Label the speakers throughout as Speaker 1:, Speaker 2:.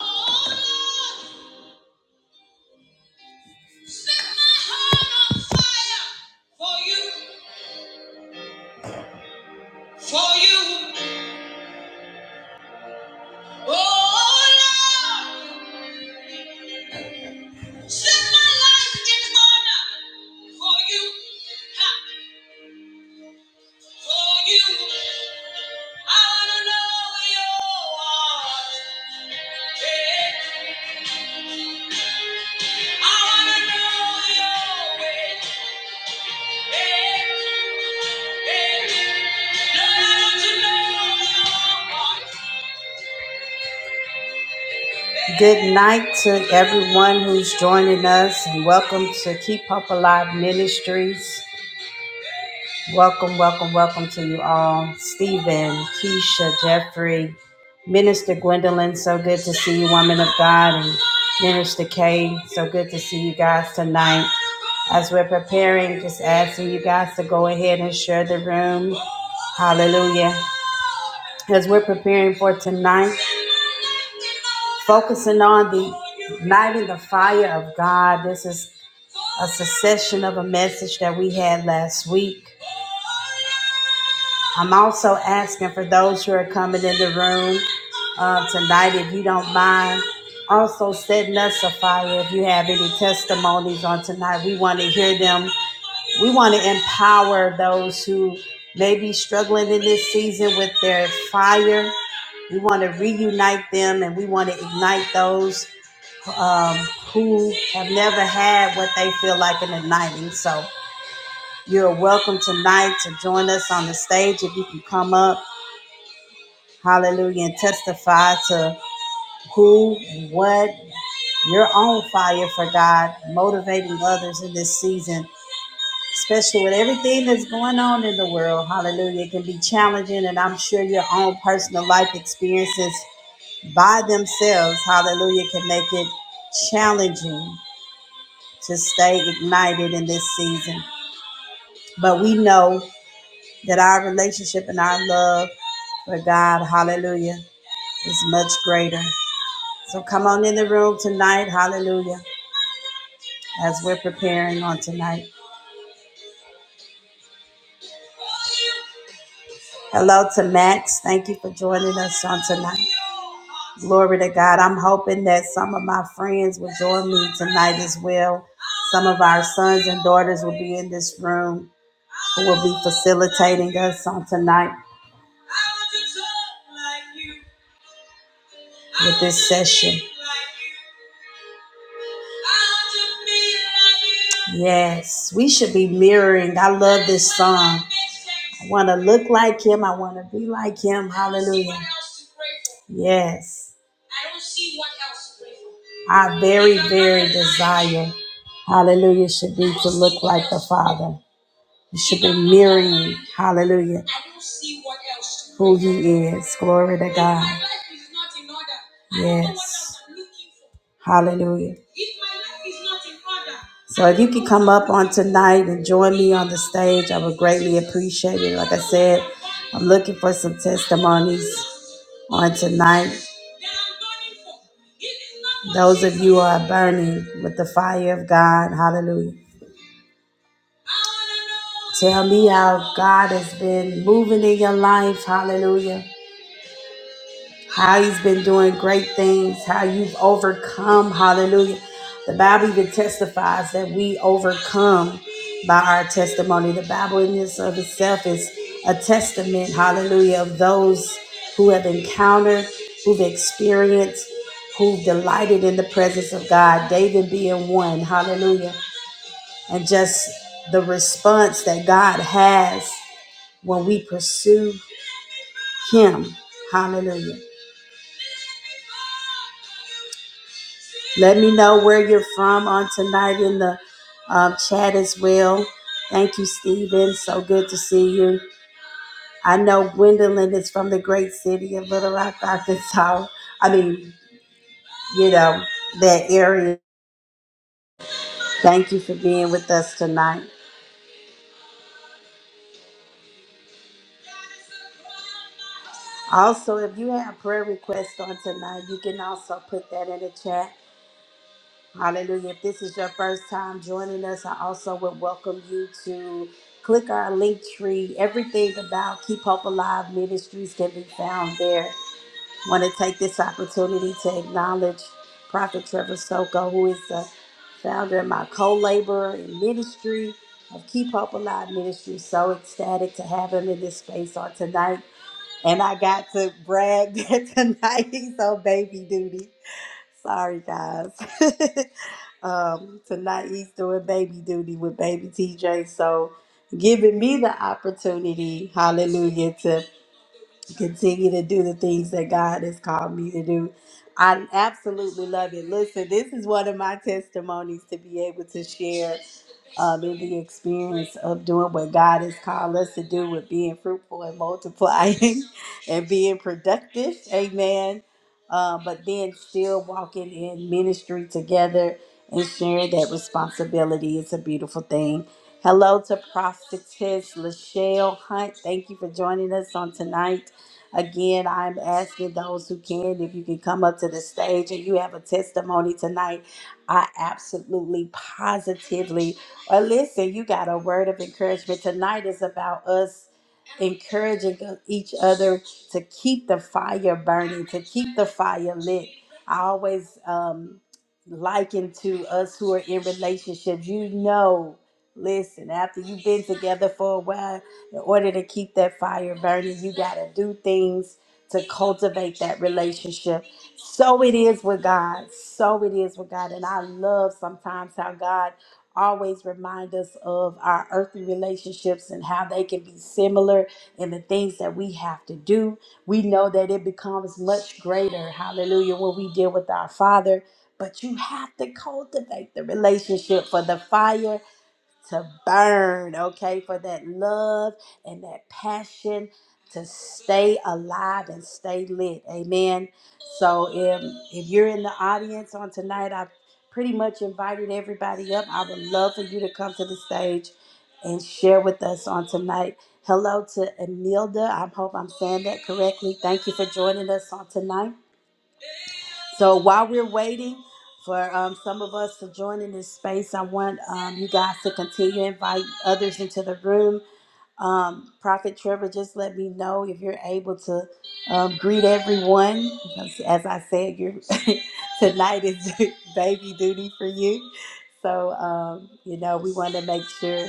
Speaker 1: Set my heart on fire for you, for you. Oh Lord, set my life in order for you, ha, for you. I wanna know your heart, eh. I wanna know your way, eh, eh. Good night to everyone who's joining us and welcome to Keep Hope Alive Ministries. Welcome, welcome, welcome to you all. Stephen, Keisha, Jeffrey, Minister Gwendolyn, so good to see you, woman of God, and Minister Kay, so good to see you guys tonight. As we're preparing, just asking you guys to go ahead and share the room. Hallelujah. as we're preparing for tonight, focusing on the igniting the fire of God. This is a succession of a message that we had last week. I'm also asking for those who are coming in the room uh, tonight, if you don't mind, also setting us a fire. If you have any testimonies on tonight, we want to hear them we want to empower those who may be struggling in this season with their fire. We want to reunite them and we want to ignite those um, who have never had what they feel like an igniting. So you're welcome tonight to join us on the stage if you can come up. Hallelujah. And testify to who and what you're on fire for God, motivating others in this season especially with everything that's going on in the world. Hallelujah. It can be challenging, and I'm sure your own personal life experiences by themselves, hallelujah, can make it challenging to stay ignited in this season. But we know that our relationship and our love for God, hallelujah, is much greater. So come on in the room tonight, hallelujah, as we're preparing on tonight. Hello to Max. Thank you for joining us on tonight. Glory to God. I'm hoping that some of my friends will join me tonight as well. Some of our sons and daughters will be in this room who will be facilitating us on tonight with this session. Yes, we should be mirroring. I love this song. I want to look like him. I want to be like him. Hallelujah. Yes. Our very, very desire, hallelujah, should be to look like the Father. You should be mirroring, hallelujah, who He is. Glory to God. Yes. Hallelujah. So if you can come up on tonight and join me on the stage, I would greatly appreciate it. Like I said, I'm looking for some testimonies on tonight. Those of you who are burning with the fire of God, hallelujah. Tell me how God has been moving in your life. Hallelujah. How he's been doing great things. How you've overcome. Hallelujah. The Bible even testifies that we overcome by our testimony. The Bible in this of itself is a testament. Hallelujah. Of those who have encountered, who've experienced, who've delighted in the presence of God. David being one. Hallelujah and just the response that God has when we pursue Him. Hallelujah. Let me know where you're from on tonight in the um, chat as well. Thank you, Stephen. So good to see you. I know Gwendolyn is from the great city of Little Rock, Arkansas. I mean, you know, that area. Thank you for being with us tonight. Also, if you have prayer requests on tonight, you can also put that in the chat. Hallelujah. If this is your first time joining us, I also would welcome you to click our link tree. Everything about Keep Hope Alive Ministries can be found there want to take this opportunity to acknowledge Prophet Trevor Soko, who is the founder and my co laborer in ministry of Keep Hope Alive Ministry. So ecstatic to have him in this space on tonight. And I got to brag that tonight he's on baby duty. Sorry, guys. um, tonight he's doing baby duty with baby TJ, so giving me the opportunity, hallelujah, to continue to do the things that God has called me to do. I absolutely love it. Listen, this is one of my testimonies to be able to share um, in the experience of doing what God has called us to do with being fruitful and multiplying and being productive. Amen uh, but then still walking in ministry together and sharing that responsibility. It's a beautiful thing. Hello to Prophetess Lachelle Hunt. Thank you for joining us on tonight. Again, I'm asking those who can, if you can come up to the stage and you have a testimony tonight, I absolutely positively, or listen, you got a word of encouragement. Tonight is about us encouraging each other to keep the fire burning, to keep the fire lit. I always um, liken to us who are in relationships. You know, listen, after you've been together for a while, in order to keep that fire burning, you got to do things to cultivate that relationship. So it is with God. So it is with God. And I love sometimes how God always remind us of our earthly relationships and how they can be similar and the things that we have to do. We know that it becomes much greater, hallelujah, when we deal with our Father. But you have to cultivate the relationship for the fire to burn, okay, for that love and that passion to stay alive and stay lit. Amen. So if if you're in the audience on tonight, I've pretty much invited everybody up. I would love for you to come to the stage and share with us on tonight. Hello to Emilda. I hope I'm saying that correctly. Thank you for joining us on tonight. So while we're waiting for um, some of us to join in this space, I want um, you guys to continue to invite others into the room. Um, Prophet Trevor, just let me know if you're able to um, greet everyone. Because as I said, you're, tonight is baby duty for you. So, um, you know, we want to make sure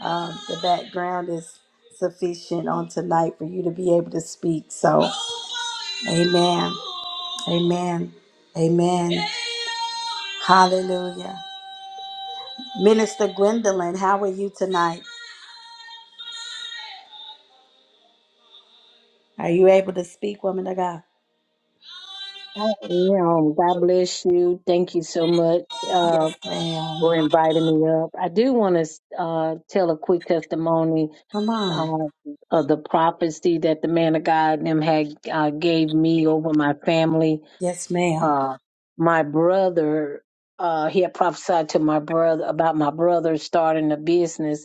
Speaker 1: um, the background is sufficient on tonight for you to be able to speak. So, amen. Amen. Amen. Hallelujah. Minister Gwendolyn, how are you tonight? Are you able to speak, woman of God?
Speaker 2: Oh, You know, God bless you. Thank you so much uh,
Speaker 1: Yes, ma'am.
Speaker 2: for inviting me up. I do want to uh, tell a quick testimony
Speaker 1: Come on.
Speaker 2: uh, of the prophecy that the man of God and them had uh, gave me over my family.
Speaker 1: Yes, ma'am.
Speaker 2: Uh, my brother, uh, he had prophesied to my brother about my brother starting a business,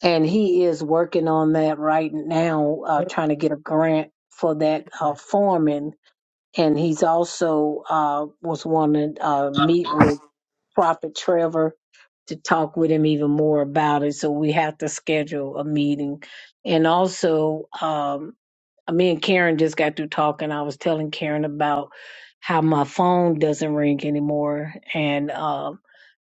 Speaker 2: and he is working on that right now, uh, trying to get a grant for that uh, foreman and he's also uh, was wanting to uh, meet with Prophet Trevor to talk with him even more about it. So we have to schedule a meeting. And also, um, me and Karen just got through talking. I was telling Karen about how my phone doesn't ring anymore, and um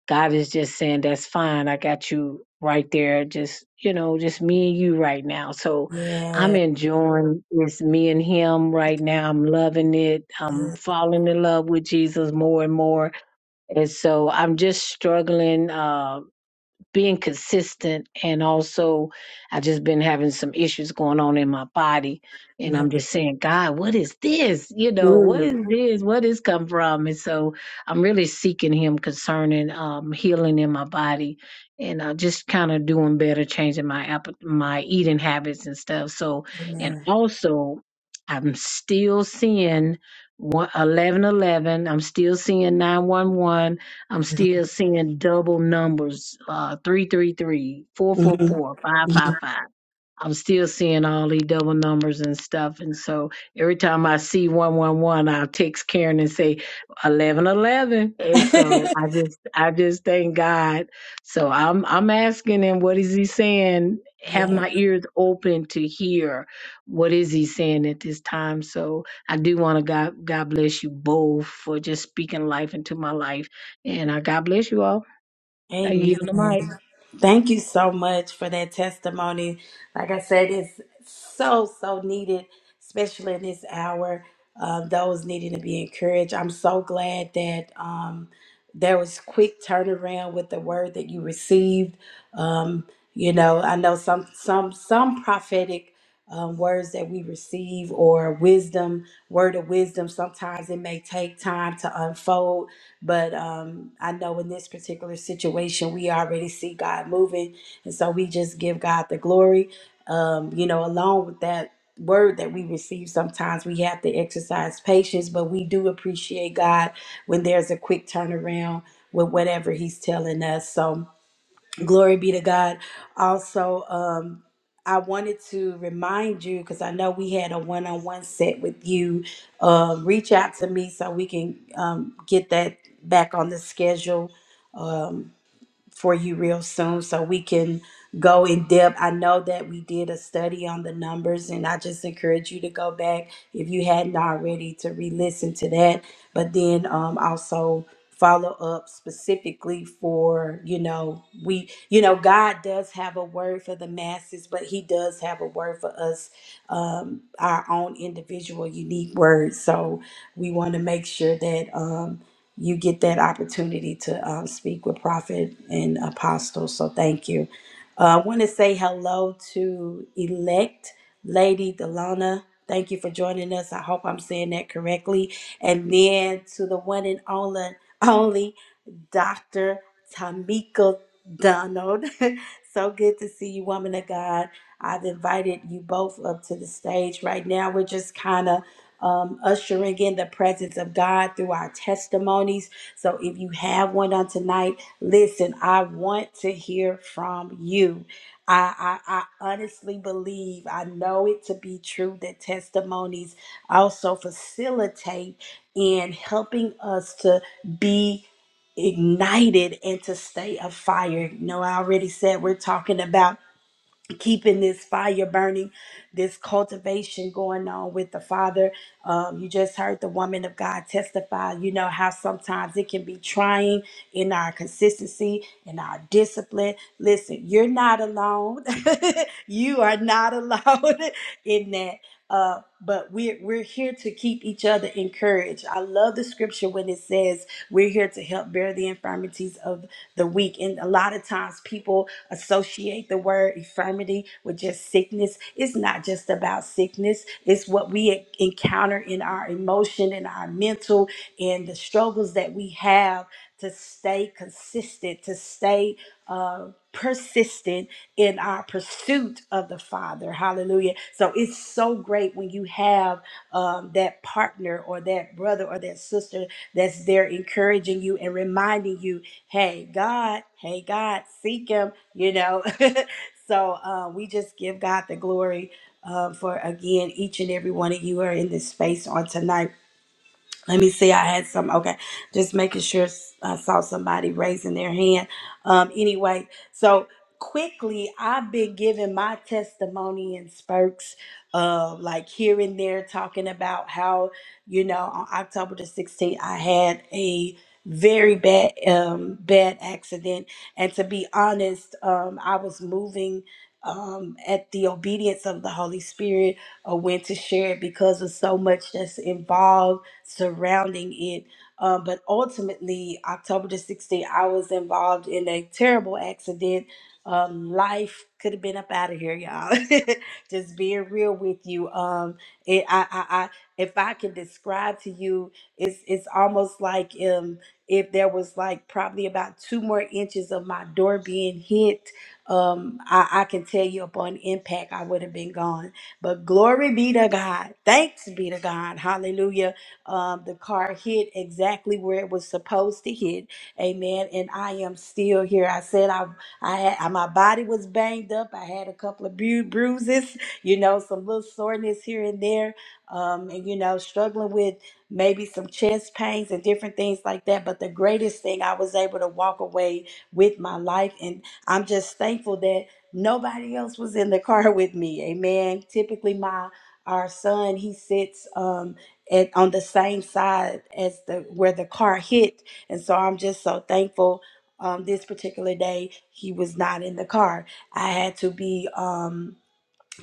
Speaker 2: God is just saying, that's fine. I got you right there. Just, you know, just me and you right now. So I'm
Speaker 1: Yeah.
Speaker 2: enjoying this me and him right now. I'm loving it. I'm
Speaker 1: yeah.
Speaker 2: falling in love with Jesus more and more. And so I'm just struggling. Uh, being consistent and also I just been having some issues going on in my body and
Speaker 1: My
Speaker 2: I'm
Speaker 1: God.
Speaker 2: just saying, God, what is this? You know, what
Speaker 1: Mm.
Speaker 2: is this? What is come from? And so I'm really seeking him concerning um healing in my body and uh, just kind of doing better, changing my app- my eating habits and stuff. So and
Speaker 1: Amen.
Speaker 2: also I'm still seeing 1111. I'm still seeing 911 I'm still seeing double numbers, uh, 333,
Speaker 1: Mm-hmm.
Speaker 2: I'm still seeing all these double numbers and stuff. And so every time I see 111, I'll text Karen and say 1111. And so I just, I just thank God. So I'm, I'm asking him, what is he saying? Have
Speaker 1: Yeah.
Speaker 2: my ears open to hear what is he saying at this time. So I do want to God, God bless you both for just speaking life into my life. And I God bless you all. I yield the mic.
Speaker 1: Amen. Thank you so much for that testimony. Like I said, it's so, so needed, especially in this hour. Um, those needing to be encouraged. I'm so glad that um, there was quick turnaround with the word that you received. Um, you know, I know some some some prophetic um, words that we receive or wisdom, word of wisdom. Sometimes it may take time to unfold But um, I know in this particular situation, we already see God moving. And so we just give God the glory. Um, you know, along with that word that we receive, sometimes we have to exercise patience, but we do appreciate God when there's a quick turnaround with whatever He's telling us. So, Glory be to God. Also, um, I wanted to remind you because I know we had a one on one set with you. Um, reach out to me so we can um, get that back on the schedule. Um, for you real soon so we can go in depth. I know that we did a study on the numbers, and I just encourage you to go back if you hadn't already to re listen to that, but then um, also follow up specifically for you know we you know god does have a word for the masses but he does have a word for us um our own individual unique words so we want to make sure that Um, you get that opportunity to um, speak with prophet and apostle. So thank you. Uh, I want to say hello to elect Lady Delana. Thank you for joining us. I hope I'm saying that correctly. And then to the one and only, only Dr. Tamika Donald. so good to see you, woman of God. I've invited you both up to the stage. Right now, we're just kind of um, ushering in the presence of God through our testimonies. So if you have one on tonight, listen, I want to hear from you. I, I, I honestly believe, I know it to be true that testimonies also facilitate in helping us to be ignited and to stay afire. No, I already said we're talking about keeping this fire burning, this cultivation going on with the Father. Um, you just heard the woman of God testify, you know, how sometimes it can be trying in our consistency, in our discipline. Listen, you're not alone. you are not alone in that. Uh, but we're, we're here to keep each other encouraged. I love the scripture when it says we're here to help bear the infirmities of the weak. And a lot of times people associate the word infirmity with just sickness. It's not just about sickness, it's what we encounter in our emotion and our mental and the struggles that we have to stay consistent, to stay uh, persistent in our pursuit of the Father. Hallelujah. So it's so great when you have um, that partner or that brother or that sister that's there encouraging you and reminding you hey God, hey God, seek him, you know. so uh, we just give God the glory uh, for again, each and every one of you who are in this space on tonight. Let me see. I had some. Okay, just making sure s- I saw somebody raising their hand. Um, anyway, so quickly, I've been giving my testimony in spurts, uh, like here and there, talking about how you know on October the sixteenth, I had a very bad, um, bad accident, and to be honest, um, I was moving. Um, at the obedience of the Holy Spirit, I went to share it because of so much that's involved surrounding it. Uh, but ultimately, October the 16th, I was involved in a terrible accident. Um, life could have been up out of here, y'all. Just being real with you. Um, it, I, I, I, if I can describe to you, it's it's almost like um, if there was like probably about two more inches of my door being hit. Um, I, I can tell you upon impact, I would have been gone. But glory be to God. Thanks be to God. Hallelujah um, the car hit exactly where it was supposed to hit. Amen. And I am still here. I said I, I had I- my body was banged up. I had a couple of bru- bruises, you know, some little soreness here and there, um, and you know, struggling with maybe some chest pains and different things like that. But the greatest thing I was able to walk away with my life, and I'm just thankful that nobody else was in the car with me. Amen. Typically, my our son he sits. Um, at on the same side as the where the car hit and so i'm just so thankful um, this particular day he was not in the car i had to be um,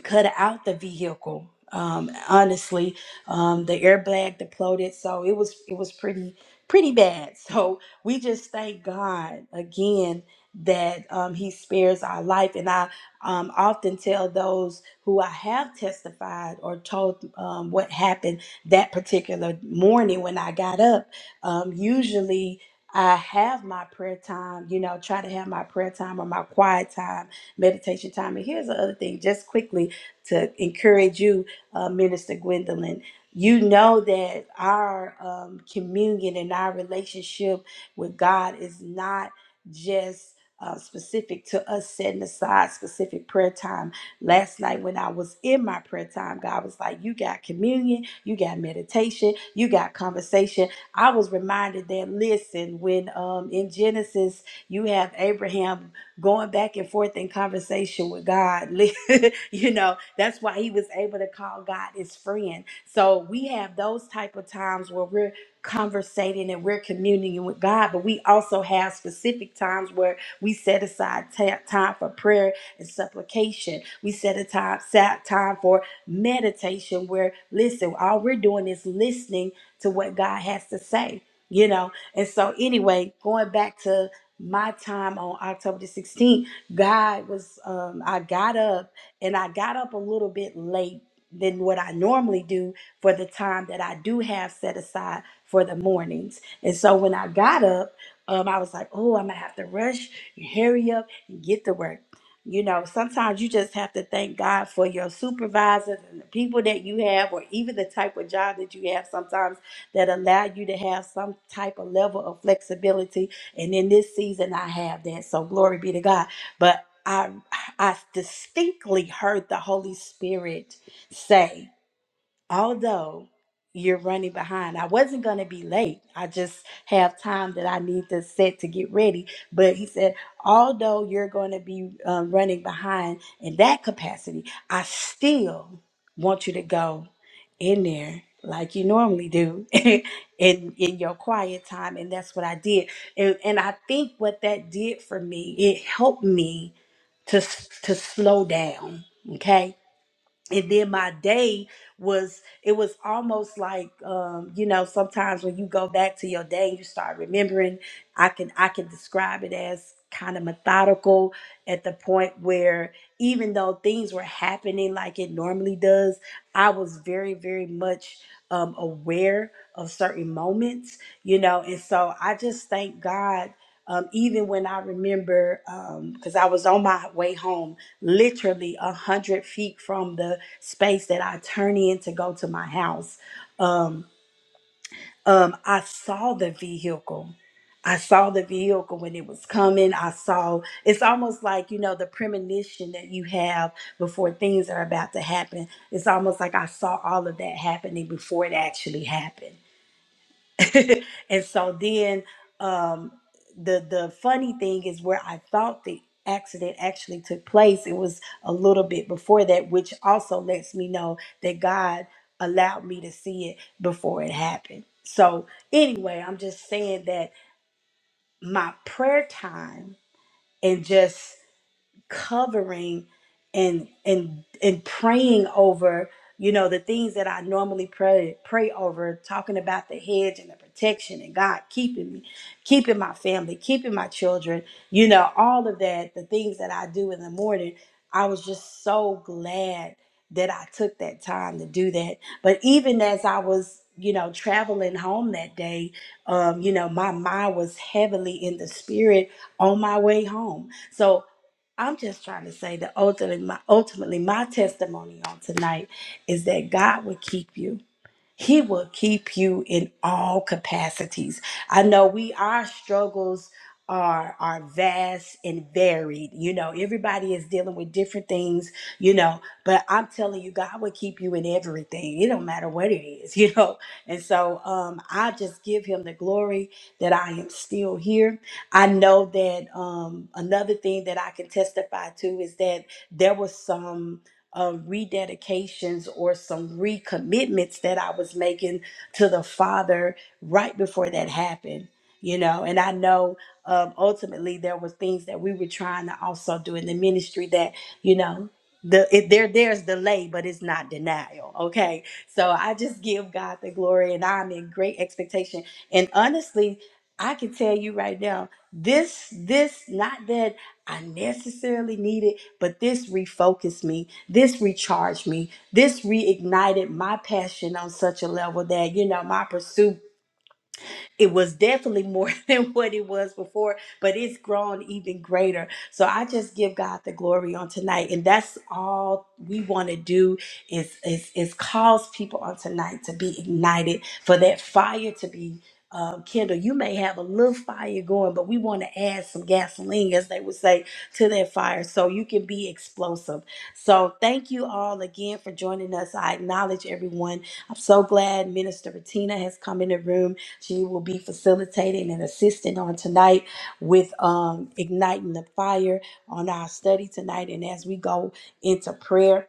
Speaker 1: cut out the vehicle. Um, honestly, um, the airbag deploted, so it was it was pretty pretty bad. So we just thank God again that um, He spares our life. And I um, often tell those who I have testified or told um, what happened that particular morning when I got up. Um, usually. I have my prayer time, you know, try to have my prayer time or my quiet time meditation time. And here's the other thing, just quickly to encourage you, uh, Minister Gwendolyn. You know that our um, communion and our relationship with God is not just uh, specific to us setting aside specific prayer time. Last night, when I was in my prayer time, God was like, You got communion, you got meditation, you got conversation. I was reminded that, listen, when um, in Genesis, you have Abraham going back and forth in conversation with God. you know that's why he was able to call god his friend so we have those type of times where we're conversating and we're communing with god but we also have specific times where we set aside ta- time for prayer and supplication we set a time set time for meditation where listen all we're doing is listening to what god has to say you know and so anyway going back to my time on october the 16th god was um i got up and I got up a little bit late than what I normally do for the time that I do have set aside for the mornings. And so when I got up, um, I was like, oh, I'm gonna have to rush, hurry up, and get to work. You know, sometimes you just have to thank God for your supervisors and the people that you have, or even the type of job that you have sometimes that allow you to have some type of level of flexibility. And in this season, I have that. So glory be to God. But I I distinctly heard the Holy Spirit say, although you're running behind, I wasn't going to be late. I just have time that I need to set to get ready. But he said, although you're going to be um, running behind in that capacity, I still want you to go in there like you normally do in in your quiet time and that's what I did and and I think what that did for me it helped me to s- to slow down okay and then my day was it was almost like um you know sometimes when you go back to your day you start remembering i can i can describe it as kind of methodical at the point where even though things were happening like it normally does i was very very much um, aware of certain moments you know and so i just thank god um, even when i remember because i was on my way home literally a hundred feet from the space that I turn in to go to my house. Um, um, I saw the vehicle. I saw the vehicle when it was coming. I saw it's almost like, you know, the premonition that you have before things are about to happen. It's almost like I saw all of that happening before it actually happened. and so then um, the the funny thing is where I thought the accident actually took place. It was a little bit before that, which also lets me know that God allowed me to see it before it happened. So anyway, I'm just saying that my prayer time and just covering and and and praying over you know the things that i normally pray pray over talking about the hedge and the protection and god keeping me keeping my family keeping my children you know all of that the things that i do in the morning i was just so glad that i took that time to do that but even as i was you know traveling home that day um you know my mind was heavily in the spirit on my way home so I'm just trying to say that ultimately my, ultimately, my testimony on tonight is that God will keep you. He will keep you in all capacities. I know we our struggles are are vast and varied. You know, everybody is dealing with different things, you know, but I'm telling you, God will keep you in everything. It don't matter what it is, you know. And so um I just give him the glory that I am still here. I know that um another thing that I can testify to is that there was some uh, rededications or some recommitments that I was making to the Father right before that happened. You know, and I know um, ultimately there was things that we were trying to also do in the ministry that you know the it, there there's delay, but it's not denial. Okay, so I just give God the glory, and I'm in great expectation. And honestly, I can tell you right now, this this not that I necessarily need it, but this refocused me this recharged me. This reignited my passion on such a level that, you know, my pursuit it was definitely more than what it was before, but it's grown even greater. So I just give God the glory on tonight, and that's all we want to do is is is cause people on tonight to be ignited for that fire to be. Um, Kendall, you may have a little fire going, but we want to add some gasoline, as they would say, to that fire so you can be explosive. So, thank you all again for joining us. I acknowledge everyone. I'm so glad Minister Bettina has come in the room. She will be facilitating and assisting on tonight with um, igniting the fire on our study tonight. And as we go into prayer,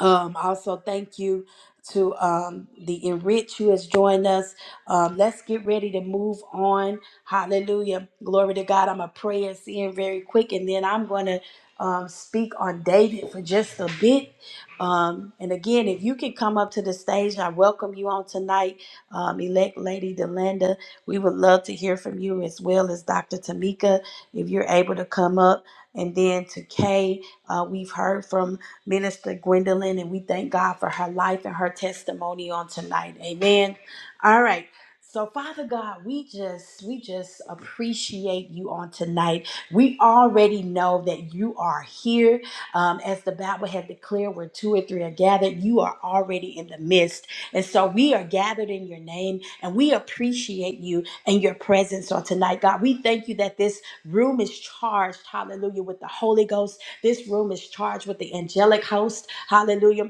Speaker 1: um, also, thank you to um, the Enrich who has joined us. Um, let's get ready to move on. Hallelujah. Glory to God. I'm going to pray and see him very quick, and then I'm going to um, speak on David for just a bit. Um, and again, if you can come up to the stage, I welcome you on tonight, um, elect Lady Delanda. We would love to hear from you as well as Dr. Tamika, if you're able to come up. And then to Kay, uh, we've heard from Minister Gwendolyn, and we thank God for her life and her testimony on tonight. Amen. All right. So Father God, we just we just appreciate you on tonight. We already know that you are here. Um, as the Bible had declared, where two or three are gathered, you are already in the midst. And so we are gathered in your name and we appreciate you and your presence on tonight. God, we thank you that this room is charged, hallelujah, with the Holy Ghost this room is charged with the angelic host. Hallelujah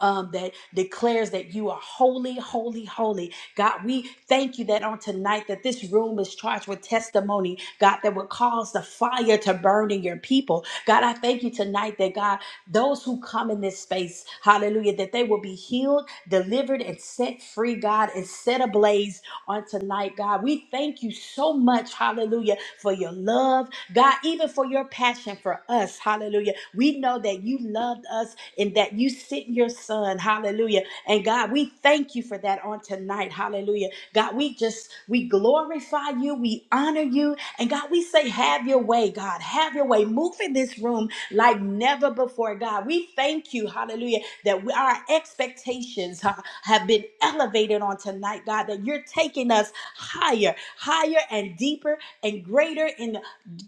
Speaker 1: um, that declares that you are holy, holy, holy. God, we thank you that on tonight that this room is charged with testimony, God, that would cause the fire to burn in your people. God, I thank you tonight that God, those who come in this space, hallelujah, that they will be healed, delivered, and set free, God, and set ablaze on tonight, God. We thank you so much, hallelujah, for your love, God, even for your passion for us, hallelujah. We know that you loved us and that you sent your son. Hallelujah. And God, we thank you for that on tonight. Hallelujah. God, we just, we glorify you. We honor you. And God, we say, have your way, God. Have your way. Move in this room like never before, God. We thank you. Hallelujah. That we, our expectations ha- have been elevated on tonight, God, that you're taking us higher, higher and deeper and greater in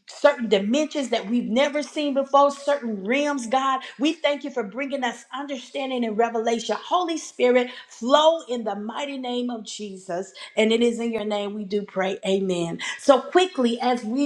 Speaker 1: certain dimensions that we've never seen before, certain realms, God. We thank you for bringing us understanding and revelation. Holy Spirit, flow in the mighty name of Jesus. And it is in your name we do pray. Amen. So quickly, as we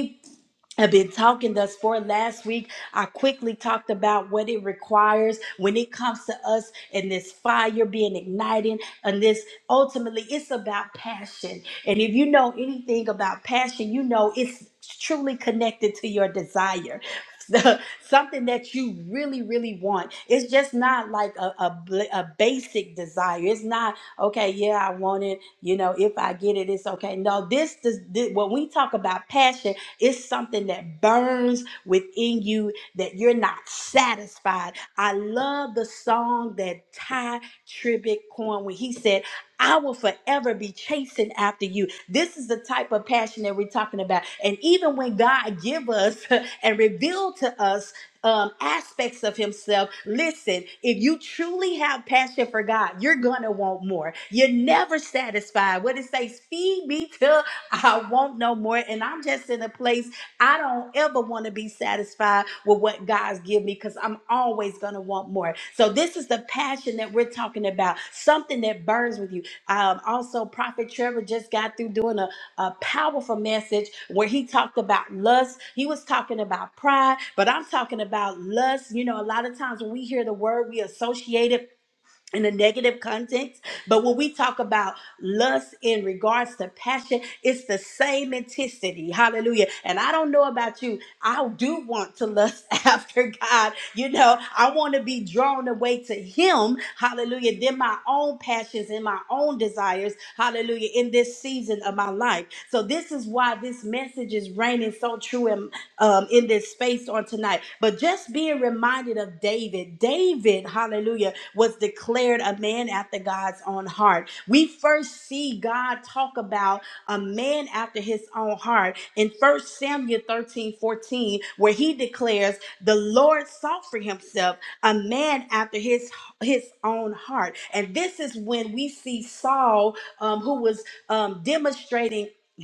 Speaker 1: I've been talking thus far last week. I quickly talked about what it requires when it comes to us and this fire being ignited. And this ultimately, it's about passion. And if you know anything about passion, you know it's truly connected to your desire. Something that you really, really want. It's just not like a, a, bl- a basic desire. It's not, okay, yeah, I want it. You know, if I get it, it's okay. No, this, this, this when we talk about passion, it's something that burns within you that you're not satisfied. I love the song that Ty Tribbett coined when he said, I will forever be chasing after you. This is the type of passion that we're talking about. And even when God give us and reveal to us um, aspects of himself. Listen, if you truly have passion for God, you're gonna want more. You're never satisfied. What it says, feed me till I want no more. And I'm just in a place I don't ever want to be satisfied with what God's give me because I'm always going to want more. So this is the passion that we're talking about, something that burns with you. Um, also, Prophet Trevor just got through doing a, a powerful message where he talked about lust. He was talking about pride, but I'm talking about lust. You know, a lot of times when we hear the word, we associate it in a negative context. But when we talk about lust in regards to passion, it's the same intensity. Hallelujah. And I don't know about you. I do want to lust after God. You know, I want to be drawn away to Him. Hallelujah. Then my own passions and my own desires. Hallelujah. In this season of my life. So this is why this message is reigning so true um, in this space on tonight. But just being reminded of David, David, hallelujah, was declared a man after God's own heart. We first see God talk about a man after his own heart in First Samuel 13 14, where he declares, The Lord sought for himself a man after his, his own heart. And this is when we see Saul, um, who was um, demonstrating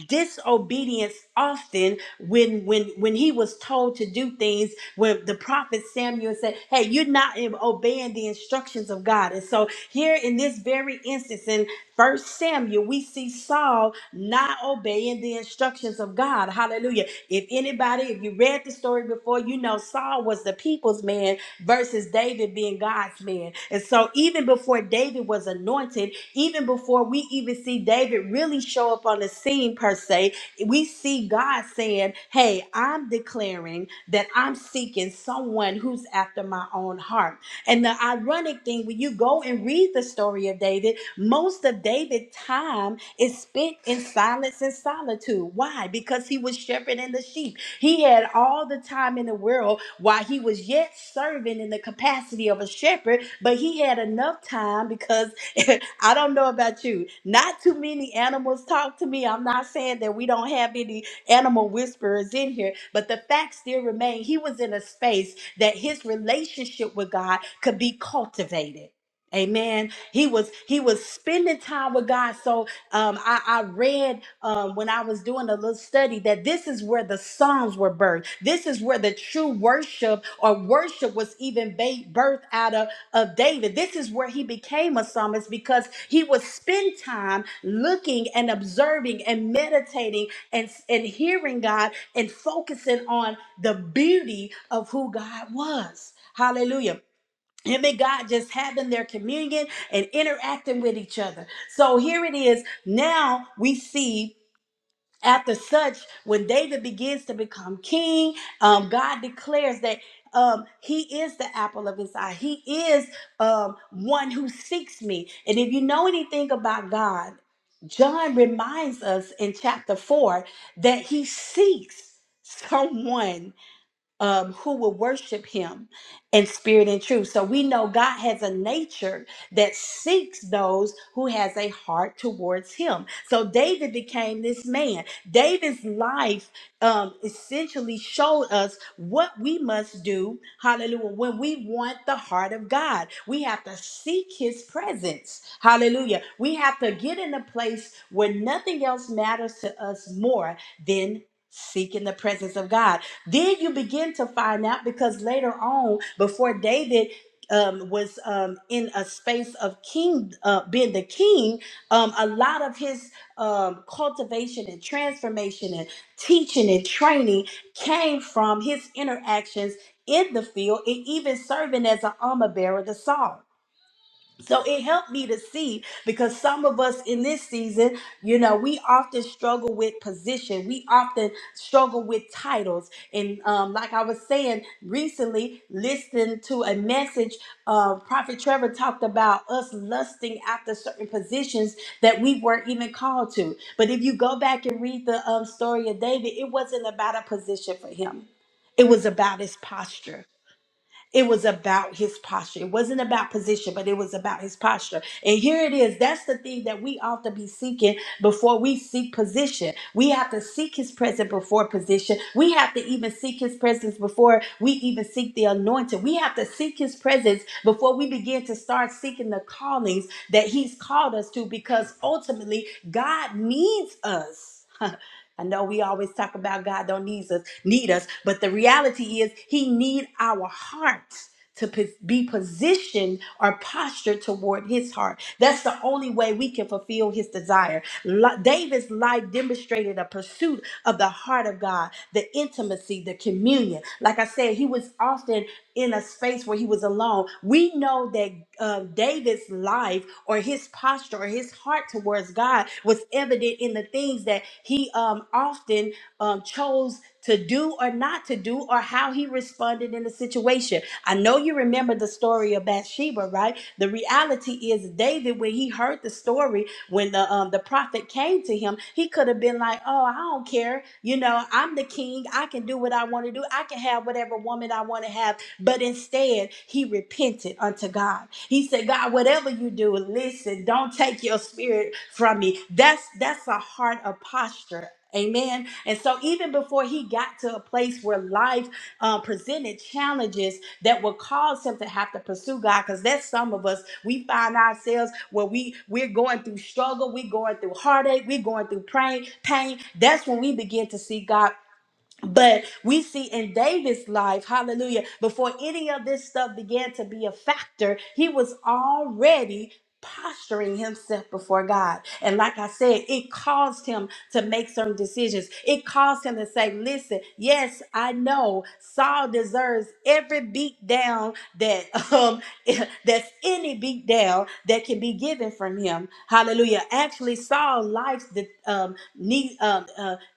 Speaker 1: disobedience often when when when he was told to do things when the prophet samuel said hey you're not obeying the instructions of god and so here in this very instance in first samuel we see saul not obeying the instructions of god hallelujah if anybody if you read the story before you know saul was the people's man versus david being god's man and so even before david was anointed even before we even see David really show up on the scene, per se, we see God saying, Hey, I'm declaring that I'm seeking someone who's after my own heart. And the ironic thing, when you go and read the story of David, most of David's time is spent in silence and solitude. Why? Because he was shepherding the sheep. He had all the time in the world while he was yet serving in the capacity of a shepherd, but he had enough time because I don't know about you. Not too many animals talk to me. I'm not saying that we don't have any animal whisperers in here, but the fact still remains he was in a space that his relationship with God could be cultivated. Amen. He was he was spending time with God. So um, I, I read um, when I was doing a little study that this is where the Psalms were birthed. This is where the true worship or worship was even ba- birthed out of of David. This is where he became a psalmist because he would spend time looking and observing and meditating and, and hearing God and focusing on the beauty of who God was. Hallelujah. Him and God just having their communion and interacting with each other. So here it is. Now we see after such, when David begins to become king, um, God declares that um, he is the apple of his eye. He is um, one who seeks me. And if you know anything about God, John reminds us in chapter 4 that he seeks someone um, who will worship him in spirit and truth. So we know God has a nature that seeks those who has a heart towards him. So David became this man. David's life um, essentially showed us what we must do, hallelujah, when we want the heart of God. We have to seek his presence, hallelujah. We have to get in a place where nothing else matters to us more than seeking the presence of God. Then you begin to find out because later on, before David um, was um, in a space of king, uh, being the king, um, a lot of his um, cultivation and transformation and teaching and training came from his interactions in the field and even serving as an armor bearer to Saul. So it helped me to see because some of us in this season, you know, we often struggle with position. We often struggle with titles. And um, like I was saying recently, listening to a message, uh, Prophet Trevor talked about us lusting after certain positions that we weren't even called to. But if you go back and read the um, story of David, it wasn't about a position for him, it was about his posture. It was about his posture. It wasn't about position, but it was about his posture. And here it is. That's the thing that we ought to be seeking before we seek position. We have to seek his presence before position. We have to even seek his presence before we even seek the anointing. We have to seek his presence before we begin to start seeking the callings that he's called us to because ultimately God needs us. I know we always talk about God don't need us, need us, but the reality is He need our hearts to pos- be positioned or postured toward His heart. That's the only way we can fulfill His desire. Li- David's life demonstrated a pursuit of the heart of God, the intimacy, the communion. Like I said, he was often in a space where he was alone. We know that um, David's life or his posture or his heart towards God was evident in the things that he um, often um, chose to do or not to do or how he responded in the situation. I know you remember the story of Bathsheba, right? The reality is David, when he heard the story, when the um, the prophet came to him, he could have been like, "Oh, I don't care. You know, I'm the king. I can do what I want to do. I can have whatever woman I want to have." But instead, he repented unto God. He said, God, whatever you do, listen, don't take your spirit from me. That's that's a heart of posture. Amen. And so, even before he got to a place where life uh, presented challenges that would cause him to have to pursue God, because that's some of us. We find ourselves where we we're going through struggle, we're going through heartache, we're going through pain. Pain. That's when we begin to see God but we see in David's life, hallelujah, before any of this stuff began to be a factor, he was already posturing himself before God. And like I said, it caused him to make certain decisions. It caused him to say, listen, yes, I know Saul deserves every beat down that um that's any beat down that can be given from him. Hallelujah. Actually, Saul likes the um need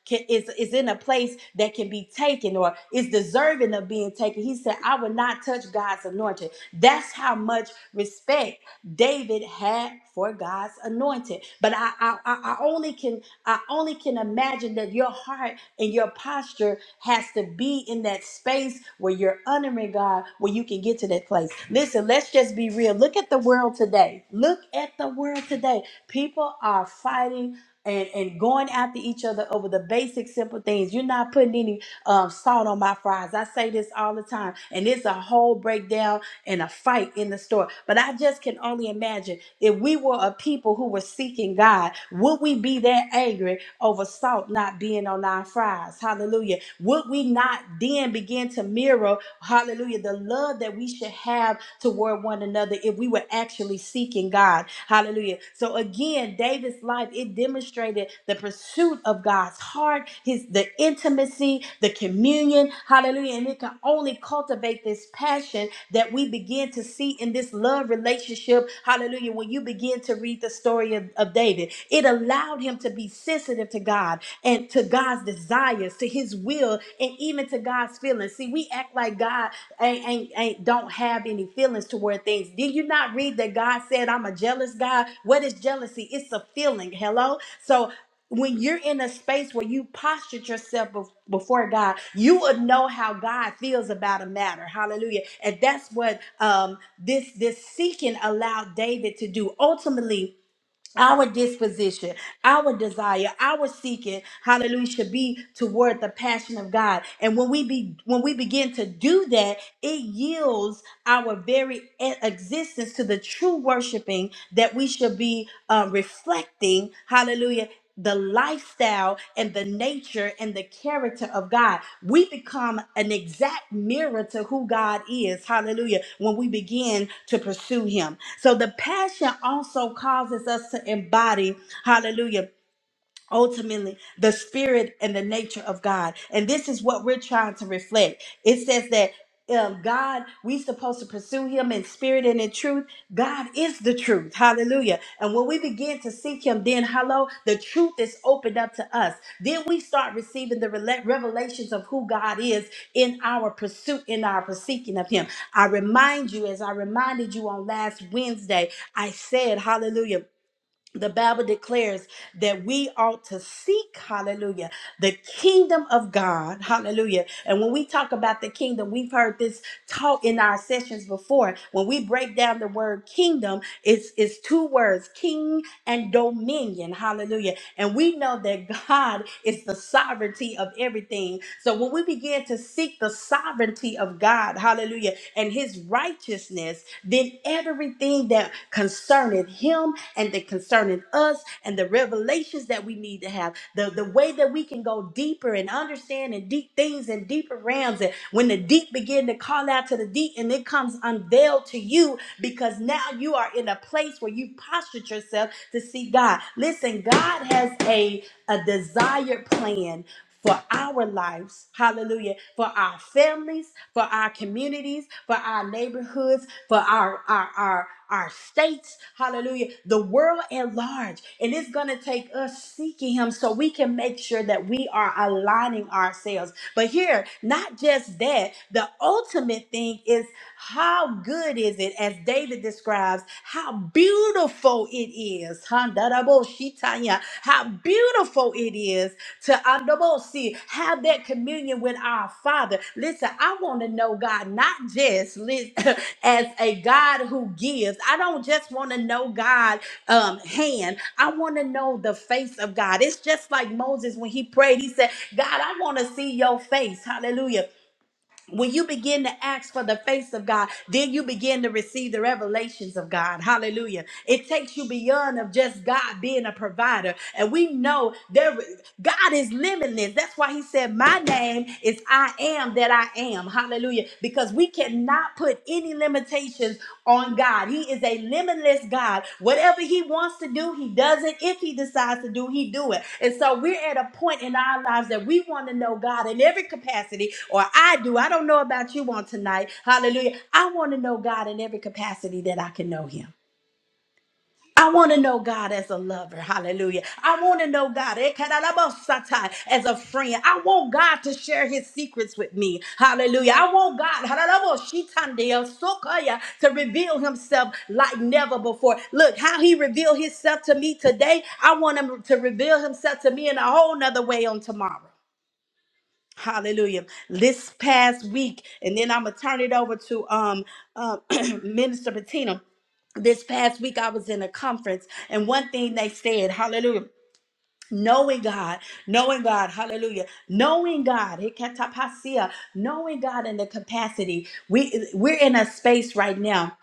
Speaker 1: can, is is in a place that can be taken or is deserving of being taken. He said, "I will not touch God's anointed." That's how much respect David had for God's anointed. But I I, I I only can I only can imagine that your heart and your posture has to be in that space where you're honoring God, where you can get to that place. Listen, let's just be real. Look at the world today. Look at the world today. People are fighting and and going after each other over the basic simple things. You're not putting any um, salt on my fries. I say this all the time, and it's a whole breakdown and a fight in the store. But I just can only imagine if we were a people who were seeking God, would we be that angry over salt not being on our fries? Hallelujah. Would we not then begin to mirror, hallelujah, the love that we should have? toward one another if we were actually seeking God. Hallelujah. So again, David's life, it demonstrated the pursuit of God's heart, his the intimacy, the communion. Hallelujah. And it can only cultivate this passion that we begin to see in this love relationship. Hallelujah. When you begin to read the story of, of David, it allowed him to be sensitive to God and to God's desires, to his will, and even to God's feelings. See, we act like God ain't, ain't, ain't don't have any feelings toward things. Did you not read that God said, I'm a jealous God? What is jealousy? It's a feeling. Hello? So when you're in a space where you postured yourself bef- before God, you would know how God feels about a matter. Hallelujah. And that's what um, this this seeking allowed David to do. Ultimately, our disposition, our desire, our seeking, hallelujah, should be toward the passion of God. And when we be when we begin to do that, it yields our very e- existence to the true worshiping that we should be uh, reflecting, hallelujah, the lifestyle and the nature and the character of God. We become an exact mirror to who God is. Hallelujah. When we begin to pursue Him. So the passion also causes us to embody, hallelujah ultimately the spirit and the nature of God. And this is what we're trying to reflect. It says that um, God, we supposed to pursue him in spirit and in truth. God is the truth. Hallelujah. And when we begin to seek him, then hello, the truth is opened up to us. Then we start receiving the rela- revelations of who God is in our pursuit, in our seeking of him. I remind you, as I reminded you on last Wednesday, I said, hallelujah, the Bible declares that we ought to seek, hallelujah, the kingdom of God, hallelujah. And when we talk about the kingdom, we've heard this taught in our sessions before. When we break down the word kingdom, it's, it's two words, king and dominion, hallelujah. And we know that God is the sovereignty of everything. So when we begin to seek the sovereignty of God, hallelujah, and his righteousness, then everything that concerneth him and that concerneth us and the revelations that we need to have, the, the way that we can go deeper and understand and deep things and deeper realms. And when the deep begin to call out to the deep and it comes unveiled to you because now you are in a place where you postured yourself to see God. Listen, God has a, a desired plan for our lives, hallelujah, for our families, for our communities, for our neighborhoods, for our our our our states, hallelujah, the world at large. And it's going to take us seeking him so we can make sure that we are aligning ourselves. But here, not just that, the ultimate thing is how good is it, as David describes, how beautiful it is. huh? bo How beautiful it is to Andobosi, have that communion with our Father. Listen, I want to know God not just lis- as a God who gives. I don't just want to know God um, hand. I want to know the face of God. It's just like Moses when he prayed. He said, "God, I want to see your face." Hallelujah when you begin to ask for the face of God, then you begin to receive the revelations of God. Hallelujah. It takes you beyond of just God being a provider. And we know there God is limitless. That's why he said, My name is I am that I am. Hallelujah. Because we cannot put any limitations on God. He is a limitless God. Whatever he wants to do, he does it. If he decides to do, he do it. And so we're at a point in our lives that we want to know God in every capacity, or I do. I don't know about you on tonight. Hallelujah. I want to know God in every capacity that I can know him. I want to know God as a lover. Hallelujah. I want to know God eh, kadalabosatai, as a friend. I want God to share his secrets with me. Hallelujah. I want God hadalaboshitandeya, sokaya, to reveal himself like never before. Look how he revealed himself to me today. I want him to reveal himself to me in a whole nother way on tomorrow. Hallelujah. This past week, and then I'm gonna turn it over to um uh, Minister Bettina. This past week, I was in a conference, and one thing they said, Hallelujah. Knowing God, knowing God, hallelujah, knowing God, hikatapasia, knowing God in the capacity. We we're in a space right now.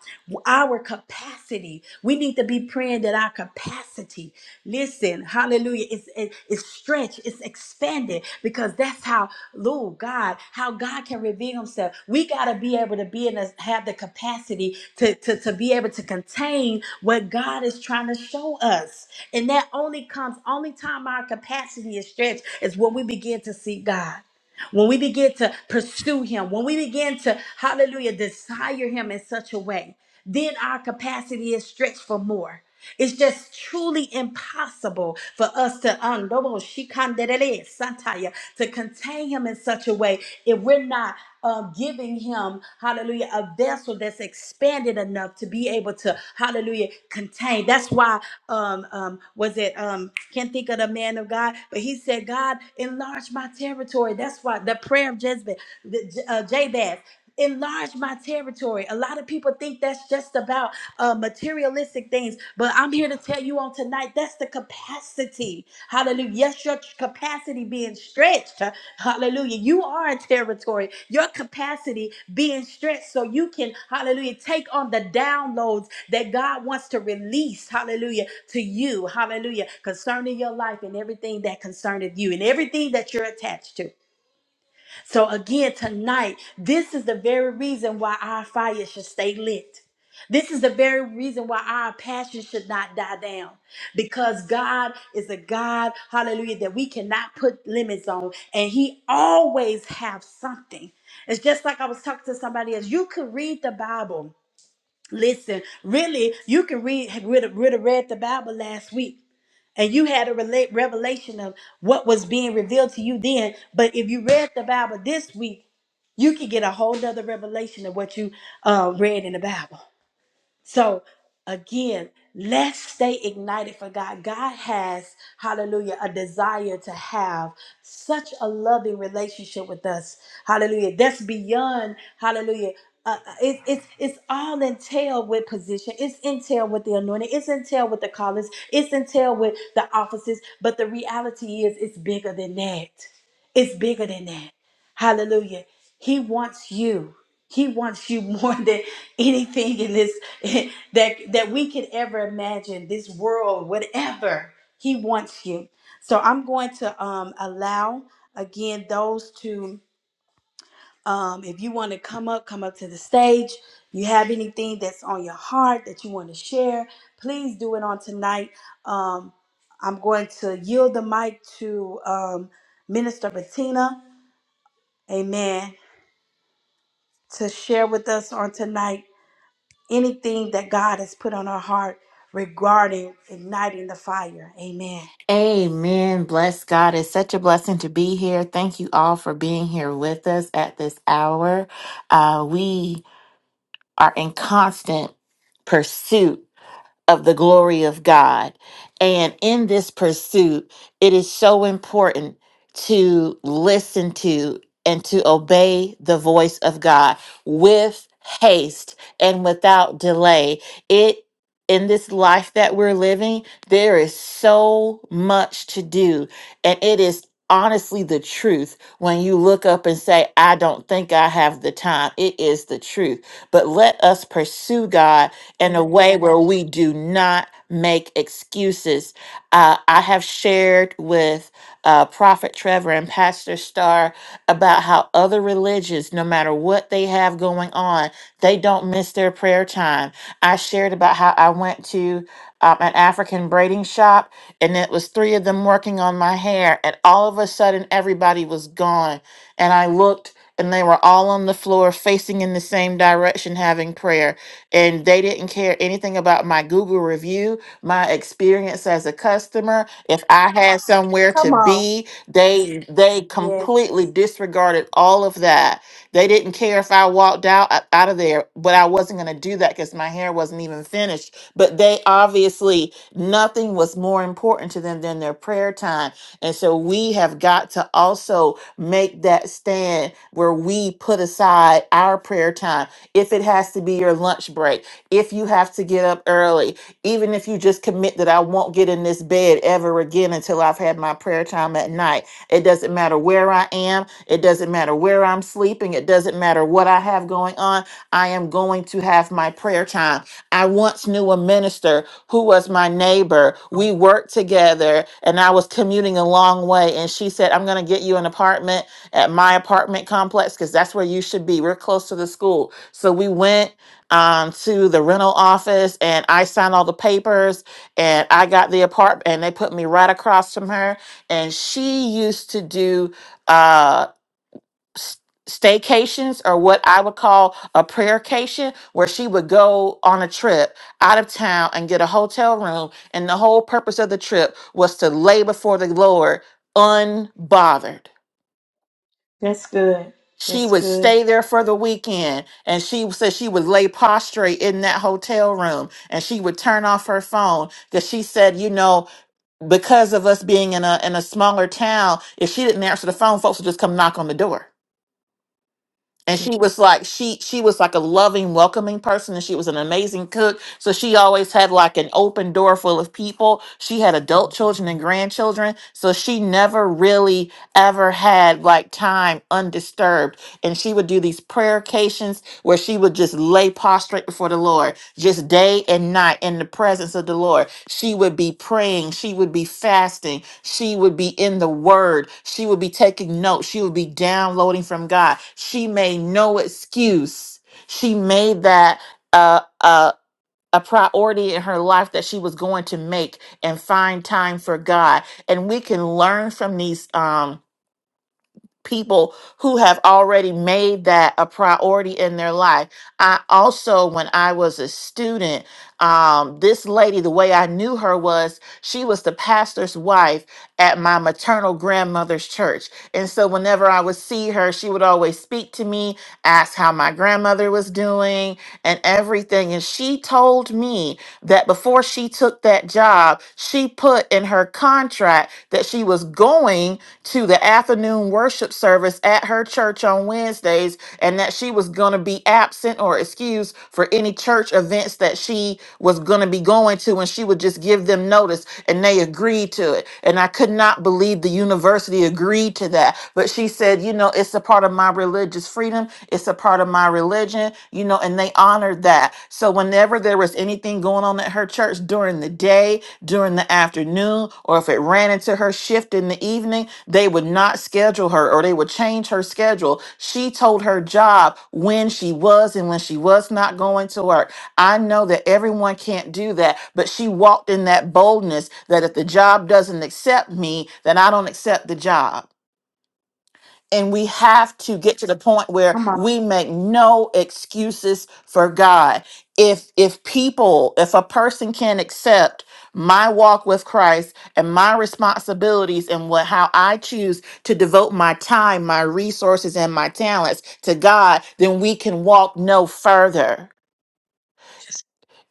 Speaker 1: Our capacity. We need to be praying that our capacity. Listen, hallelujah. It's it, it's stretched. It's extended. Expand it because that's how, Lord God, how God can reveal himself. We got to be able to be in a, have the capacity to, to, to be able to contain what God is trying to show us. And that only comes, only time our capacity is stretched is when we begin to see God when we begin to pursue him, when we begin to, hallelujah, desire him in such a way, then our capacity is stretched for more. It's just truly impossible for us to undobo shikandelele sataya to contain him in such a way if we're not um, giving him hallelujah a vessel that's expanded enough to be able to hallelujah contain. That's why um um was it um can't think of the man of God, but he said, God enlarge my territory. That's that's why the prayer of Jezebel, the, uh, Jabez. Enlarge my territory. A lot of people think that's just about uh, materialistic things, but I'm here to tell you on tonight that's the capacity. Hallelujah. Yes, your capacity being stretched. Hallelujah. You are a territory. Your capacity being stretched so you can, hallelujah, take on the downloads that God wants to release, hallelujah, to you, hallelujah, concerning your life and everything that concerneth you and everything that you're attached to. So, again, tonight, this is the very reason why our fire should stay lit. This is the very reason why our passion should not die down because God is a God, hallelujah, that we cannot put limits on, and He always have something. It's just like I was talking to somebody else. You could read the Bible. Listen, really, you can read, read, read, read the Bible last week and you had a relate revelation of what was being revealed to you then. But if you read the Bible this week, you could get a whole nother revelation of what you uh, read in the Bible. So again, let's stay ignited for God. God has, hallelujah, a desire to have such a loving relationship with us. Hallelujah. That's beyond, hallelujah. Uh, it, it's it's all entailed with position. It's entailed with the anointing. It's entailed with the callings. It's entailed with the offices. But the reality is, it's bigger than that. It's bigger than that. Hallelujah. He wants you. He wants you more than anything in this that that we could ever imagine. This world, whatever He wants you. So I'm going to um, allow again those to. Um, if you want to come up, come up to the stage. You have anything that's on your heart that you want to share, please do it on tonight. Um, I'm going to yield the mic to um, Minister Bettina. Amen. To share with us on tonight anything that God has put on our heart regarding igniting the fire. Amen.
Speaker 3: Amen. Bless God. It's such a blessing to be here. Thank you all for being here with us at this hour. Uh, we are in constant pursuit of the glory of God. And in this pursuit, it is so important to listen to and to obey the voice of God with haste and without delay. It in this life that we're living, there is so much to do, and it is honestly the truth when you look up and say, I don't think I have the time. It is the truth. But let us pursue God in a way
Speaker 1: Amen.
Speaker 3: where we do not make excuses. Uh, I have shared with uh, Prophet Trevor and Pastor Starr about how other religions, no matter what they have going on, they don't miss their prayer time. I shared about how I went to um, an African braiding shop and it was three of them working on my hair, and all of a sudden everybody was gone. And I looked and they were all on the floor facing in the same direction having prayer and they didn't care anything about my Google review, my experience as a customer. If I had somewhere to
Speaker 1: Come on.
Speaker 3: be, they they
Speaker 1: Yes.
Speaker 3: completely disregarded all of that. They didn't care if I walked out out of there, but I wasn't going to do that cuz my hair wasn't even finished. But they obviously nothing was more important to them than their prayer time. And so we have got to also make that stand where we put aside our prayer time if it has to be your lunch break, if you have to get up early, even if you just commit that I won't get in this bed ever again until I've had my prayer time at night. It doesn't matter where I am, it doesn't matter where I'm sleeping, it doesn't matter what I have going on. I am going to have my prayer time. I once knew a minister who was my neighbor. We worked together and I was commuting a long way. And she said, I'm going to get you an apartment at my apartment complex because that's where you should be. We're close to the school. So we went um, to the rental office and I signed all the papers and I got the apartment and they put me right across from her. And she used to do uh, s- staycations or what I would call a prayercation where she would go on a trip out of town and get a hotel room. And the whole purpose of the trip was to lay before the Lord unbothered
Speaker 1: That's good.
Speaker 3: she
Speaker 1: That's
Speaker 3: would
Speaker 1: good.
Speaker 3: stay there for the weekend and she said she would lay prostrate in that hotel room and she would turn off her phone because she said, you know, because of us being in a in a smaller town, if she didn't answer the phone, folks would just come knock on the door and
Speaker 1: Je-
Speaker 3: she was like she she was like a loving welcoming person and she was an amazing cook so she always had like an open door full of people she had adult children and grandchildren so she never really ever had like time undisturbed and she would do these prayercations where she would just lay prostrate before the Lord, just day and night in the presence of the Lord. She would be praying, she would be fasting, she would be in the Word, she would be taking notes, she would be downloading from God. She made no excuse. She made that uh, uh, a priority in her life that she was going to make and find time for God. And we can learn from these. Um, people who have already made that a priority in their life. I also, when I was a student, um, this lady, the way I knew her was she was the pastor's wife at my maternal grandmother's church. And so whenever I would see her, she would always speak to me, ask how my grandmother was doing and everything. And she told me that before she took that job, she put in her contract that she was going to the afternoon worship service at her church on Wednesdays and that she was going to be absent or excused for any church events that she was going to be going to to and she would just give them notice and they agreed to it. And I could not believe the university agreed to that. But she said, you know, it's a part of my religious freedom, it's a part of my religion, you know, and they honored that. So whenever there was anything going on at her church during the day, during the afternoon, or if it ran into her shift in the evening, they would not schedule her or they would change her schedule. She told her job when she was and when she was not going to work. I know that everyone can't do that, but she walked in that boldness that if the job doesn't accept me, then I don't accept the job. And we have to get to the point where
Speaker 1: Come on.
Speaker 3: we make no excuses for God. If if people, if a person can accept my walk with Christ and my responsibilities and what how I choose to devote my time, my resources and my talents to God, then we can walk no further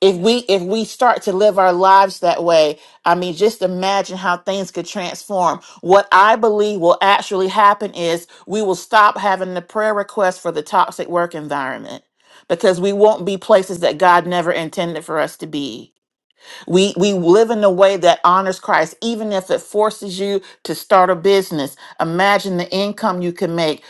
Speaker 3: if
Speaker 1: Yes.
Speaker 3: we if we start to live our lives that way i mean just imagine how things could transform what i believe will actually happen is we will stop having the prayer request for the toxic work environment because we won't be places that god never intended for us to be we we live in a way that honors Christ, even if it forces you to start a business. Imagine the income you can make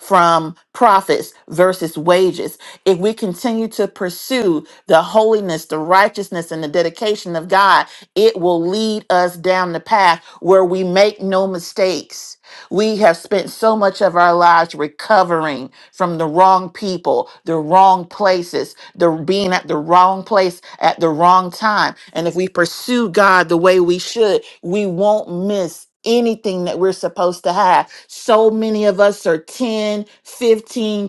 Speaker 3: from profits versus wages. If we continue to pursue the holiness, the righteousness, and the dedication of God, it will lead us down the path where we make no mistakes we have spent so much of our lives recovering from the wrong people, the wrong places, the being at the wrong place at the wrong time. And if we pursue God the way we should, we won't miss anything that we're supposed to have. So many of us are 10, 15, twenty, thirty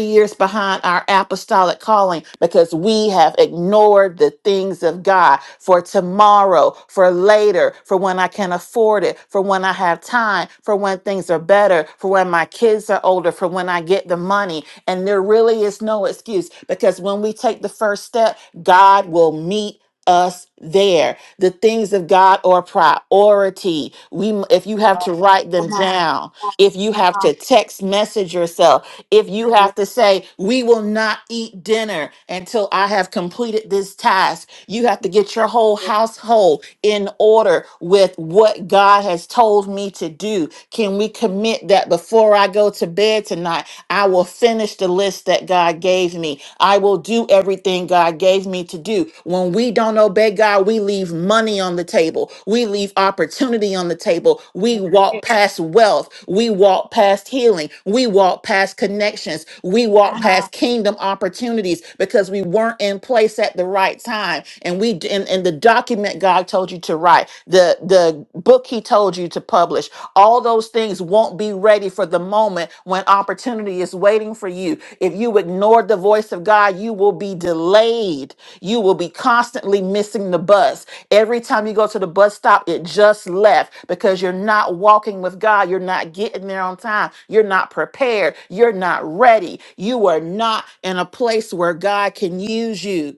Speaker 3: years years behind our apostolic calling because we have ignored the things of God for tomorrow, for later, for when I can afford it, for when I have time, for when things are better, for when my kids are older, for when I get the money. And there really is no excuse because when we take the first step, God will meet us there. The things of God are priority. We m- if you have to write them down, if you have to text message yourself, if you have to say, We will not eat dinner until I have completed this task, you have to get your whole household in order with what God has told me to do. Can we commit that before I go to bed tonight? I will finish the list that God gave me. I will do everything God gave me to do. When we don't obey God, God, we leave money on the table. We leave opportunity on the table. We walk past wealth. We walk past healing. We walk past connections. We walk
Speaker 1: Come
Speaker 3: past kingdom opportunities because we weren't in place at the right time. And we and, and the document God told you to write, the the book he told you to publish, all those things won't be raised ready for the moment when opportunity is waiting for you. If you ignore the voice of God, you will be delayed. You will be constantly missing the bus. Every time you go to the bus stop, it just left because you're not walking with God. You're not getting there on time. You're not prepared. You're not ready. You are not in a place where God can use you.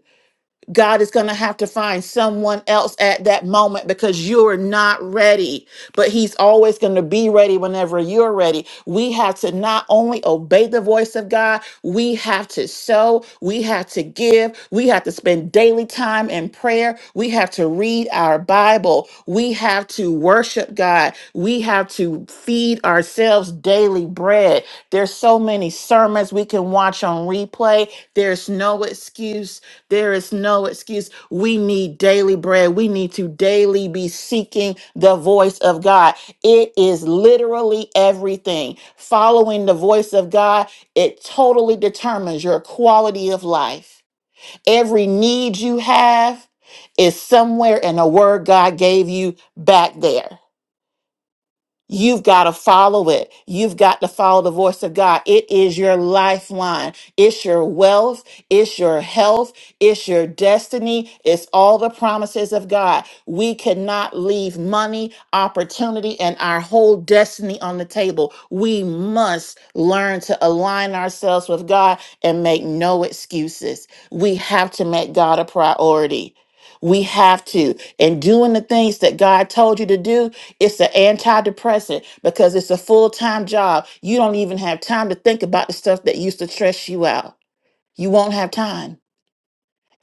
Speaker 3: God is going to have to find someone else at that moment because you're not ready. But He's always going to be ready whenever you're ready. We have to not only obey the voice of God, we have to sow, we have to give, we have to spend daily time in prayer, we have to read our Bible, we have to worship God, we have to feed ourselves daily bread. There's so many sermons we can watch on replay. There's no excuse there is no excuse. We need daily bread. We need to daily be seeking the voice of God. It is literally everything. Following the voice of God, it totally determines your quality of life. Every need you have is somewhere in a word God gave you back there. You've got to follow it. You've got to follow the voice of God. It is your lifeline. It's your wealth. It's your health. It's your destiny. It's all the promises of God. We cannot leave money, opportunity, and our whole destiny on the table. We must learn to align ourselves with God and make no excuses. We have to make God a priority. We have to. And doing the things that God told you to do it's an antidepressant because it's a full time job. You don't even have time to think about the stuff that used to stress you out. You won't have time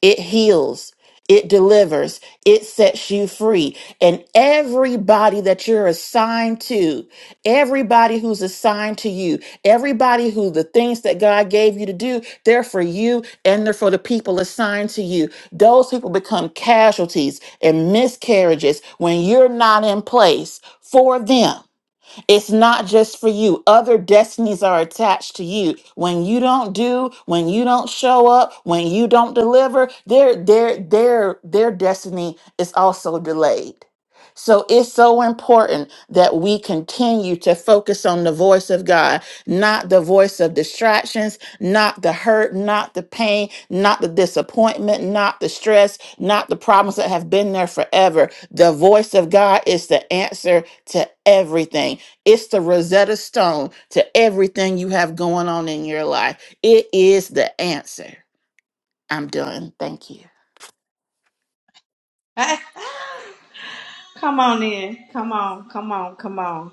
Speaker 3: it heals, it delivers, it sets you free. And everybody that you're assigned to, everybody who's assigned to you, everybody who the things that God gave you to do, they're for you and they're for the people assigned to you. Those people become casualties and miscarriages when you're not in place for them. It's not just for you. Other destinies are attached to you. When you don't do, when you don't show up, when you don't deliver, their their their their destiny is also delayed. So it's so important that we continue to focus on the voice of God, not the voice of distractions, not the hurt, not the pain, not the disappointment, not the stress, not the problems that have been there forever. The voice of God is the answer to everything. It's the Rosetta Stone to everything you have going on in your life. It is the answer. I'm done. Thank you.
Speaker 1: on. come on in. Come on. Come on. Come on.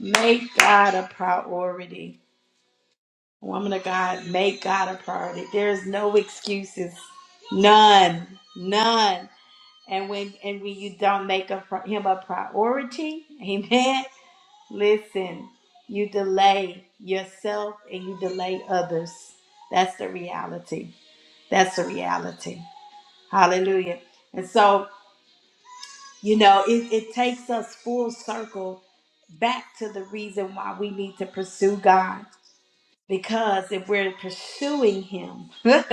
Speaker 1: Make God a priority. Woman of God, make God a priority. There's no excuses. None. None. And when and when you don't make a, pri- him a priority, amen. Listen, you delay yourself and you delay others. That's the reality. That's the reality. Hallelujah. And so, you know, it, it takes us full circle back to the reason why we need to pursue God. Because if we're pursuing Him,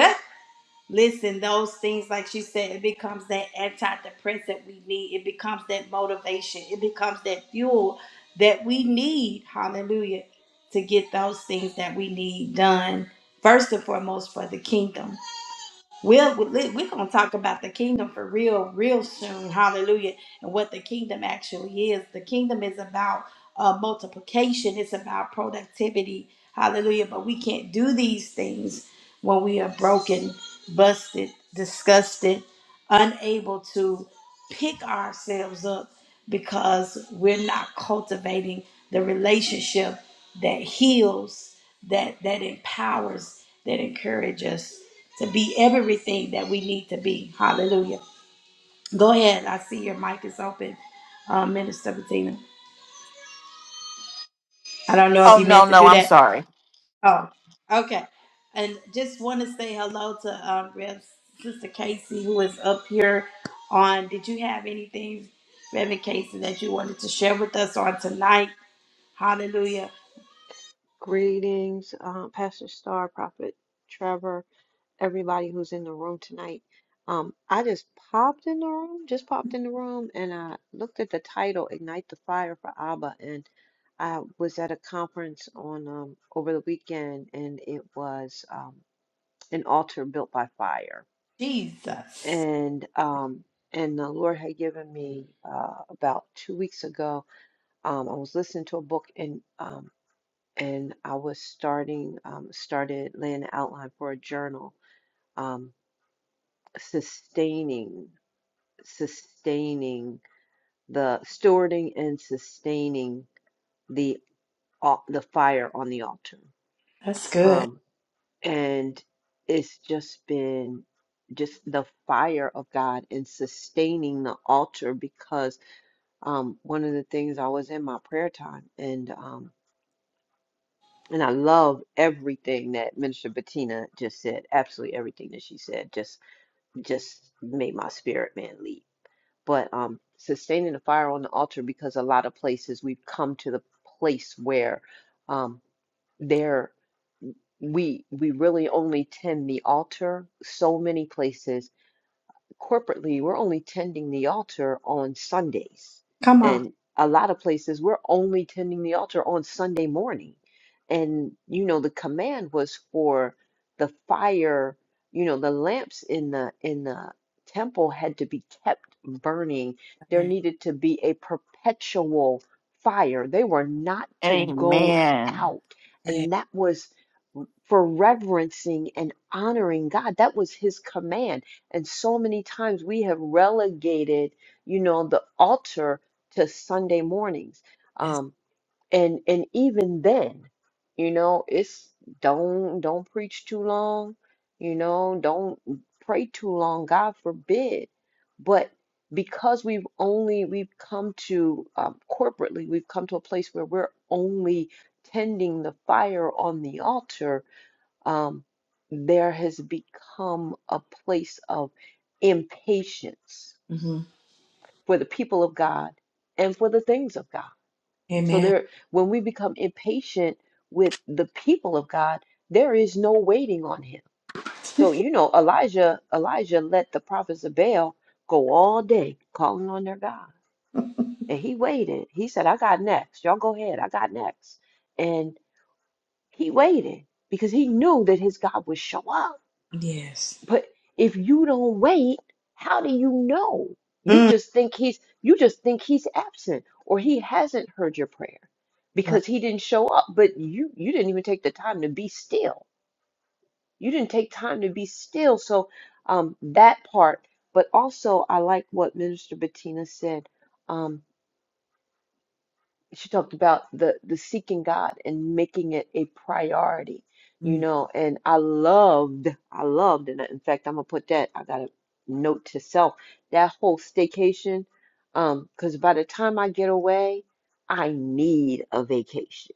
Speaker 1: Listen, those things, like she said, it becomes that antidepressant we need. It becomes that motivation. It becomes that fuel that we need, hallelujah, to get those things that we need done, first and foremost, for the kingdom. We're, we're going to talk about the kingdom for real, real soon. Hallelujah. And what the kingdom actually is. The kingdom is about uh, multiplication, it's about productivity. Hallelujah. But we can't do these things when we are broken, busted, disgusted, unable to pick ourselves up because we're not cultivating the relationship that heals, that, that empowers, that encourages us to be everything that we need to be. Hallelujah. Go ahead. I see your mic is open, uh, Minister Bettina. I don't know if
Speaker 3: Oh,
Speaker 1: you
Speaker 3: no,
Speaker 1: meant to
Speaker 3: no,
Speaker 1: do
Speaker 3: I'm
Speaker 1: that.
Speaker 3: sorry.
Speaker 1: Oh, okay. And just want to say hello to um, Rev Sister Casey, who is up here on. Did you have anything, Reverend Casey, that you wanted to share with us on tonight? Hallelujah.
Speaker 4: Greetings, uh, Pastor Star, Prophet Trevor, everybody who's in the room tonight. Um, I just popped in the room, just popped in the room, and I looked at the title, Ignite the Fire for Abba, and I was at a conference on um, over the weekend, and it was um, an altar built by fire,
Speaker 1: Jesus.
Speaker 4: and um, and the Lord had given me uh, about two weeks ago. Um, I was listening to a book, and um, and I was starting um, started laying the outline for a journal, um, sustaining, sustaining the stewarding and sustaining the al- the fire on the altar,
Speaker 1: That's good.
Speaker 4: um, and it's just been just the fire of God and sustaining the altar because um, one of the things I was in my prayer time and um, And I love everything that Minister Bettina just said. Absolutely everything that she said just just made my spirit man leap. But um sustaining the fire on the altar because a lot of places we've come to the place where um there we we really only tend the altar so many places corporately, we're only tending the altar on Sundays.
Speaker 1: Come on.
Speaker 4: And a lot of places, we're only tending the altar on Sunday morning. And, you know, the command was for the fire, you know, the lamps in the, in the temple had to be kept burning. There needed to be a perpetual fire. They were not to go
Speaker 3: Amen.
Speaker 4: out. And that was for reverencing and honoring God. That was his command and so many times we have relegated, you know, the altar to Sunday mornings. Um, and and even then, you know, it's don't don't preach too long, you know, don't pray too long, God forbid. But because we've only we've come to um, corporately, we've come to a place where we're only tending the fire on the altar um, there has become a place of impatience for the people of God and for the things of God. So there, when we become impatient with the people of God, there is no waiting on him. So you know, Elijah, Elijah let the prophets of Baal go all day calling on their God. And he waited. He said, I got next. Y'all go ahead. I got next. And he waited because he knew that his God would show up.
Speaker 1: Yes.
Speaker 4: But if you don't wait, how do you know? You just think he's you just think he's absent or he hasn't heard your prayer because he didn't show up, but you you didn't even take the time to be still. You didn't take time to be still. So um that part, but also I like what Minister Bettina said. Um she talked about the the seeking God and making it a priority, you know. And I loved, I loved, and in fact, I'm gonna put that. I got a note to self that whole staycation, um, because by the time I get away, I need a vacation.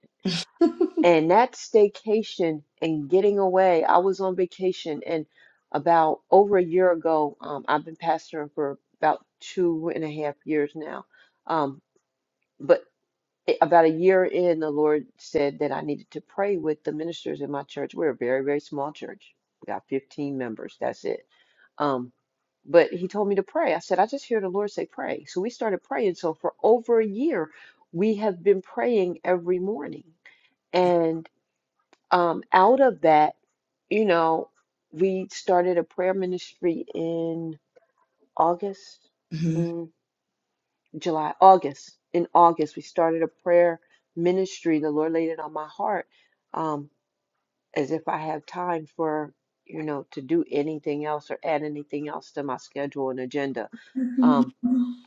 Speaker 4: And that staycation and getting away, I was on vacation, and about over a year ago, um, I've been pastoring for about two and a half years now, um. But i- about a year in, the Lord said that I needed to pray with the ministers in my church. We're a very, very small church. We got 15 members. That's it. Um, but he told me to pray. I said, I just hear the Lord say, pray. So we started praying. So for over a year, we have been praying every morning. And um, out of that, you know, we started a prayer ministry in August.
Speaker 1: hmm
Speaker 4: July, August. In August, we started a prayer ministry. The Lord laid it on my heart, um, as if I have time for, you know, to do anything else or add anything else to my schedule and agenda. Um,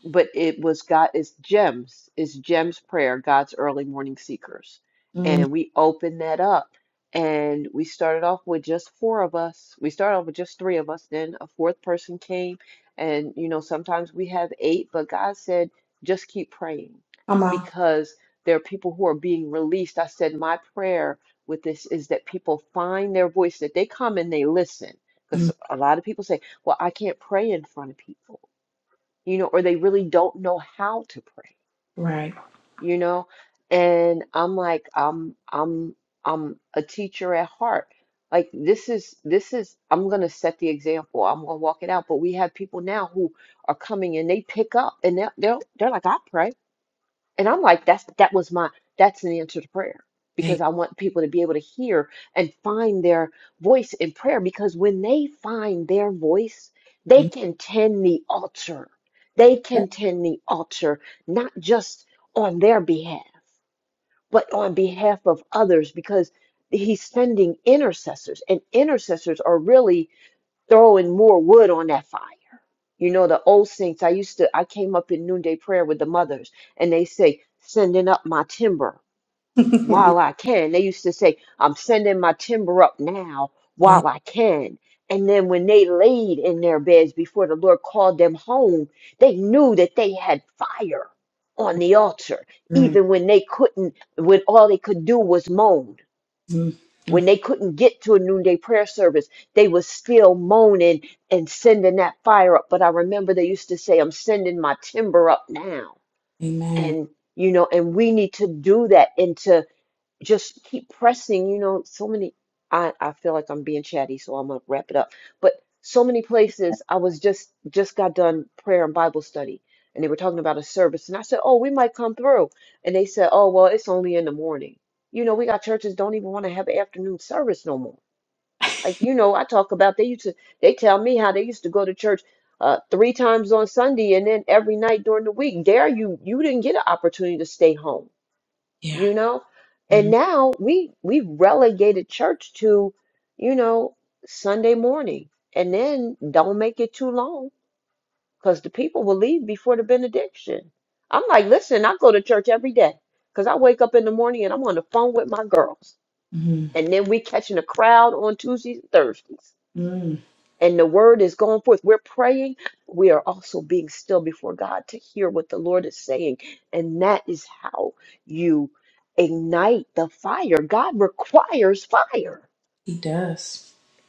Speaker 4: but it was God, it's gems, it's gems prayer, God's early morning seekers. And we opened that up and we started off with just four of us. We started off with just three of us. Then a fourth person came. And, you know, sometimes we have eight, but God said, just keep praying
Speaker 1: Come on.
Speaker 4: because there are people who are being released. I said, my prayer with this is that people find their voice, that they come and they listen. Because
Speaker 1: Mm,
Speaker 4: a lot of people say, well, I can't pray in front of people you know, or they really don't know how to pray,
Speaker 1: right.
Speaker 4: you know? And I'm like, I'm I'm I'm a teacher at heart. Like this is this is I'm gonna set the example. I'm gonna walk it out. But we have people now who are coming and they pick up and they're they're, they're like, I pray. And I'm like, that's that was my that's an answer to prayer because I want people to be able to hear and find their voice in prayer because when they find their voice, they can tend the altar. They can tend the altar, not just on their behalf, but on behalf of others because he's sending intercessors and intercessors are really throwing more wood on that fire. You know, the old saints, I used to, I came up in noonday prayer with the mothers, and they say, sending up my timber
Speaker 1: yeah.
Speaker 4: while I can. They used to say, I'm sending my timber up now
Speaker 1: Yeah.
Speaker 4: while I can. And then when they laid in their beds before the Lord called them home, they knew that they had fire on the altar, even when they couldn't, when all they could do was moan when they couldn't get to a noonday prayer service, they was still moaning and sending that fire up. But I remember they used to say, I'm sending my timber up now. And, you know, and we need to do that. And to just keep pressing. You know, so many. I I feel like I'm being chatty, so I'm gonna wrap it up. But so many places I was just just got done prayer and Bible study, and they were talking about a service, and I said, "Oh, we might come through," and they said, "Oh, well, it's only in the morning." You know, we got churches don't even want to have an afternoon service no more. Like you know, I talk about they used to they tell me how they used to go to church uh, three times on Sunday and then every night during the week. There you you didn't get an opportunity to stay home you know and now we we relegated church to you know sunday morning and then don't make it too long because the people will leave before the benediction i'm like listen i go to church every day because i wake up in the morning and i'm on the phone with my girls
Speaker 1: Mm,
Speaker 4: and then we catching a crowd on tuesdays and thursdays
Speaker 1: mm,
Speaker 4: and the word is going forth. We're praying. We are also being still before God to hear what the Lord is saying. And that is how you ignite the fire. God requires fire.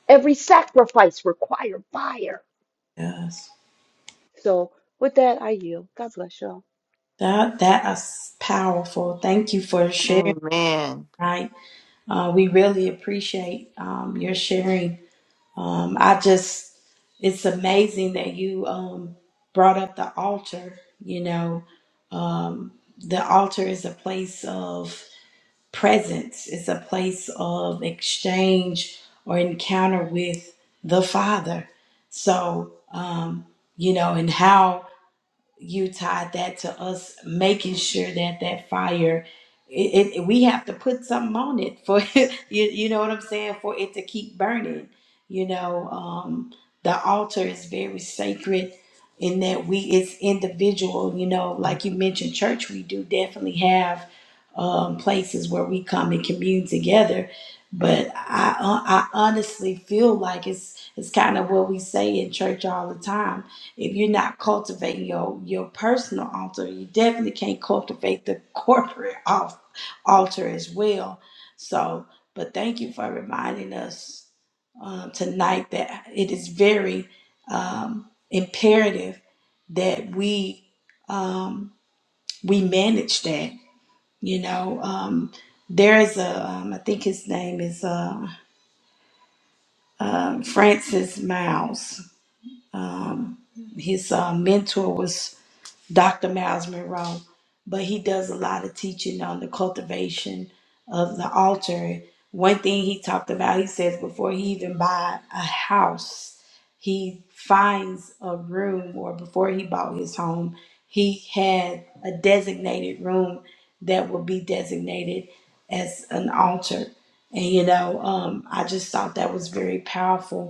Speaker 4: Every sacrifice requires fire.
Speaker 1: yes.
Speaker 4: So with that, I yield. God bless y'all.
Speaker 1: That that is powerful. Thank you for sharing.
Speaker 3: Amen.
Speaker 1: Right. Uh, we really appreciate um, your sharing. Um, I just, it's amazing that you um, brought up the altar. You know, um, the altar is a place of presence. It's a place of exchange or encounter with the Father. So, um, you know, and how you tied that to us making sure that that fire it, it we have to put something on it for you you know what i'm saying for it to keep burning you know um the altar is very sacred in that we it's individual you know like you mentioned church we do definitely have um places where we come and commune together but i uh, i honestly feel like it's it's kind of what we say in church all the time if you're not cultivating your, your personal altar, you definitely can't cultivate the corporate al- altar as well. So, but thank you for reminding us um, tonight that it is very um, imperative that we um, we manage that. You know, um, there is a um, I think his name is uh, uh, Francis Miles. Um, his uh, mentor was Dr. Miles Monroe, but he does a lot of teaching on the cultivation of the altar. One thing he talked about, he says before he even buy a house, he finds a room, or before he bought his home, he had a designated room that would be designated as an altar. And you know, um, I just thought that was very powerful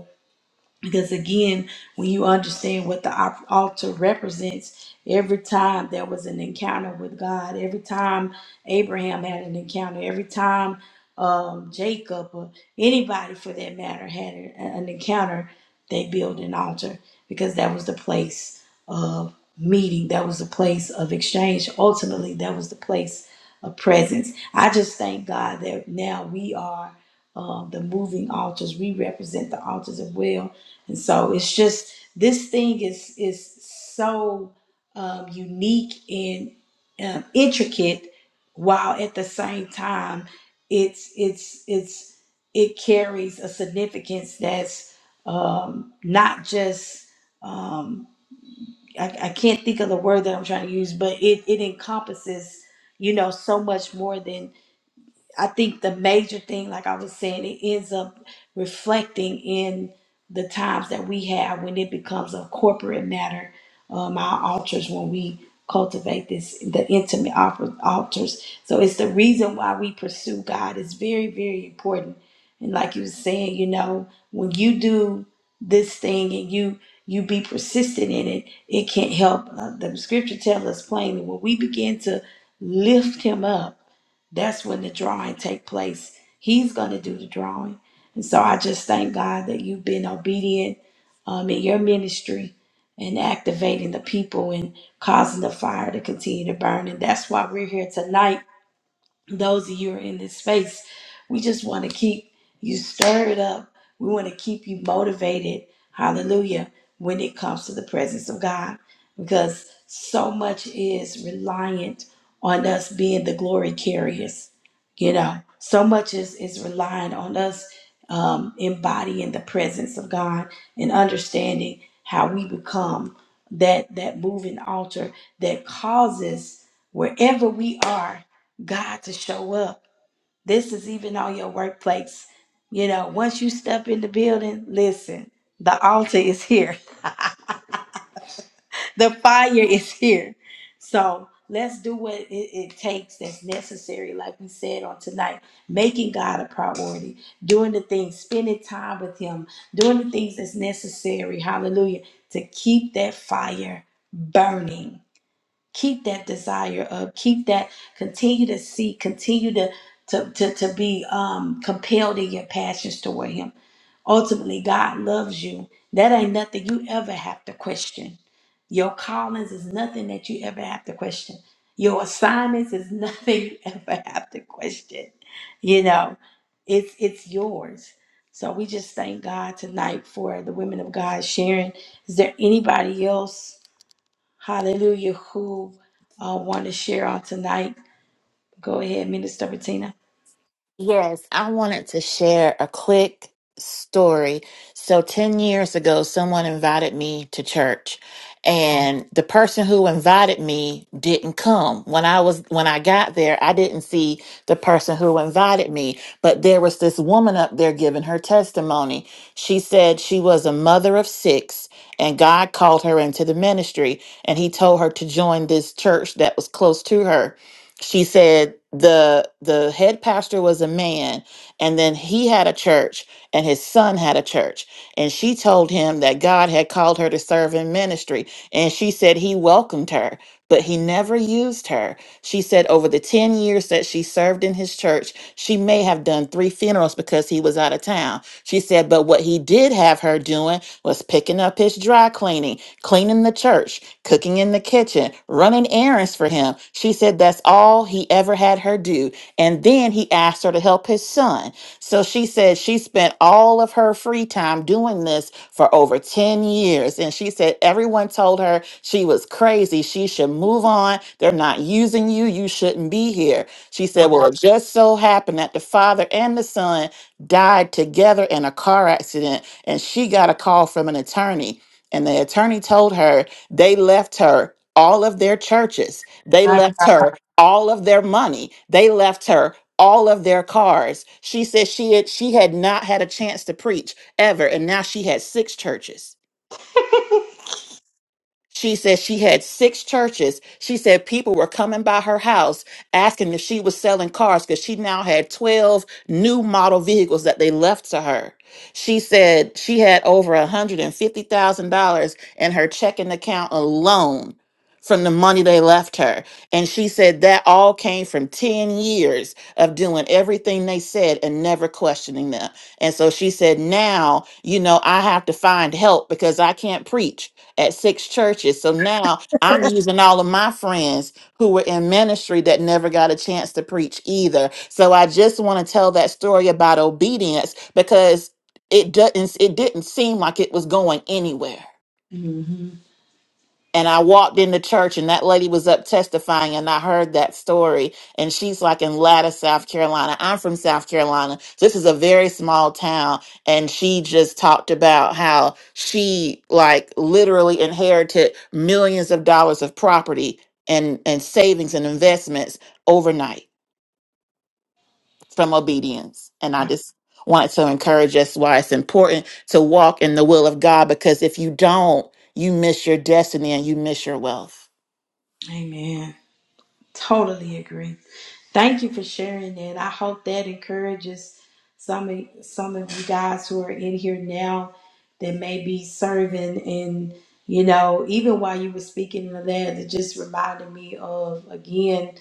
Speaker 1: because again, when you understand what the op- altar represents, every time there was an encounter with God, every time Abraham had an encounter, every time um, Jacob or anybody for that matter had an, an encounter, they built an altar because that was the place of meeting, that was the place of exchange. Ultimately, that was the place of presence. I just thank God that now we are um, the moving altars. We represent the altars as well and so it's just this thing is is so um, unique and um, intricate, while at the same time it's it's it's it carries a significance that's um, not just um, I, I can't think of the word that I'm trying to use, but it it encompasses you know so much more than. I think the major thing, like I was saying, it ends up reflecting in the times that we have when it becomes a corporate matter. Um, our altars, when we cultivate this, the intimate offer- altars. So it's the reason why we pursue God. It's very, very important. And like you were saying, you know, when you do this thing and you you be persistent in it, it can't help. Uh, the scripture tells us plainly when we begin to lift Him up that's when the drawing take place. He's going to do the drawing. And so I just thank God that you've been obedient um, in your ministry and activating the people and causing the fire to continue to burn. And that's why we're here tonight those of you who are in this space, we just want to keep you stirred up. We want to keep you motivated. Hallelujah. When it comes to the presence of God, because so much is reliant on us being the glory carriers. You know, so much is, is reliant on us um, embodying the presence of God and understanding how we become that that moving altar that causes wherever we are God to show up. This is even on your workplace. You know, once you step in the building, listen, the altar is here, the fire is here. So let's do what it, it takes that's necessary, like we said on tonight, making God a priority, doing the things, spending time with Him, doing the things that's necessary, hallelujah, to keep that fire burning keep that desire up keep that continue to seek continue to to to, to be um compelled in your passions toward him ultimately god loves you that ain't nothing you ever have to question your callings is nothing that you ever have to question your assignments is nothing you ever have to question you know it's it's yours so we just thank god tonight for the women of god sharing is there anybody else Hallelujah. Who uh, want to share on tonight? Go ahead, Minister Bettina.
Speaker 3: Yes, I wanted to share a quick story. So, 10 years ago, someone invited me to church, and the person who invited me didn't come. When I was when I got there, I didn't see the person who invited me, but there was this woman up there giving her testimony. She said she was a mother of 6 and God called her into the ministry and he told her to join this church that was close to her she said the the head pastor was a man and then he had a church and his son had a church and she told him that God had called her to serve in ministry and she said he welcomed her but he never used her she said over the 10 years that she served in his church she may have done 3 funerals because he was out of town she said but what he did have her doing was picking up his dry cleaning cleaning the church cooking in the kitchen, running errands for him. She said that's all he ever had her do. And then he asked her to help his son. So she said she spent all of her free time doing this for over 10 years. And she said everyone told her she was crazy. She should move on. They're not using you. You shouldn't be here. She said, Well, it just so happened that the father and the son died together in a car accident, and she got a call from an attorney. And the attorney told her they left her all of their churches. They left her all of their money. They left her all of their cars. She said she had she had not had a chance to preach ever and now she had six churches. She said she had six churches. She said people were coming by her house asking if she was selling cars because she now had 12 new model vehicles that they left to her. She said she had over $150,000 in her checking account alone from the money they left her. And she said that all came from 10 years of doing everything they said and never questioning them. And so she said, now, you know, I have to find help because I can't preach at six churches. So now I'm using all of my friends who were in ministry that never got a chance to preach either. So I just want to tell that story about obedience because it doesn't it didn't seem like it was going anywhere
Speaker 1: hmm
Speaker 3: and I walked in the church and that lady was up testifying and I heard that story and she's like in Latta, South Carolina. I'm from South Carolina. This is a very small town and she just talked about how she like literally inherited millions of dollars of property and and savings and investments overnight from obedience. And I just wanted to encourage us why it's important to walk in the will of God because if you don't, you miss your destiny and you miss your wealth.
Speaker 1: Amen. Totally agree. Thank you for sharing that. I hope that encourages some of, some of you guys who are in here now that may be serving. And, you know, even while you were speaking of that, it just reminded me of, again,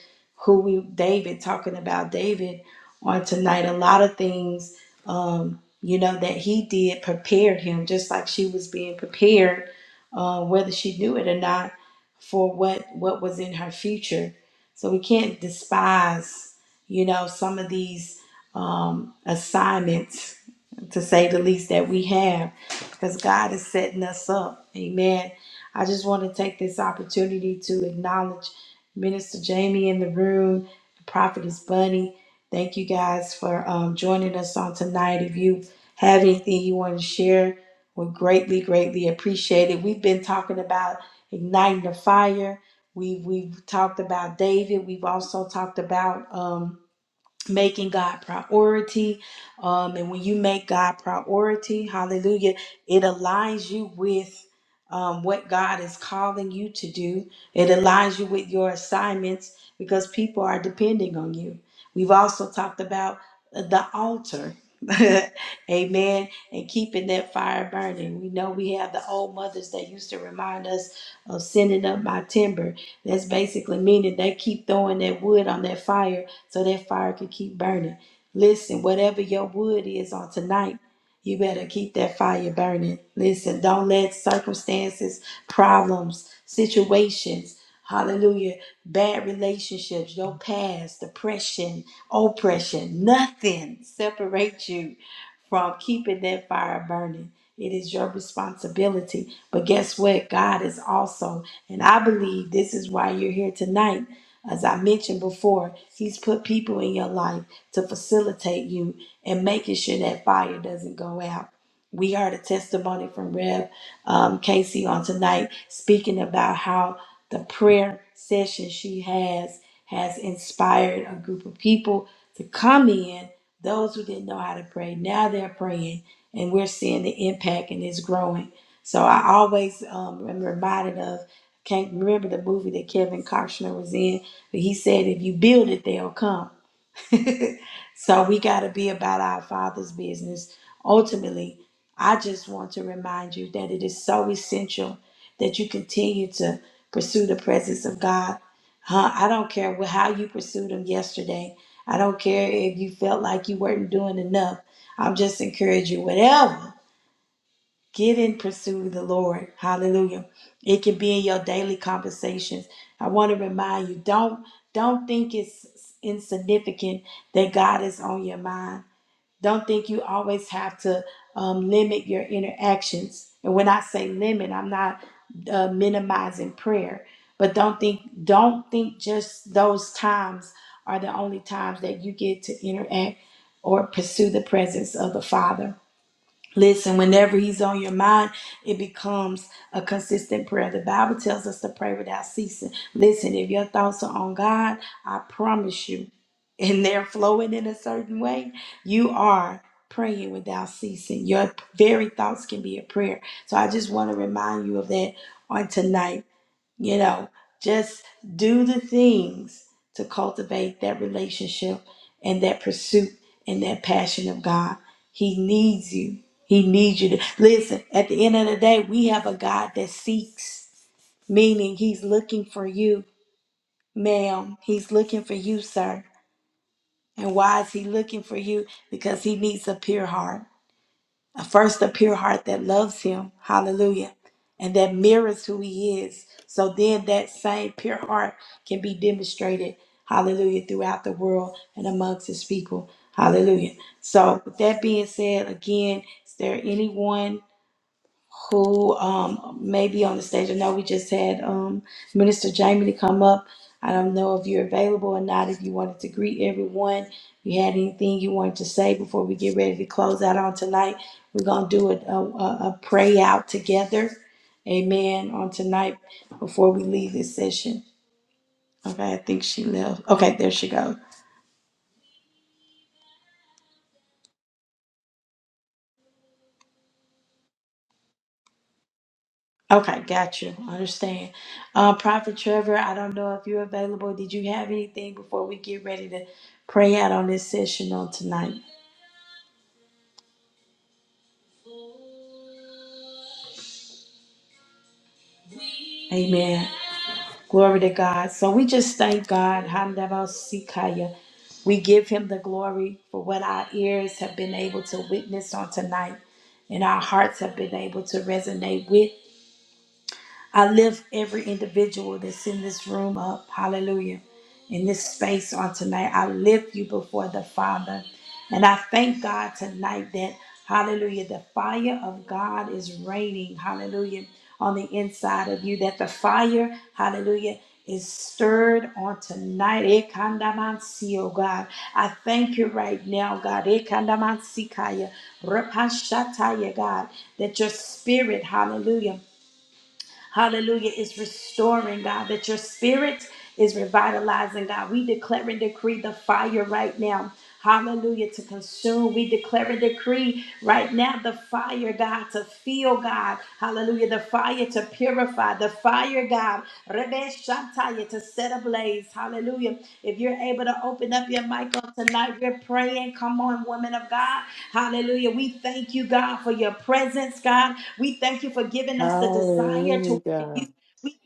Speaker 1: who we, David, talking about David on tonight. A lot of things, um, you know, that he did prepared him, just like she was being prepared, uh, whether she knew it or not, for what, what was in her future so we can't despise, you know, some of these um, assignments, to say the least, that we have, because God is setting us up. Amen. I just want to take this opportunity to acknowledge Minister Jamie in the room, the prophetess Bunny. Thank you guys for um, joining us on tonight. If you have anything you want to share, we are greatly, greatly appreciated. We've been talking about igniting the fire We've we've talked about David. We've also talked about um, making God priority. Um, and when you make God priority, hallelujah, it aligns you with um, what God is calling you to do, it aligns you with your assignments because people are depending on you. We've also talked about uh, the altar. Amen. And keeping that fire burning. We know we have the old mothers that used to remind us of sending up my timber. That's basically meaning they keep throwing that wood on that fire so that fire can keep burning. Listen, whatever your wood is on tonight, you better keep that fire burning. Listen, don't let circumstances, problems, situations, hallelujah, bad relationships, your past, depression, oppression, nothing separate you from keeping that fire burning. It is your responsibility. But guess what? God is also, and I believe this is why you're here tonight as I mentioned before, He's put people in your life to facilitate you and making sure that fire doesn't go out. We heard a testimony from Rev um, Casey on tonight speaking about how the prayer session she has has inspired a group of people to come in. Those who didn't know how to pray, now they're praying, and we're seeing the impact and it's growing. So I always um, am reminded of can't remember the movie that Kevin Costner was in but he said, if you build it, they'll come. so we got to be about our Father's business. Ultimately, I just want to remind you that it is so essential that you continue to pursue the presence of God. Huh? I don't care wh- how you pursued Him yesterday. I don't care if you felt like you weren't doing enough. I'm just encouraging you, whatever. Get in pursue the Lord. Hallelujah. It can be in your daily conversations. I want to remind you, don't don't think it's insignificant that God is on your mind. Don't think you always have to um, limit your interactions. And when I say limit, I'm not uh, minimizing prayer, but don't think don't think just those times are the only times that you get to interact or pursue the presence of the Father. Listen, whenever he's on your mind, it becomes a consistent prayer. The Bible tells us to pray without ceasing. Listen, if your thoughts are on God, I promise you, and they're flowing in a certain way, you are praying without ceasing. Your very thoughts can be a prayer. So I just want to remind you of that on tonight. You know, just do the things to cultivate that relationship and that pursuit and that passion of God. He needs you. He needs you to listen. At the end of the day, we have a God that seeks, meaning He's looking for you, ma'am. He's looking for you, sir. And why is He looking for you? Because He needs a pure heart. First, a pure heart that loves him. Hallelujah. And that mirrors who he is. So then that same pure heart can be demonstrated. Hallelujah. Throughout the world and amongst his people. Hallelujah. So with that being said, again, is there anyone? who um, may be on the stage. I know we just had um, Minister Jamie to come up. I don't know if you're available or not, if you wanted to greet everyone, if you had anything you wanted to say before we get ready to close out on tonight. We're going to do a, a, a pray out together. Amen. On tonight before we leave this session. Okay, I think she left. Okay, there she goes. Okay, got you. Understand. Uh, Prophet Trevor, I don't know if you're available. Did you have anything before we get ready to pray out on this session on tonight? Amen. Glory to God. So we just thank God. Handabosikaya. We give him the glory for what our ears have been able to witness on tonight and our hearts have been able to resonate with. I lift every individual that's in this room up, hallelujah, in this space on tonight. I lift you before the Father. And I thank God tonight that, hallelujah, the fire of God is raining, hallelujah, on the inside of you, that the fire, hallelujah, is stirred on tonight. Ekandamansi, oh God. I thank you right now, God. Ekandamansikaya, rapashataya, God, that your spirit, hallelujah, Hallelujah is restoring, God, that your spirit is revitalizing, God. We declare and decree the fire right now. Hallelujah to consume. We declare and decree right now the fire, God, to feel, God. Hallelujah. The fire to purify. The fire, God. Rebe Shantaya to set ablaze. Hallelujah. If you're able to open up your mic on tonight, we're praying. Come on, women of God. Hallelujah. We thank you, God, for your presence, God. We thank you for giving us the desire
Speaker 3: Hallelujah,
Speaker 1: toward
Speaker 3: God.
Speaker 1: you. We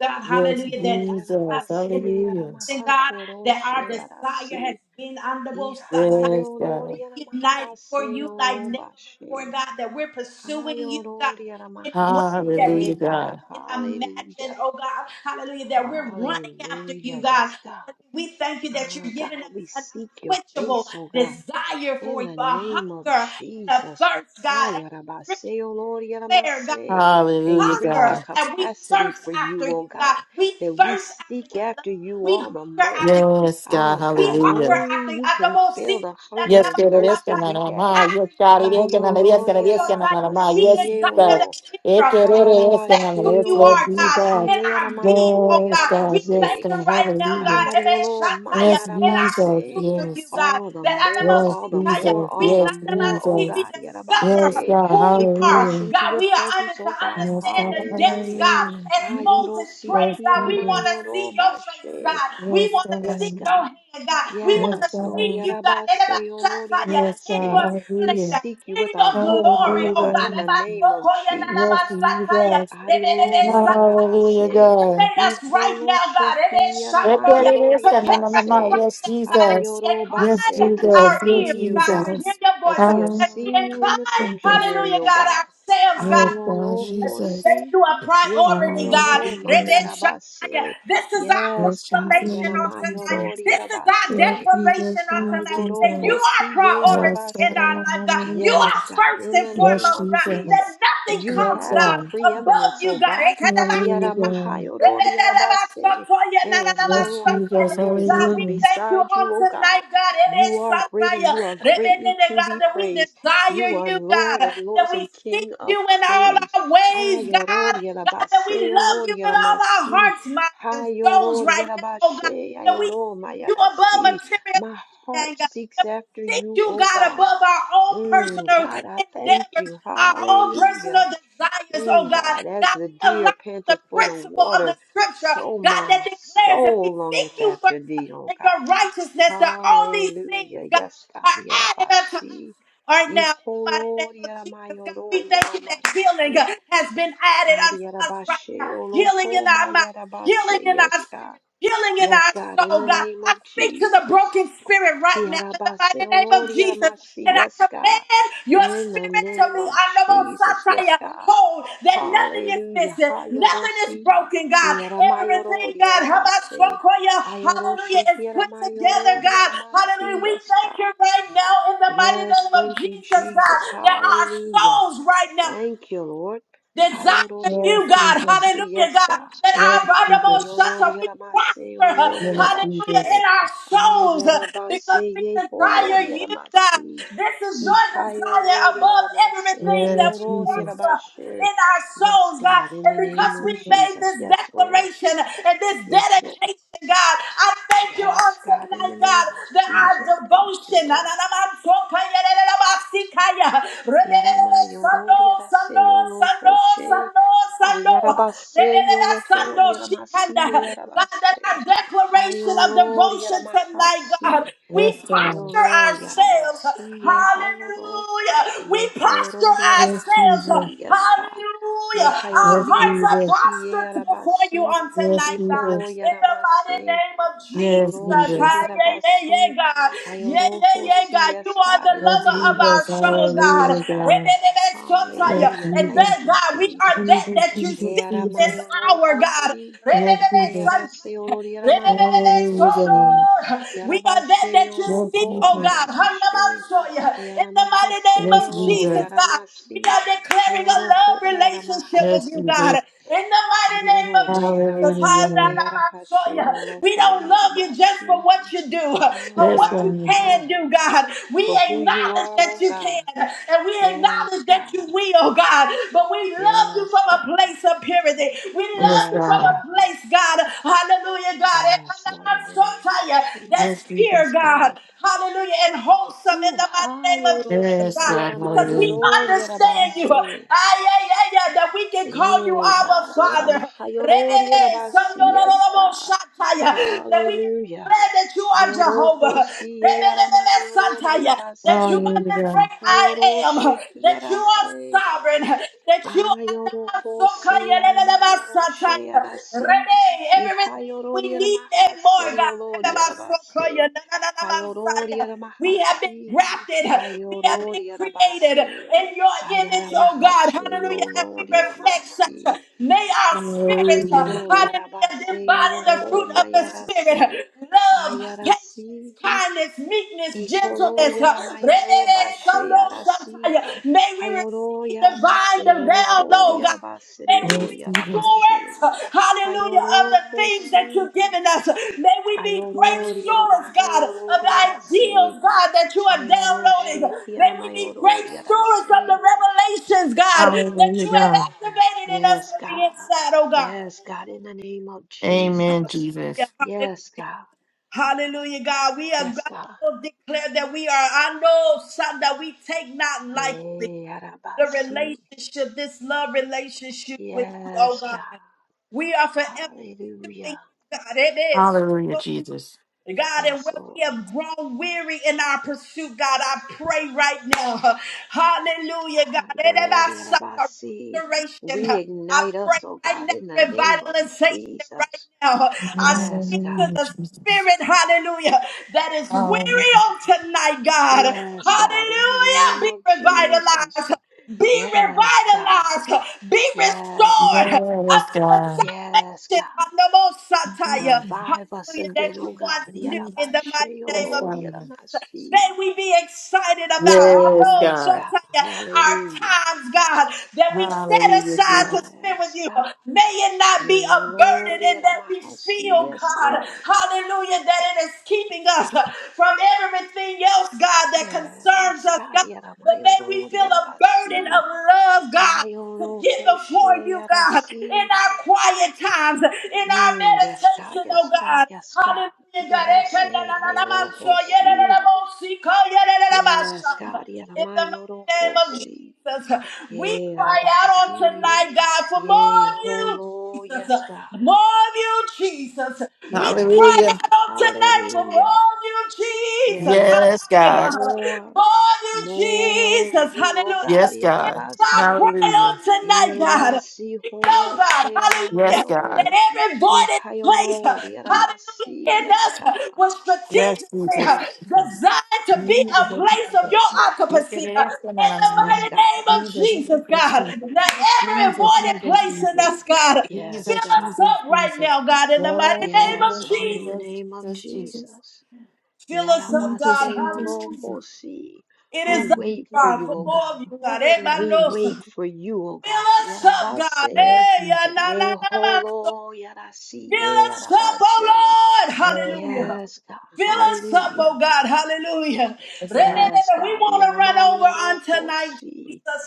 Speaker 1: thank you, God,
Speaker 3: Yes,
Speaker 1: hallelujah, that
Speaker 3: Jesus.
Speaker 1: everything,
Speaker 3: Hallelujah.
Speaker 1: God, that our desire has been under both sides,
Speaker 3: Yes, God.
Speaker 4: Ihayoloriana
Speaker 1: reunited for you like never
Speaker 4: mahase
Speaker 1: before, God, that we're pursuing you, God, in ways
Speaker 4: Hayororiaramahasi.
Speaker 1: that
Speaker 4: Yeah,
Speaker 1: we
Speaker 3: Hallelujah,
Speaker 1: couldn't
Speaker 4: God.
Speaker 3: God.
Speaker 1: even imagine,
Speaker 4: Hallelujah.
Speaker 1: oh God, hallelujah, that we're running after you,
Speaker 4: Hallelujah.
Speaker 1: God.
Speaker 4: Yes,
Speaker 1: Hallelujah.
Speaker 4: God.
Speaker 1: We thank you that
Speaker 4: Ah,
Speaker 1: you're giving us
Speaker 4: God, we
Speaker 1: an
Speaker 4: seek your
Speaker 1: unquenchable
Speaker 4: face, oh God.
Speaker 1: desire for
Speaker 4: In
Speaker 1: you,
Speaker 4: the
Speaker 1: a
Speaker 4: name
Speaker 1: hunger
Speaker 4: of
Speaker 1: and a
Speaker 4: Jesus,
Speaker 1: thirst, God, as scripture
Speaker 4: Ayarabase, O Lord,
Speaker 1: declared, God
Speaker 4: Yaramase,
Speaker 3: Hallelujah,
Speaker 4: increase
Speaker 1: hunger
Speaker 4: our
Speaker 3: God.
Speaker 1: and we
Speaker 4: capacity
Speaker 1: thirst
Speaker 4: for
Speaker 1: after
Speaker 4: you,
Speaker 1: you,
Speaker 4: O
Speaker 1: God.
Speaker 4: God,
Speaker 1: We
Speaker 4: that we
Speaker 1: thirst after
Speaker 4: seek
Speaker 1: your love.
Speaker 4: after you
Speaker 1: We
Speaker 4: all the
Speaker 1: hunger
Speaker 4: more.
Speaker 1: after your
Speaker 3: Yes, God.
Speaker 4: Ah,
Speaker 1: presence. We
Speaker 4: God,
Speaker 1: hunger
Speaker 3: Hallelujah.
Speaker 4: only
Speaker 1: after
Speaker 4: you
Speaker 1: after
Speaker 4: can fill the hunger
Speaker 3: Yes,
Speaker 4: and
Speaker 3: God.
Speaker 1: most
Speaker 3: Yes,
Speaker 4: thirst
Speaker 3: God.
Speaker 4: that we have.
Speaker 3: Mama. Yes,
Speaker 1: after you,
Speaker 3: God. Yes, God. Yes,
Speaker 4: Ayorori
Speaker 3: God. Yes, God.
Speaker 1: God.
Speaker 3: Mama.
Speaker 1: We
Speaker 3: Yes,
Speaker 4: Yaramahasiye,
Speaker 1: desire
Speaker 4: O
Speaker 3: Jesus.
Speaker 1: the
Speaker 4: Lord.
Speaker 3: Eh,
Speaker 1: mirror and
Speaker 3: quiero Dios que re re, Yes, God.
Speaker 1: reflect
Speaker 3: Mama.
Speaker 1: who
Speaker 4: Hayarabashe,
Speaker 3: Yes,
Speaker 4: O
Speaker 1: you
Speaker 4: Lord,
Speaker 3: Lord
Speaker 1: are,
Speaker 3: Jesus.
Speaker 1: God, in
Speaker 4: Hosiye,
Speaker 1: our being,
Speaker 4: Yaramayorori,
Speaker 1: oh
Speaker 3: Yes,
Speaker 1: God.
Speaker 3: God.
Speaker 1: We
Speaker 3: Yes,
Speaker 1: thank
Speaker 4: Yarabase.
Speaker 1: you
Speaker 3: God.
Speaker 1: right now,
Speaker 3: Hallelujah.
Speaker 1: God. Amen.
Speaker 4: Adiolo
Speaker 1: Shantaya,
Speaker 3: Yes,
Speaker 1: in our
Speaker 3: Jesus.
Speaker 4: mayarabase.
Speaker 1: pursuit for you,
Speaker 3: Yes.
Speaker 1: God.
Speaker 4: All the
Speaker 1: That
Speaker 4: more,
Speaker 3: Yes,
Speaker 4: all the
Speaker 1: Anamasikaya,
Speaker 4: more,
Speaker 3: Jesus.
Speaker 4: all
Speaker 1: we
Speaker 4: the
Speaker 3: Yes,
Speaker 1: not
Speaker 4: more, oh
Speaker 1: see, we
Speaker 3: Jesus.
Speaker 4: God,
Speaker 1: discover
Speaker 3: Yes,
Speaker 4: yarabase.
Speaker 3: God.
Speaker 1: who you
Speaker 4: We
Speaker 1: are.
Speaker 4: press
Speaker 3: Hallelujah.
Speaker 4: into
Speaker 1: God,
Speaker 4: your
Speaker 1: we are
Speaker 4: presence,
Speaker 1: under to
Speaker 4: oh God.
Speaker 3: Yes,
Speaker 1: understand
Speaker 3: God.
Speaker 1: the depths,
Speaker 4: Hallelujah.
Speaker 1: God.
Speaker 3: Hallelujah.
Speaker 1: As
Speaker 4: Ayoro
Speaker 1: Moses
Speaker 4: si
Speaker 1: prayed,
Speaker 3: Yes,
Speaker 1: God,
Speaker 4: hira
Speaker 1: we want
Speaker 3: Jesus.
Speaker 1: to see
Speaker 4: mayoro
Speaker 1: your face,
Speaker 4: bashe.
Speaker 1: God. We
Speaker 3: Yes,
Speaker 1: want to
Speaker 4: Yes,
Speaker 1: see
Speaker 3: God.
Speaker 4: God.
Speaker 1: your hand, God. We
Speaker 3: Yes,
Speaker 1: want to
Speaker 4: Yes, Lord,
Speaker 1: see
Speaker 3: God.
Speaker 1: you, God.
Speaker 4: Yarabase, Oh Lord,
Speaker 1: Anamasikaya,
Speaker 3: Yes,
Speaker 1: In
Speaker 3: God.
Speaker 4: Yaramase.
Speaker 1: your
Speaker 4: We
Speaker 3: Hallelujah.
Speaker 1: splendor,
Speaker 4: seek you
Speaker 1: in
Speaker 4: with our
Speaker 1: your
Speaker 4: whole heart,
Speaker 1: glory,
Speaker 4: O
Speaker 1: oh
Speaker 4: God,
Speaker 1: God.
Speaker 4: in the
Speaker 3: Hallelujah.
Speaker 1: Eba
Speaker 4: name of
Speaker 1: soko ya na na
Speaker 3: Yes,
Speaker 4: Jesus.
Speaker 1: masata ya,
Speaker 3: Jesus.
Speaker 1: Rebebebe
Speaker 4: Adiolo,
Speaker 1: sata ya.
Speaker 3: Hallelujah,
Speaker 4: Mayarabase.
Speaker 3: God.
Speaker 1: Activate us right
Speaker 4: Iholo
Speaker 1: now, God. It is
Speaker 4: Shehi,
Speaker 3: Yes, God.
Speaker 1: Shantoya.
Speaker 4: Yaramayoro,
Speaker 3: Yes, God. No,
Speaker 1: Prepare
Speaker 3: no, no,
Speaker 1: us
Speaker 3: no.
Speaker 4: Yarabase.
Speaker 1: right
Speaker 3: Yes,
Speaker 1: now, God, as we
Speaker 3: Jesus. Yes,
Speaker 1: incline
Speaker 4: Ayorobase, to
Speaker 1: our
Speaker 3: Jesus.
Speaker 4: see
Speaker 3: Yes,
Speaker 1: ears,
Speaker 4: you,
Speaker 1: God, to
Speaker 4: God,
Speaker 1: hear
Speaker 3: Jesus.
Speaker 1: your
Speaker 4: as
Speaker 1: voice.
Speaker 4: we have
Speaker 1: As we
Speaker 4: seen you
Speaker 3: Hallelujah.
Speaker 4: in the
Speaker 1: incline,
Speaker 3: Jesus.
Speaker 4: sanctuary,
Speaker 1: hallelujah,
Speaker 4: O
Speaker 1: God,
Speaker 4: God.
Speaker 1: ourselves, God,
Speaker 3: Yes, God.
Speaker 4: Ayolo
Speaker 1: as we
Speaker 3: Jesus.
Speaker 1: make
Speaker 4: Hosi,
Speaker 1: you a priority,
Speaker 3: Hallelujah.
Speaker 1: God.
Speaker 4: Yehayoro,
Speaker 3: Jesus.
Speaker 1: Rebeshataya.
Speaker 4: Mayarabase.
Speaker 1: This is our
Speaker 3: Yes,
Speaker 4: Yes,
Speaker 3: Jesus.
Speaker 4: God.
Speaker 1: proclamation on
Speaker 3: Yes,
Speaker 1: tonight.
Speaker 3: Jesus.
Speaker 1: This is our
Speaker 4: Yanamayororiyarabase.
Speaker 3: Yes, Jesus.
Speaker 1: declaration on
Speaker 3: Yes,
Speaker 1: tonight that you
Speaker 3: Jesus.
Speaker 1: are
Speaker 4: Ayorohosi
Speaker 1: priority
Speaker 3: Yes,
Speaker 1: in our
Speaker 4: yerabase.
Speaker 1: life, God. You
Speaker 3: hallelujah.
Speaker 1: are
Speaker 4: Yes, God,
Speaker 1: first
Speaker 4: in
Speaker 1: and
Speaker 4: the
Speaker 3: Yes,
Speaker 4: name
Speaker 1: foremost,
Speaker 4: of
Speaker 1: God.
Speaker 4: Jesus,
Speaker 1: That
Speaker 3: Jesus.
Speaker 1: nothing
Speaker 4: you
Speaker 3: Yes,
Speaker 1: comes,
Speaker 4: have the
Speaker 1: God,
Speaker 3: God.
Speaker 1: above
Speaker 4: preeminence, oh
Speaker 1: you, God.
Speaker 4: God.
Speaker 3: Hallelujah.
Speaker 4: Yaramahayorori yerabase. There is none
Speaker 3: Yes,
Speaker 4: like you,
Speaker 3: Jesus.
Speaker 4: and there is
Speaker 1: God,
Speaker 4: none
Speaker 1: we
Speaker 3: Hallelujah.
Speaker 1: thank you
Speaker 4: beside
Speaker 1: on
Speaker 4: you, oh God.
Speaker 1: tonight, God. It is
Speaker 4: You are great, and
Speaker 1: Sataya.
Speaker 4: you are greatly
Speaker 1: Rebendene,
Speaker 4: to
Speaker 1: God,
Speaker 4: be
Speaker 1: that we
Speaker 4: praised.
Speaker 1: desire
Speaker 4: You are
Speaker 1: you, God,
Speaker 4: Lord of
Speaker 1: that
Speaker 4: lords
Speaker 1: we
Speaker 4: and
Speaker 1: seek
Speaker 4: King of
Speaker 1: you in all
Speaker 4: kings.
Speaker 1: our ways,
Speaker 4: Ayorori
Speaker 1: God. God, that we
Speaker 4: yerabase, O
Speaker 1: love
Speaker 4: Lord
Speaker 1: you with all our
Speaker 4: yeramasi.
Speaker 1: hearts, minds, and souls
Speaker 4: Hayorori
Speaker 1: right now, oh God.
Speaker 4: yerabashe,
Speaker 1: That we seek
Speaker 4: ayoroma
Speaker 1: you above
Speaker 4: yarasi. My
Speaker 1: materialistic, things,
Speaker 4: heart seeks
Speaker 1: God
Speaker 4: after
Speaker 1: seek
Speaker 4: you,
Speaker 1: you,
Speaker 4: O
Speaker 1: God,
Speaker 4: God.
Speaker 1: above our own
Speaker 4: Mm,
Speaker 1: personal
Speaker 4: God, I thank
Speaker 1: endeavors,
Speaker 4: you.
Speaker 1: our own
Speaker 4: Hallelujah.
Speaker 1: personal desires, oh
Speaker 4: Mm,
Speaker 1: God.
Speaker 4: God, as
Speaker 1: God,
Speaker 4: the
Speaker 1: we
Speaker 4: deer
Speaker 1: align with the
Speaker 4: panteth for the
Speaker 1: principle of the
Speaker 4: water,
Speaker 1: scripture,
Speaker 4: so
Speaker 1: God,
Speaker 4: my
Speaker 1: that declares if we
Speaker 4: soul
Speaker 1: seek
Speaker 4: longeth
Speaker 1: you first
Speaker 4: after thee, O
Speaker 1: in
Speaker 4: God.
Speaker 1: your righteousness, that all these things,
Speaker 4: Hallelujah.
Speaker 1: God,
Speaker 4: Yes, God.
Speaker 1: are added unto us.
Speaker 4: Yarabasi.
Speaker 1: All right, now, in the mighty
Speaker 4: Iholor
Speaker 1: name of Jesus, God, we
Speaker 4: yaramayoror
Speaker 1: thank you that healing
Speaker 4: yaramasi.
Speaker 1: uh, has been added unto us right
Speaker 4: Adiarabashe
Speaker 1: now. Healing in
Speaker 4: olohoma
Speaker 1: our minds,
Speaker 4: yarabase.
Speaker 1: healing in our
Speaker 4: Yes, God.
Speaker 1: spirit, healing in
Speaker 4: Yes,
Speaker 1: our
Speaker 4: God. In
Speaker 1: soul,
Speaker 4: the
Speaker 1: God.
Speaker 4: name
Speaker 1: I
Speaker 4: of
Speaker 1: speak to the
Speaker 4: Jesus.
Speaker 1: broken spirit right now in the
Speaker 4: Yarabase,
Speaker 1: mighty
Speaker 4: oh
Speaker 1: name
Speaker 4: Lord,
Speaker 1: of Jesus,
Speaker 4: Yaramasi,
Speaker 1: and I
Speaker 4: yes, God.
Speaker 1: command your
Speaker 4: In the
Speaker 1: spirit to
Speaker 4: name
Speaker 1: be
Speaker 4: of Jesus, yes, God.
Speaker 1: whole, that nothing is
Speaker 4: Hallelujah.
Speaker 1: missing, nothing is
Speaker 4: Hayorosi,
Speaker 1: broken, God.
Speaker 4: Yaramayorod,
Speaker 1: Everything, God, how about
Speaker 4: Yarabase,
Speaker 1: Shokoya? Hallelujah,
Speaker 4: Ayoroshe,
Speaker 1: is put together,
Speaker 4: Yaramayorod,
Speaker 1: God. Hallelujah.
Speaker 4: Yaramasi,
Speaker 1: We
Speaker 4: yes,
Speaker 1: thank
Speaker 4: God.
Speaker 1: you right now in the mighty
Speaker 4: Yes,
Speaker 1: name of
Speaker 4: thank you,
Speaker 1: Jesus, God.
Speaker 4: Jesus.
Speaker 1: There are
Speaker 4: Hallelujah.
Speaker 1: souls right now
Speaker 4: Thank you, Lord. Hayorod,
Speaker 1: desire you,
Speaker 3: Yes,
Speaker 1: God.
Speaker 3: Jesus.
Speaker 4: Yaramahasi,
Speaker 1: Hallelujah,
Speaker 4: yes,
Speaker 1: God.
Speaker 4: God.
Speaker 1: That our
Speaker 3: Yes,
Speaker 1: vulnerable
Speaker 3: Jesus.
Speaker 1: shelter, we
Speaker 4: Ayororiyarabase,
Speaker 1: prosper. uh,
Speaker 3: Yes,
Speaker 4: oloriyarabashe.
Speaker 1: Hallelujah,
Speaker 3: Jesus.
Speaker 1: in our souls uh, because
Speaker 4: Ayarabase,
Speaker 1: we
Speaker 4: ye
Speaker 1: desire you, God.
Speaker 4: oloriyarabasi.
Speaker 1: This is your desire above
Speaker 4: Ihayororiyaramase,
Speaker 1: everything that
Speaker 3: Yes,
Speaker 1: we
Speaker 3: Jesus.
Speaker 1: prosper
Speaker 4: yeyororiyarabashe.
Speaker 1: in our
Speaker 4: Yes,
Speaker 1: souls, God.
Speaker 4: God, in
Speaker 1: And
Speaker 4: the
Speaker 3: Yes,
Speaker 1: because
Speaker 4: name of
Speaker 1: we
Speaker 3: Jesus.
Speaker 1: made
Speaker 4: Jesus.
Speaker 1: this
Speaker 4: Yes, Lord.
Speaker 1: declaration and this
Speaker 4: Yes, Lord.
Speaker 1: dedication, God, I thank you on
Speaker 4: Yes, God, in the
Speaker 1: tonight, God,
Speaker 4: name of
Speaker 1: that our
Speaker 4: Jesus. Thank you,
Speaker 1: devotion, na, na,
Speaker 4: Lord.
Speaker 1: na, man, so, kaya, na, na, na, ma, si, kaya,
Speaker 4: Yarama
Speaker 1: Sando,
Speaker 4: Yorori Yarase
Speaker 1: Sando,
Speaker 4: Yaramayororiyarase,
Speaker 1: Sando,
Speaker 4: olohoshe.
Speaker 1: Sando, Sando.
Speaker 4: Ayarabase,
Speaker 1: Rebebebe, Sando,
Speaker 4: yolohoriyaramashi,
Speaker 1: Shikanda. God, that
Speaker 4: yarabase.
Speaker 1: our declaration
Speaker 4: Hayo
Speaker 1: of
Speaker 4: Lord
Speaker 1: devotion tonight, God,
Speaker 4: Yaramahasi.
Speaker 1: we
Speaker 3: Yes,
Speaker 4: Hayo
Speaker 3: God.
Speaker 1: posture
Speaker 4: Lord
Speaker 1: ourselves.
Speaker 4: Yaramasi. Ye Hayo Lord.
Speaker 1: Hallelujah. We
Speaker 4: Ye Hayo Lord
Speaker 1: posture
Speaker 3: Yes,
Speaker 1: ourselves.
Speaker 3: Jesus.
Speaker 4: Yaramahasi. Yes, God. Ye
Speaker 1: Hallelujah.
Speaker 4: Hayo
Speaker 1: Our
Speaker 4: Lord
Speaker 3: Yes,
Speaker 1: hearts are
Speaker 3: Jesus.
Speaker 4: Yaramasi. Ye
Speaker 1: postured before you
Speaker 4: Yarabasi.
Speaker 1: on
Speaker 3: Yes,
Speaker 4: Ye
Speaker 1: tonight, God.
Speaker 4: Holo
Speaker 3: Jesus.
Speaker 1: In the mighty
Speaker 4: Yaramase.
Speaker 1: name of
Speaker 4: Hayo
Speaker 1: Jesus.
Speaker 3: Yes,
Speaker 4: Lord Sheh
Speaker 3: Jesus.
Speaker 1: Hi, yeah, yeah, yeah,
Speaker 4: Yarabasi.
Speaker 1: God.
Speaker 4: Hayo
Speaker 1: Yeah,
Speaker 4: Lord
Speaker 1: yeah, yeah,
Speaker 4: Hosi.
Speaker 1: God. You
Speaker 4: Yes,
Speaker 1: are
Speaker 4: God.
Speaker 1: the
Speaker 4: In the
Speaker 3: Yes,
Speaker 1: lover
Speaker 4: name
Speaker 1: of
Speaker 4: of
Speaker 1: our
Speaker 3: Jesus.
Speaker 1: soul,
Speaker 4: Jesus.
Speaker 1: God.
Speaker 4: Yes,
Speaker 3: Hallelujah,
Speaker 4: God.
Speaker 3: God. Yes,
Speaker 4: Hallelujah.
Speaker 1: And
Speaker 4: Thank
Speaker 3: Jesus.
Speaker 1: that,
Speaker 4: you,
Speaker 1: God, we are
Speaker 4: Jesus.
Speaker 1: that
Speaker 3: Jesus,
Speaker 1: that you
Speaker 3: Jesus,
Speaker 4: Ye
Speaker 1: seek in this
Speaker 4: Yaramayo
Speaker 3: Jesus.
Speaker 4: Lord
Speaker 1: hour, God.
Speaker 4: Hosi.
Speaker 3: Yes, Jesus.
Speaker 4: Hayaraseo lo yaramayo lo
Speaker 3: Hallelujah, God.
Speaker 4: hosi.
Speaker 1: We are that that
Speaker 4: Yarabaseo
Speaker 1: you
Speaker 4: lo
Speaker 3: Yes,
Speaker 1: seek,
Speaker 4: ho
Speaker 1: oh
Speaker 3: Jesus.
Speaker 1: God.
Speaker 4: mayarashe.
Speaker 1: In the mighty name
Speaker 3: Yes,
Speaker 4: Hayaramahaserio
Speaker 1: of
Speaker 4: lo
Speaker 1: Jesus,
Speaker 3: Jesus.
Speaker 1: God. We
Speaker 4: yaramasi.
Speaker 1: are declaring a
Speaker 4: Ayoro ho
Speaker 1: love relationship
Speaker 3: Yes,
Speaker 1: with you,
Speaker 4: yaramahasi.
Speaker 1: God.
Speaker 3: Jesus.
Speaker 1: In the mighty name
Speaker 4: Arioro
Speaker 1: of Jesus.
Speaker 3: Hallelujah,
Speaker 4: mayarabasi.
Speaker 3: God.
Speaker 1: Hanamansoya.
Speaker 4: Yarahasheo lo
Speaker 1: We
Speaker 4: ho
Speaker 1: don't love you just for
Speaker 4: yaramasi.
Speaker 1: what you do uh,
Speaker 4: Ah,
Speaker 1: or
Speaker 3: Yes,
Speaker 1: what you
Speaker 4: God,
Speaker 3: God.
Speaker 1: can
Speaker 4: ah,
Speaker 1: can do, God. We
Speaker 4: for who you
Speaker 1: acknowledge
Speaker 4: are,
Speaker 1: that
Speaker 4: oh
Speaker 1: you can
Speaker 4: God.
Speaker 1: and we
Speaker 4: Yes,
Speaker 1: acknowledge that you
Speaker 4: God.
Speaker 1: will, God. But we love you
Speaker 4: Yes,
Speaker 1: from a
Speaker 4: God.
Speaker 1: place of purity. We love
Speaker 3: Yes,
Speaker 1: you
Speaker 4: Yes,
Speaker 1: from a
Speaker 3: God.
Speaker 4: God.
Speaker 1: place, God. Hallelujah, God.
Speaker 4: Yes, Lord, in the name of
Speaker 1: That's
Speaker 4: Jesus.
Speaker 3: Yes,
Speaker 1: pure,
Speaker 4: Yes,
Speaker 3: Jesus.
Speaker 1: God.
Speaker 4: God.
Speaker 1: Hallelujah. And wholesome in
Speaker 4: Ooh,
Speaker 1: the mighty
Speaker 4: ha,
Speaker 1: name of
Speaker 4: yoro, si,
Speaker 1: Jesus,
Speaker 3: Yes,
Speaker 1: God.
Speaker 3: God.
Speaker 4: yera, ma,
Speaker 1: Because we
Speaker 3: Hallelujah.
Speaker 4: yoro, yera, ba,
Speaker 1: understand you. Ay,
Speaker 4: si.
Speaker 1: ay, ay, ay, that we can call you
Speaker 4: Yeah,
Speaker 1: Abba
Speaker 4: God, yera, ma,
Speaker 1: Father.
Speaker 4: ha,
Speaker 1: Rebebe,
Speaker 4: si. Yes,
Speaker 1: Sandorolobo,
Speaker 4: God.
Speaker 1: Shataya. That we can
Speaker 4: Hallelujah.
Speaker 1: declare that you
Speaker 4: Ha,
Speaker 1: are
Speaker 4: yoro, ho,
Speaker 1: Jehovah,
Speaker 4: si, yera, ma, yoro, yera, ba,
Speaker 1: that you
Speaker 4: si.
Speaker 1: are
Speaker 3: Hallelujah,
Speaker 1: the great
Speaker 3: God.
Speaker 4: Ha,
Speaker 1: I
Speaker 4: yoro,
Speaker 1: am,
Speaker 4: she,
Speaker 1: that you
Speaker 4: yera,
Speaker 1: are
Speaker 4: si.
Speaker 1: sovereign, that you are
Speaker 4: Ah, yoro, ho, se, yera, ma, si. I, ha,
Speaker 1: everything
Speaker 4: yoro,
Speaker 1: we
Speaker 4: yera,
Speaker 1: need
Speaker 4: ma, ha,
Speaker 1: and
Speaker 4: se,
Speaker 1: more, God.
Speaker 4: yoro, yera, ba, si.
Speaker 1: We have been
Speaker 4: si.
Speaker 1: grafted. We have been
Speaker 4: Ayorori
Speaker 1: created
Speaker 4: arabase,
Speaker 1: in your image, oh God.
Speaker 4: ayaramahashe
Speaker 1: Hallelujah. And we
Speaker 4: yorori
Speaker 1: reflect such.
Speaker 4: aramasi,
Speaker 1: May our spirits,
Speaker 3: Hallelujah.
Speaker 4: ariolo
Speaker 1: hallelujah,
Speaker 4: yarabase
Speaker 1: embody the
Speaker 4: yoloho
Speaker 1: fruit of the Spirit
Speaker 4: mayarase,
Speaker 1: love, patience,
Speaker 4: ayarasi,
Speaker 1: kindness, meekness,
Speaker 4: iholo
Speaker 1: gentleness. uh,
Speaker 4: yaramayoro
Speaker 1: rebebe,
Speaker 4: bashe
Speaker 1: sando,
Speaker 4: yarasi,
Speaker 1: shataya. May we
Speaker 4: hayoro
Speaker 1: receive
Speaker 4: yaramase
Speaker 1: divine
Speaker 4: yoloho
Speaker 1: download, God.
Speaker 4: yarabase
Speaker 1: May we
Speaker 4: yolo
Speaker 3: Yes,
Speaker 1: be
Speaker 3: Jesus.
Speaker 1: stewards,
Speaker 4: yaramashe,
Speaker 1: uh, hallelujah, of
Speaker 4: hayoro
Speaker 1: the things that
Speaker 4: hosi,
Speaker 1: you've given us. May we be great
Speaker 4: ayoro
Speaker 1: stewards, God,
Speaker 4: yaramahayoro
Speaker 1: of the
Speaker 4: yarase,
Speaker 1: ideals, God, that you are
Speaker 4: ayoro
Speaker 1: downloading.
Speaker 4: shehi
Speaker 1: May we be
Speaker 4: yaramayoro
Speaker 1: great stewards of
Speaker 4: yarase,
Speaker 1: the revelations, God, that
Speaker 3: Hallelujah,
Speaker 1: you have
Speaker 3: God.
Speaker 1: activated in us
Speaker 4: Yes,
Speaker 1: from the
Speaker 4: God.
Speaker 1: inside, oh God.
Speaker 4: Yes, God, in the name of
Speaker 3: Amen,
Speaker 4: Jesus.
Speaker 3: Jesus.
Speaker 1: Yeah,
Speaker 4: Yes, God.
Speaker 1: Hallelujah, God. We are going
Speaker 4: Yes, God.
Speaker 1: to declare that we are, I know, son, that we take not lightly
Speaker 4: Yea,
Speaker 1: the
Speaker 4: Arabasi.
Speaker 1: relationship, this love relationship with you, oh
Speaker 4: Yes, God.
Speaker 1: God. We are forever pursuing you,
Speaker 4: Hallelujah.
Speaker 1: God. It
Speaker 3: Hallelujah,
Speaker 1: is.
Speaker 3: Jesus.
Speaker 1: God, and
Speaker 4: Yes,
Speaker 1: where we
Speaker 4: Lord.
Speaker 1: have grown weary in our pursuit, God, I pray right now. Hallelujah, God. It is about
Speaker 4: Ayorori Arabasi.
Speaker 1: Restoration. I
Speaker 4: Reignite
Speaker 1: pray
Speaker 4: us, oh
Speaker 1: right
Speaker 4: God, in the
Speaker 1: now,
Speaker 4: name of
Speaker 1: revitalization right
Speaker 4: Jesus.
Speaker 1: now. I
Speaker 4: Yes,
Speaker 1: speak
Speaker 4: God.
Speaker 1: to
Speaker 3: Hallelujah,
Speaker 1: the
Speaker 3: Jesus.
Speaker 1: spirit, hallelujah, that is weary
Speaker 3: Hallelujah.
Speaker 1: on tonight, God.
Speaker 4: Yes, God, in the
Speaker 1: Hallelujah.
Speaker 4: name
Speaker 1: Be
Speaker 4: of
Speaker 1: revitalized.
Speaker 4: Jesus.
Speaker 1: Be
Speaker 4: Yes, God.
Speaker 1: revitalized. Be
Speaker 4: Yes,
Speaker 1: restored
Speaker 4: God.
Speaker 3: Yes,
Speaker 1: unto
Speaker 3: God.
Speaker 1: the
Speaker 4: Yes,
Speaker 1: salvation,
Speaker 4: God.
Speaker 1: Hanomosataya,
Speaker 4: Revive us
Speaker 1: hallelujah, that
Speaker 4: again,
Speaker 1: you
Speaker 4: oh
Speaker 1: once
Speaker 4: God.
Speaker 1: knew
Speaker 3: Yes,
Speaker 1: in the
Speaker 4: Yarabashe,
Speaker 1: mighty
Speaker 4: oh
Speaker 1: name of
Speaker 4: Lord,
Speaker 1: Jesus.
Speaker 3: God.
Speaker 4: Yaramasi.
Speaker 1: May we be excited about
Speaker 3: Yes,
Speaker 1: oh,
Speaker 4: Yes,
Speaker 3: God.
Speaker 4: God.
Speaker 1: Hanomosataya, our
Speaker 4: Hallelujah.
Speaker 1: times, God, that we set
Speaker 3: Hallelujah,
Speaker 1: aside
Speaker 3: Jesus.
Speaker 1: to spend with
Speaker 4: Yes,
Speaker 1: you.
Speaker 4: God.
Speaker 1: May it not be
Speaker 4: Yea, oh
Speaker 1: a burden
Speaker 4: Lord,
Speaker 1: and that we
Speaker 4: Yaramahasi.
Speaker 1: feel,
Speaker 4: Yes,
Speaker 1: God,
Speaker 4: Lord.
Speaker 1: hallelujah, that it is keeping us from everything else, God, that concerns
Speaker 4: Yes,
Speaker 1: us,
Speaker 4: God.
Speaker 1: God. But
Speaker 4: Yaramai, oh
Speaker 1: may we
Speaker 4: Lord,
Speaker 1: feel a burden
Speaker 4: Yarabasi.
Speaker 1: of love love, God, to
Speaker 4: Ayoro
Speaker 1: get before
Speaker 4: Hoshe
Speaker 1: you, God, in
Speaker 4: Yarasi.
Speaker 1: our quiet times, in our
Speaker 4: Mm, Yes, God.
Speaker 1: meditation, oh
Speaker 4: Yes, God.
Speaker 1: God.
Speaker 4: Yes, God.
Speaker 1: Hallelujah, God.
Speaker 4: Yorose, Ayoro
Speaker 1: Ekenananamanso,
Speaker 4: Hosi.
Speaker 1: yererebosiko, yererabasha.
Speaker 4: Yes, God.
Speaker 1: In the
Speaker 4: Yaramai,
Speaker 1: mighty
Speaker 4: Yoro
Speaker 1: name of
Speaker 4: Hosi.
Speaker 1: Jesus, we
Speaker 4: Yeah,
Speaker 1: cry out on
Speaker 4: Rabasi.
Speaker 1: tonight, God, for more
Speaker 4: Yea,
Speaker 1: of you,
Speaker 4: holo,
Speaker 1: Jesus.
Speaker 4: yes, God.
Speaker 1: More of you, Jesus. We
Speaker 4: Yes,
Speaker 1: cry
Speaker 3: Hallelujah.
Speaker 1: out
Speaker 4: God.
Speaker 1: on tonight for
Speaker 4: Hallelujah.
Speaker 1: more of you, you, Jesus.
Speaker 4: Yes, God.
Speaker 3: Yes,
Speaker 1: Hallelujah,
Speaker 3: God.
Speaker 1: God.
Speaker 4: More,
Speaker 1: Born you,
Speaker 4: more of
Speaker 1: Jesus.
Speaker 4: you, O
Speaker 1: Hallelujah.
Speaker 4: God.
Speaker 3: Yes, God.
Speaker 1: It's our
Speaker 4: Yarabase.
Speaker 1: cry
Speaker 3: Hallelujah.
Speaker 1: on tonight,
Speaker 4: Yea,
Speaker 1: God.
Speaker 4: Yarasi
Speaker 1: We
Speaker 4: holo,
Speaker 1: know, God.
Speaker 3: Yes,
Speaker 1: Hallelujah.
Speaker 3: God.
Speaker 1: That
Speaker 4: sheyaramayoro.
Speaker 1: every voided place,
Speaker 4: Yehayoro,
Speaker 1: hallelujah,
Speaker 4: yaramasi.
Speaker 1: in
Speaker 4: Yes,
Speaker 1: us
Speaker 4: God.
Speaker 1: was
Speaker 3: Yes,
Speaker 1: strategically
Speaker 3: Jesus.
Speaker 1: uh,
Speaker 3: Jesus.
Speaker 1: designed to be
Speaker 3: Jesus.
Speaker 1: a place of your
Speaker 3: Yes, it
Speaker 1: occupancy. Uh,
Speaker 3: is. Come on,
Speaker 1: In the
Speaker 3: I'm
Speaker 4: Yes,
Speaker 1: mighty
Speaker 3: on.
Speaker 4: God.
Speaker 1: name of
Speaker 3: Jesus,
Speaker 1: Jesus,
Speaker 3: Jesus,
Speaker 1: God.
Speaker 3: Jesus.
Speaker 1: Now, every
Speaker 3: Jesus,
Speaker 1: voided
Speaker 3: Jesus,
Speaker 1: place in
Speaker 3: Jesus.
Speaker 1: us, God.
Speaker 4: Yes,
Speaker 1: Fill
Speaker 3: Jesus,
Speaker 4: God.
Speaker 1: us
Speaker 3: Jesus,
Speaker 1: up right
Speaker 3: Jesus.
Speaker 1: now, God, in the mighty
Speaker 3: Yes,
Speaker 1: name
Speaker 4: Yes,
Speaker 1: of
Speaker 3: Jesus,
Speaker 4: Lord, in
Speaker 1: Jesus.
Speaker 4: the name of
Speaker 3: Jesus, Jesus, Jesus.
Speaker 4: Jesus.
Speaker 1: Fill us up,
Speaker 3: Jesus,
Speaker 1: God.
Speaker 4: Yarabase,
Speaker 3: Jesus,
Speaker 4: holo,
Speaker 1: Hallelujah.
Speaker 3: Jesus.
Speaker 4: hosi.
Speaker 1: It
Speaker 4: We
Speaker 1: is thy
Speaker 3: Hallelujah.
Speaker 4: wait for
Speaker 1: cry
Speaker 4: you,
Speaker 1: for
Speaker 4: O
Speaker 1: more
Speaker 4: God.
Speaker 1: of you, God. Eh, my
Speaker 4: We
Speaker 1: nose,
Speaker 3: Hallelujah.
Speaker 4: wait
Speaker 1: God.
Speaker 4: for you, O
Speaker 1: Fill
Speaker 4: God.
Speaker 1: us up, God.
Speaker 4: Yarabase.
Speaker 3: Yes, Jesus.
Speaker 1: Hey,
Speaker 4: Yeholo
Speaker 1: Fill
Speaker 4: yarasi
Speaker 1: us up, oh
Speaker 4: yarabase.
Speaker 1: Lord.
Speaker 3: Yes,
Speaker 1: Hallelujah.
Speaker 3: Jesus.
Speaker 4: Yes, God.
Speaker 1: Fill us up,
Speaker 4: Hallelujah.
Speaker 1: oh God. Hallelujah.
Speaker 3: Yes, God.
Speaker 4: Yes,
Speaker 1: Re-re-re-re. We
Speaker 4: God.
Speaker 1: want to run over
Speaker 4: Yaramayoro
Speaker 1: on tonight,
Speaker 4: hosi.
Speaker 1: Jesus.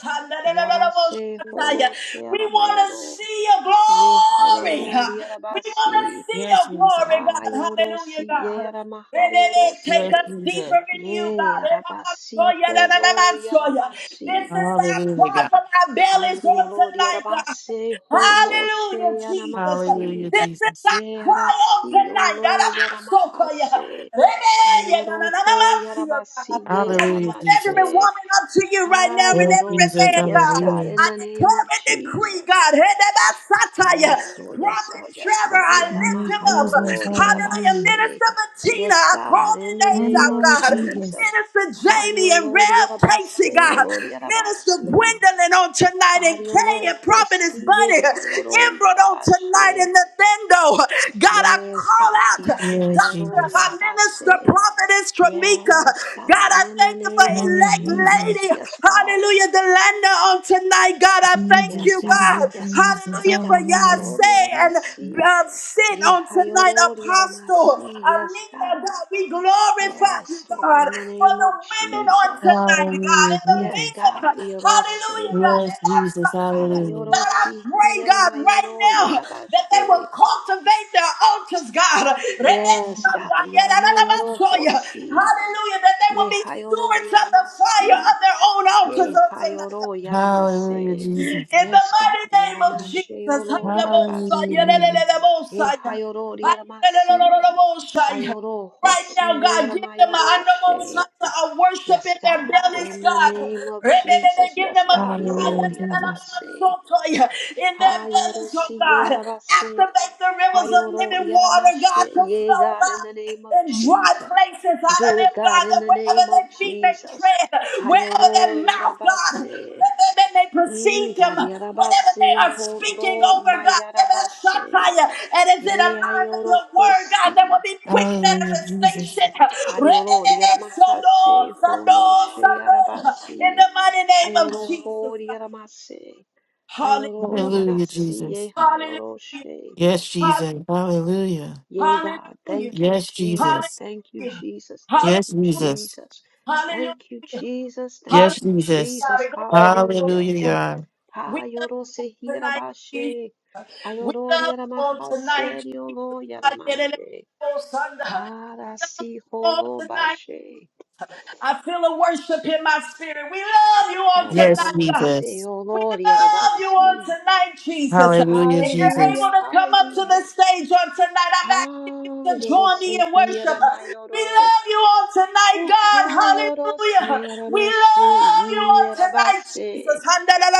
Speaker 4: Yarase
Speaker 1: Hallelujah.
Speaker 4: holo
Speaker 1: We want to
Speaker 4: sheramayoro.
Speaker 1: see your glory.
Speaker 4: Yehayoro
Speaker 1: We want to
Speaker 4: yarabasi.
Speaker 1: see
Speaker 3: Yes,
Speaker 1: your
Speaker 3: Jesus.
Speaker 1: glory, God.
Speaker 4: Hayoro
Speaker 1: Hallelujah,
Speaker 4: si
Speaker 1: God.
Speaker 4: yaramahayoro
Speaker 1: Re-re-re. Take
Speaker 3: Yes,
Speaker 1: us
Speaker 4: se.
Speaker 3: Jesus.
Speaker 1: deeper in you, God. re re
Speaker 4: Yarabasi
Speaker 1: re re re re re
Speaker 4: holo
Speaker 1: re re re This
Speaker 4: yaramasi.
Speaker 1: is our
Speaker 3: Hallelujah,
Speaker 1: cry
Speaker 3: God.
Speaker 1: from our bellies on tonight, God.
Speaker 4: Arioloriarabase, holoshe
Speaker 1: Hallelujah, Jesus.
Speaker 4: yaramasi,
Speaker 3: Hallelujah,
Speaker 1: This is
Speaker 3: Jesus.
Speaker 1: our cry out
Speaker 4: yearasi
Speaker 1: tonight. That
Speaker 4: olo
Speaker 1: I'm so clear.
Speaker 4: yaramahase,
Speaker 1: Amen. Yeah, no, no, no, no, no,
Speaker 4: ayoroho
Speaker 1: see you,
Speaker 4: yarabasi,
Speaker 1: God. I
Speaker 3: Hallelujah,
Speaker 1: lift every
Speaker 3: Jesus.
Speaker 4: yearamashe,
Speaker 1: woman up to you right now and
Speaker 3: Yes,
Speaker 1: every
Speaker 3: Jesus.
Speaker 4: hayorosi.
Speaker 1: man,
Speaker 4: Yes,
Speaker 1: God.
Speaker 4: God,
Speaker 3: Hallelujah.
Speaker 4: in
Speaker 1: I
Speaker 4: the name
Speaker 1: declare
Speaker 4: of
Speaker 1: and decree,
Speaker 4: Jesus.
Speaker 1: God. Hey, that I satire.
Speaker 4: Yes, Lord, yes,
Speaker 1: Prophet
Speaker 4: Lord, yes,
Speaker 1: Trevor,
Speaker 4: Lord,
Speaker 1: I lift
Speaker 3: Yes,
Speaker 1: him up.
Speaker 3: Jesus.
Speaker 1: Hallelujah.
Speaker 3: Hallelujah.
Speaker 4: yaramahayororiarabase.
Speaker 1: Minister Bettina,
Speaker 4: Yes,
Speaker 1: I call
Speaker 4: God,
Speaker 1: their
Speaker 4: in the
Speaker 1: names out,
Speaker 4: name of
Speaker 3: Hallelujah,
Speaker 1: God.
Speaker 3: Jesus.
Speaker 4: Jesus.
Speaker 1: Minister Jamie and Rev Casey,
Speaker 4: Harioloriarabase,
Speaker 1: God. Minister
Speaker 4: oloriarabasi.
Speaker 1: Gwendolyn on tonight and Kay
Speaker 4: Ariolo,
Speaker 1: and Prophetess
Speaker 4: Hosiye,
Speaker 1: Bunny.
Speaker 4: Hayoro,
Speaker 1: Emerald on tonight
Speaker 4: Yarabashe.
Speaker 1: and Nathendo. God, I
Speaker 4: Yes,
Speaker 1: call
Speaker 4: God.
Speaker 1: out
Speaker 3: Yes,
Speaker 1: Dr.
Speaker 4: Yaramayoro,
Speaker 3: Jesus.
Speaker 1: Her Minister
Speaker 4: Yarabase.
Speaker 1: Prophetess Tramika.
Speaker 4: Yes,
Speaker 1: God,
Speaker 4: God.
Speaker 1: I
Speaker 4: In the
Speaker 1: thank you for
Speaker 4: name
Speaker 3: Yes,
Speaker 4: of
Speaker 1: elect
Speaker 3: Jesus.
Speaker 4: Jesus.
Speaker 1: lady.
Speaker 4: Yes, God.
Speaker 1: Hallelujah. Delanda on tonight. God, I thank
Speaker 3: Jesus,
Speaker 4: Yes,
Speaker 1: you,
Speaker 4: God.
Speaker 3: Jesus,
Speaker 1: God.
Speaker 4: Yes, God.
Speaker 3: Jesus.
Speaker 4: Yes,
Speaker 1: Hallelujah for
Speaker 4: God. Yoro,
Speaker 3: Hallelujah.
Speaker 1: Yahseh and
Speaker 4: Yaramasi.
Speaker 1: uh, sin
Speaker 4: Ye,
Speaker 1: on tonight,
Speaker 4: Hayoro,
Speaker 1: Apostle.
Speaker 4: Yaramasi. Yes,
Speaker 1: Amina,
Speaker 4: God.
Speaker 1: God, we glorify you,
Speaker 4: Yes, Lord.
Speaker 1: God,
Speaker 4: In the
Speaker 1: for
Speaker 4: name
Speaker 1: the
Speaker 4: of
Speaker 1: women on
Speaker 4: Jesus.
Speaker 1: tonight, God,
Speaker 3: Hallelujah,
Speaker 1: and the
Speaker 4: Yes,
Speaker 3: Jesus.
Speaker 1: men.
Speaker 4: God.
Speaker 1: Hallelujah,
Speaker 4: Yorose.
Speaker 1: God.
Speaker 3: Yes,
Speaker 1: And that's
Speaker 3: Jesus.
Speaker 1: God,
Speaker 3: Hallelujah.
Speaker 1: I
Speaker 4: Hayorosi,
Speaker 1: pray, God, right
Speaker 4: Yaramayoro,
Speaker 1: now that they
Speaker 4: Yarabashe.
Speaker 1: will cultivate their altars, God.
Speaker 4: Yes, God. Yaramayoro
Speaker 1: Hallelujah,
Speaker 4: hosi.
Speaker 1: that they will
Speaker 4: Ye
Speaker 1: be
Speaker 4: hayoro
Speaker 1: stewards of the fire
Speaker 4: yaramasi.
Speaker 1: of their own altars
Speaker 4: Ye
Speaker 1: on
Speaker 4: hayoro
Speaker 1: tonight.
Speaker 3: Hallelujah,
Speaker 4: yaramase.
Speaker 1: In
Speaker 3: Jesus.
Speaker 1: the
Speaker 4: Yes,
Speaker 1: mighty
Speaker 4: God.
Speaker 1: name of
Speaker 4: Yaramashe
Speaker 1: Jesus, I'm
Speaker 4: yoro
Speaker 1: the
Speaker 3: Hallelujah,
Speaker 1: Most
Speaker 4: yarabasi.
Speaker 3: Jesus.
Speaker 4: Ye hayoro yaramasi.
Speaker 1: High.
Speaker 4: Ayoro
Speaker 1: Right now,
Speaker 4: hosi ye
Speaker 1: God give them a
Speaker 4: yaramayoro
Speaker 1: I'm the Most
Speaker 4: she.
Speaker 1: High. I worship
Speaker 4: Yes,
Speaker 1: in their
Speaker 4: God.
Speaker 1: bellies,
Speaker 4: In the
Speaker 1: God.
Speaker 4: name of
Speaker 1: Re-re-re-re,
Speaker 4: Jesus.
Speaker 1: Give
Speaker 4: Yes,
Speaker 1: them a
Speaker 4: God.
Speaker 1: cry
Speaker 4: Yoro
Speaker 3: Hallelujah, Jesus.
Speaker 4: yaramase.
Speaker 1: re-re-re-re-re-re-re-re-re-re-re-re, in their
Speaker 4: Hayoro
Speaker 1: bellies, oh
Speaker 4: si ye
Speaker 1: God.
Speaker 4: yarabase.
Speaker 1: Activate the rivers of
Speaker 4: Hayoro
Speaker 1: living water,
Speaker 4: Yaramashi,
Speaker 1: God. To
Speaker 4: yea,
Speaker 1: flow
Speaker 4: God, in
Speaker 1: back
Speaker 4: the name of
Speaker 1: in dry
Speaker 4: Jesus.
Speaker 1: places, out
Speaker 4: Do
Speaker 1: of
Speaker 4: it,
Speaker 1: them,
Speaker 4: God,
Speaker 1: God.
Speaker 4: in
Speaker 1: that
Speaker 4: the
Speaker 1: Wherever
Speaker 4: name of
Speaker 1: they be, make
Speaker 4: Jesus.
Speaker 1: tread, wherever their
Speaker 4: Hayoro
Speaker 1: mouth, God,
Speaker 4: Yarabase.
Speaker 1: wherever they may perceive
Speaker 4: Mm,
Speaker 1: them,
Speaker 4: God,
Speaker 1: whatever they
Speaker 4: Yarabase,
Speaker 1: are speaking
Speaker 4: Holo,
Speaker 1: over,
Speaker 4: my
Speaker 1: God, whatever shall
Speaker 4: Yarabase.
Speaker 1: and is in
Speaker 4: Yea,
Speaker 1: alignment with
Speaker 4: Hayoro
Speaker 1: your word, God, there will
Speaker 4: Hosi.
Speaker 1: be quick
Speaker 3: Hallelujah, Jesus.
Speaker 1: manifestation.
Speaker 4: Ariolo,
Speaker 1: Re-be-be-be-sondo,
Speaker 4: Yaramahase,
Speaker 1: sondo,
Speaker 4: Holo, She
Speaker 1: sondo, In
Speaker 4: Yarabasi.
Speaker 1: the mighty name of
Speaker 4: Ayoro,
Speaker 1: Jesus,
Speaker 4: Ho,
Speaker 1: God.
Speaker 4: Yaramase. Ayoro,
Speaker 1: Hallelujah.
Speaker 3: Hallelujah,
Speaker 4: Yarasi, yea,
Speaker 3: Jesus.
Speaker 1: Hallelujah.
Speaker 4: Hayoro, She.
Speaker 3: Yes,
Speaker 1: Hall-
Speaker 3: Jesus. Hallelujah.
Speaker 4: Yea, God.
Speaker 1: Hallelujah.
Speaker 4: Thank you,
Speaker 3: Yes,
Speaker 4: Jesus.
Speaker 3: Jesus.
Speaker 4: Thank you,
Speaker 1: Hallelujah.
Speaker 4: Jesus.
Speaker 1: Hallelujah.
Speaker 4: Thank
Speaker 3: Yes,
Speaker 4: you,
Speaker 3: Jesus.
Speaker 4: Jesus. Thank you,
Speaker 1: Hallelujah.
Speaker 4: Jesus. Thank
Speaker 1: Hallelujah.
Speaker 3: Yes,
Speaker 4: you,
Speaker 3: Jesus.
Speaker 4: Jesus.
Speaker 1: Glory, glory,
Speaker 4: Hallelujah.
Speaker 3: Hallelujah,
Speaker 1: glory.
Speaker 3: God.
Speaker 1: We love you on tonight, Jesus.
Speaker 4: Ayorosehirabashe.
Speaker 1: We love you on tonight, Jesus. Hallelujah.
Speaker 4: Ayororiaramahaserioloyaramashe.
Speaker 1: Sunday. We love you on tonight.
Speaker 4: Arasiholobashe.
Speaker 1: I feel a worship in my spirit. We love you on
Speaker 3: Yes,
Speaker 1: tonight, God.
Speaker 3: Jesus.
Speaker 1: We love you on
Speaker 4: Ariaramaseoloriarabasi.
Speaker 1: tonight, Jesus.
Speaker 3: Hallelujah,
Speaker 1: If you're able
Speaker 3: Jesus.
Speaker 4: Hallelujah,
Speaker 1: to come up to the
Speaker 4: hallelujah.
Speaker 1: stage on tonight, I'm asking you to join me in worship. We
Speaker 4: Ah,
Speaker 1: love you on tonight, God.
Speaker 4: Uhayorose
Speaker 1: Hallelujah. We
Speaker 4: aramashe
Speaker 1: love you on tonight,
Speaker 4: yarabase.
Speaker 1: Jesus.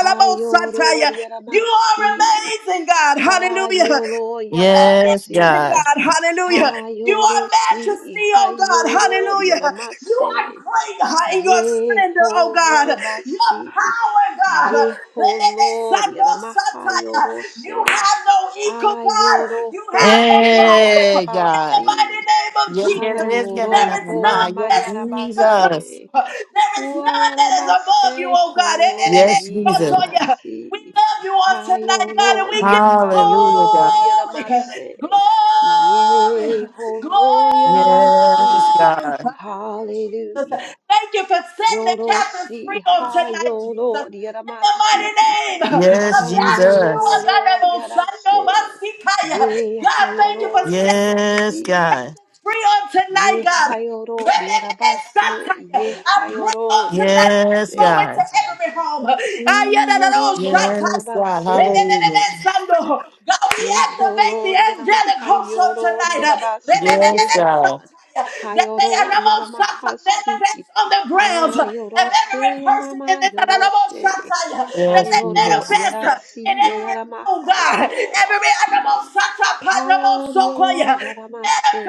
Speaker 4: Hayoror
Speaker 1: You
Speaker 4: yaramasi.
Speaker 1: are amazing, God. Hallelujah.
Speaker 4: Hayolo
Speaker 3: Yes,
Speaker 4: yarabasi.
Speaker 3: God.
Speaker 1: God, hallelujah. You are
Speaker 4: Hayorosi.
Speaker 1: majesty, oh God,
Speaker 4: Hayoror
Speaker 1: hallelujah. You
Speaker 4: yaramase.
Speaker 1: are great ha- in your splendor, oh God. Your
Speaker 4: Yeholobasi.
Speaker 1: power, God.
Speaker 4: Yeholor
Speaker 1: Re-re-re-san-do-sa-ta-ya. You
Speaker 4: yaramahayorose.
Speaker 1: have no equal, God.
Speaker 4: Ayoro
Speaker 1: You have no
Speaker 4: hoshe
Speaker 1: rival.
Speaker 3: Hey,
Speaker 1: In the
Speaker 3: God.
Speaker 4: yarabasi.
Speaker 1: mighty name of
Speaker 3: Yes, yes,
Speaker 1: Jesus,
Speaker 3: yes, God. na,
Speaker 1: there
Speaker 3: na, na,
Speaker 1: is
Speaker 4: Ayoroho
Speaker 3: na.
Speaker 1: none
Speaker 3: Yes,
Speaker 1: that sits beside
Speaker 3: Jesus.
Speaker 1: you.
Speaker 4: mayarabase,
Speaker 1: There is none that is above you,
Speaker 4: uayarabase
Speaker 1: oh God.
Speaker 4: holo
Speaker 3: Yes, Jesus.
Speaker 1: Re-re-re-re-san-ta-ya.
Speaker 4: iaramasi,
Speaker 1: We love you on tonight,
Speaker 4: hayolo
Speaker 1: God, and we give
Speaker 4: i
Speaker 1: you
Speaker 3: Hallelujah,
Speaker 4: hayoro
Speaker 3: God.
Speaker 1: glory,
Speaker 4: iaramase,
Speaker 1: glory,
Speaker 4: ye holo
Speaker 3: Yes,
Speaker 4: iaramasi,
Speaker 1: glory.
Speaker 3: God.
Speaker 1: Hallelujah, Jesus.
Speaker 4: hallelujah,
Speaker 1: Thank you for setting the captives free
Speaker 4: yorosi
Speaker 1: on tonight,
Speaker 4: hayoro
Speaker 1: Jesus. In the
Speaker 4: iaramasi,
Speaker 1: mighty name of
Speaker 3: Yes,
Speaker 1: Yahshua, God,
Speaker 3: Jesus.
Speaker 4: hayoro
Speaker 1: I'm on Sunday, i
Speaker 4: iarase, ye
Speaker 1: God, thank you
Speaker 4: hayoro
Speaker 1: for setting
Speaker 3: Yes,
Speaker 4: iaramasi.
Speaker 3: God.
Speaker 1: free on tonight,
Speaker 4: Ye
Speaker 1: God. I
Speaker 4: hayoro riarabase, ye
Speaker 1: pray on
Speaker 4: hayoro
Speaker 1: tonight that you
Speaker 3: Yes,
Speaker 1: go
Speaker 4: riaramashe,
Speaker 1: into
Speaker 3: God.
Speaker 1: every home. God,
Speaker 4: mm, yoro ma
Speaker 3: Yes, God.
Speaker 4: yarabase,
Speaker 3: Hallelujah.
Speaker 1: we
Speaker 4: ye
Speaker 1: activate
Speaker 4: holo
Speaker 1: the angelic host of
Speaker 4: riaramahayoro
Speaker 1: tonight.
Speaker 4: riarabase, ye
Speaker 3: Yes, God.
Speaker 4: God,
Speaker 1: That they are
Speaker 4: hayoro riaramahasi,
Speaker 1: manifest on the grounds of
Speaker 4: ayoro se
Speaker 1: every person.
Speaker 4: yarama yoroshe,
Speaker 1: That
Speaker 3: Yes,
Speaker 1: they
Speaker 4: hayoro
Speaker 3: Jesus.
Speaker 1: manifest
Speaker 4: yarasi,
Speaker 1: in
Speaker 4: ye
Speaker 1: every room, God.
Speaker 4: yaramahayoro
Speaker 1: Every
Speaker 4: basi,
Speaker 1: manifest
Speaker 4: hayoro yaramase,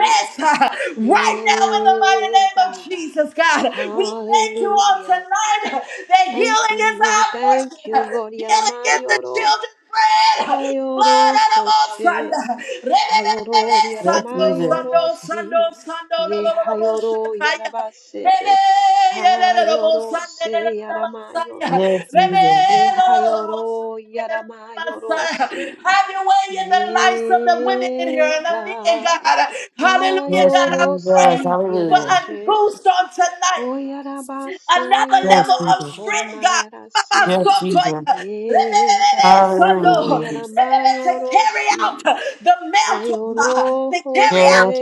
Speaker 1: right now in the mighty
Speaker 4: ye
Speaker 1: name of
Speaker 4: God.
Speaker 1: Jesus, God. We thank you all
Speaker 4: Hallelujah.
Speaker 1: tonight that healing
Speaker 4: Thank you,
Speaker 1: is
Speaker 4: Lord.
Speaker 1: our
Speaker 4: Thank you,
Speaker 1: portion.
Speaker 4: Lord.
Speaker 1: Healing is the
Speaker 4: Yaramayoro.
Speaker 1: children's bread. Blood
Speaker 4: Hayoro
Speaker 1: of the Most
Speaker 4: Hoshe.
Speaker 1: Rebebebe,
Speaker 4: Hayoro
Speaker 3: Yes,
Speaker 1: sando,
Speaker 3: Jesus.
Speaker 4: Yaramayoro
Speaker 1: sando,
Speaker 4: si.
Speaker 1: sando, sando, lo,
Speaker 4: Ye
Speaker 1: lo, lo, lo, bo,
Speaker 4: Hayoro
Speaker 1: shataya. Rebe,
Speaker 4: Yarabase.
Speaker 1: ye, le, le, lo, bo,
Speaker 4: Hayoro
Speaker 1: sande, le, le,
Speaker 4: se
Speaker 1: lo, lo, basaya.
Speaker 4: Yaramayoro.
Speaker 3: Yes,
Speaker 1: Rebe,
Speaker 3: Jesus.
Speaker 4: Ye
Speaker 1: lo, lo, lo, lo, bo,
Speaker 4: Hayoro
Speaker 1: sande, le, le, lo, lo,
Speaker 4: Yaramayoro
Speaker 1: basaya.
Speaker 4: si.
Speaker 1: Have your way in the lives of the women in here
Speaker 4: Ye
Speaker 1: and the men,
Speaker 4: God.
Speaker 1: God. Hallelujah,
Speaker 3: Yes,
Speaker 1: God. I
Speaker 4: Ayoro
Speaker 3: Jesus.
Speaker 1: pray
Speaker 4: si
Speaker 1: for
Speaker 3: Hallelujah.
Speaker 1: a
Speaker 4: Yarashe.
Speaker 1: boost on tonight another
Speaker 3: Yes,
Speaker 1: level of
Speaker 3: Jesus.
Speaker 1: strength, God.
Speaker 4: Hoyarabaseololohomayarasi.
Speaker 3: Yes, Jesus.
Speaker 1: Habasotoya.
Speaker 4: Ye
Speaker 1: Rebebebebe,
Speaker 4: God,
Speaker 3: Hallelujah,
Speaker 1: Sondo.
Speaker 3: Jesus.
Speaker 1: Rebebe, To carry
Speaker 4: Yoloriaramayorosi.
Speaker 1: out the mantle, God. to carry
Speaker 4: Hayorose
Speaker 1: out
Speaker 3: Yes,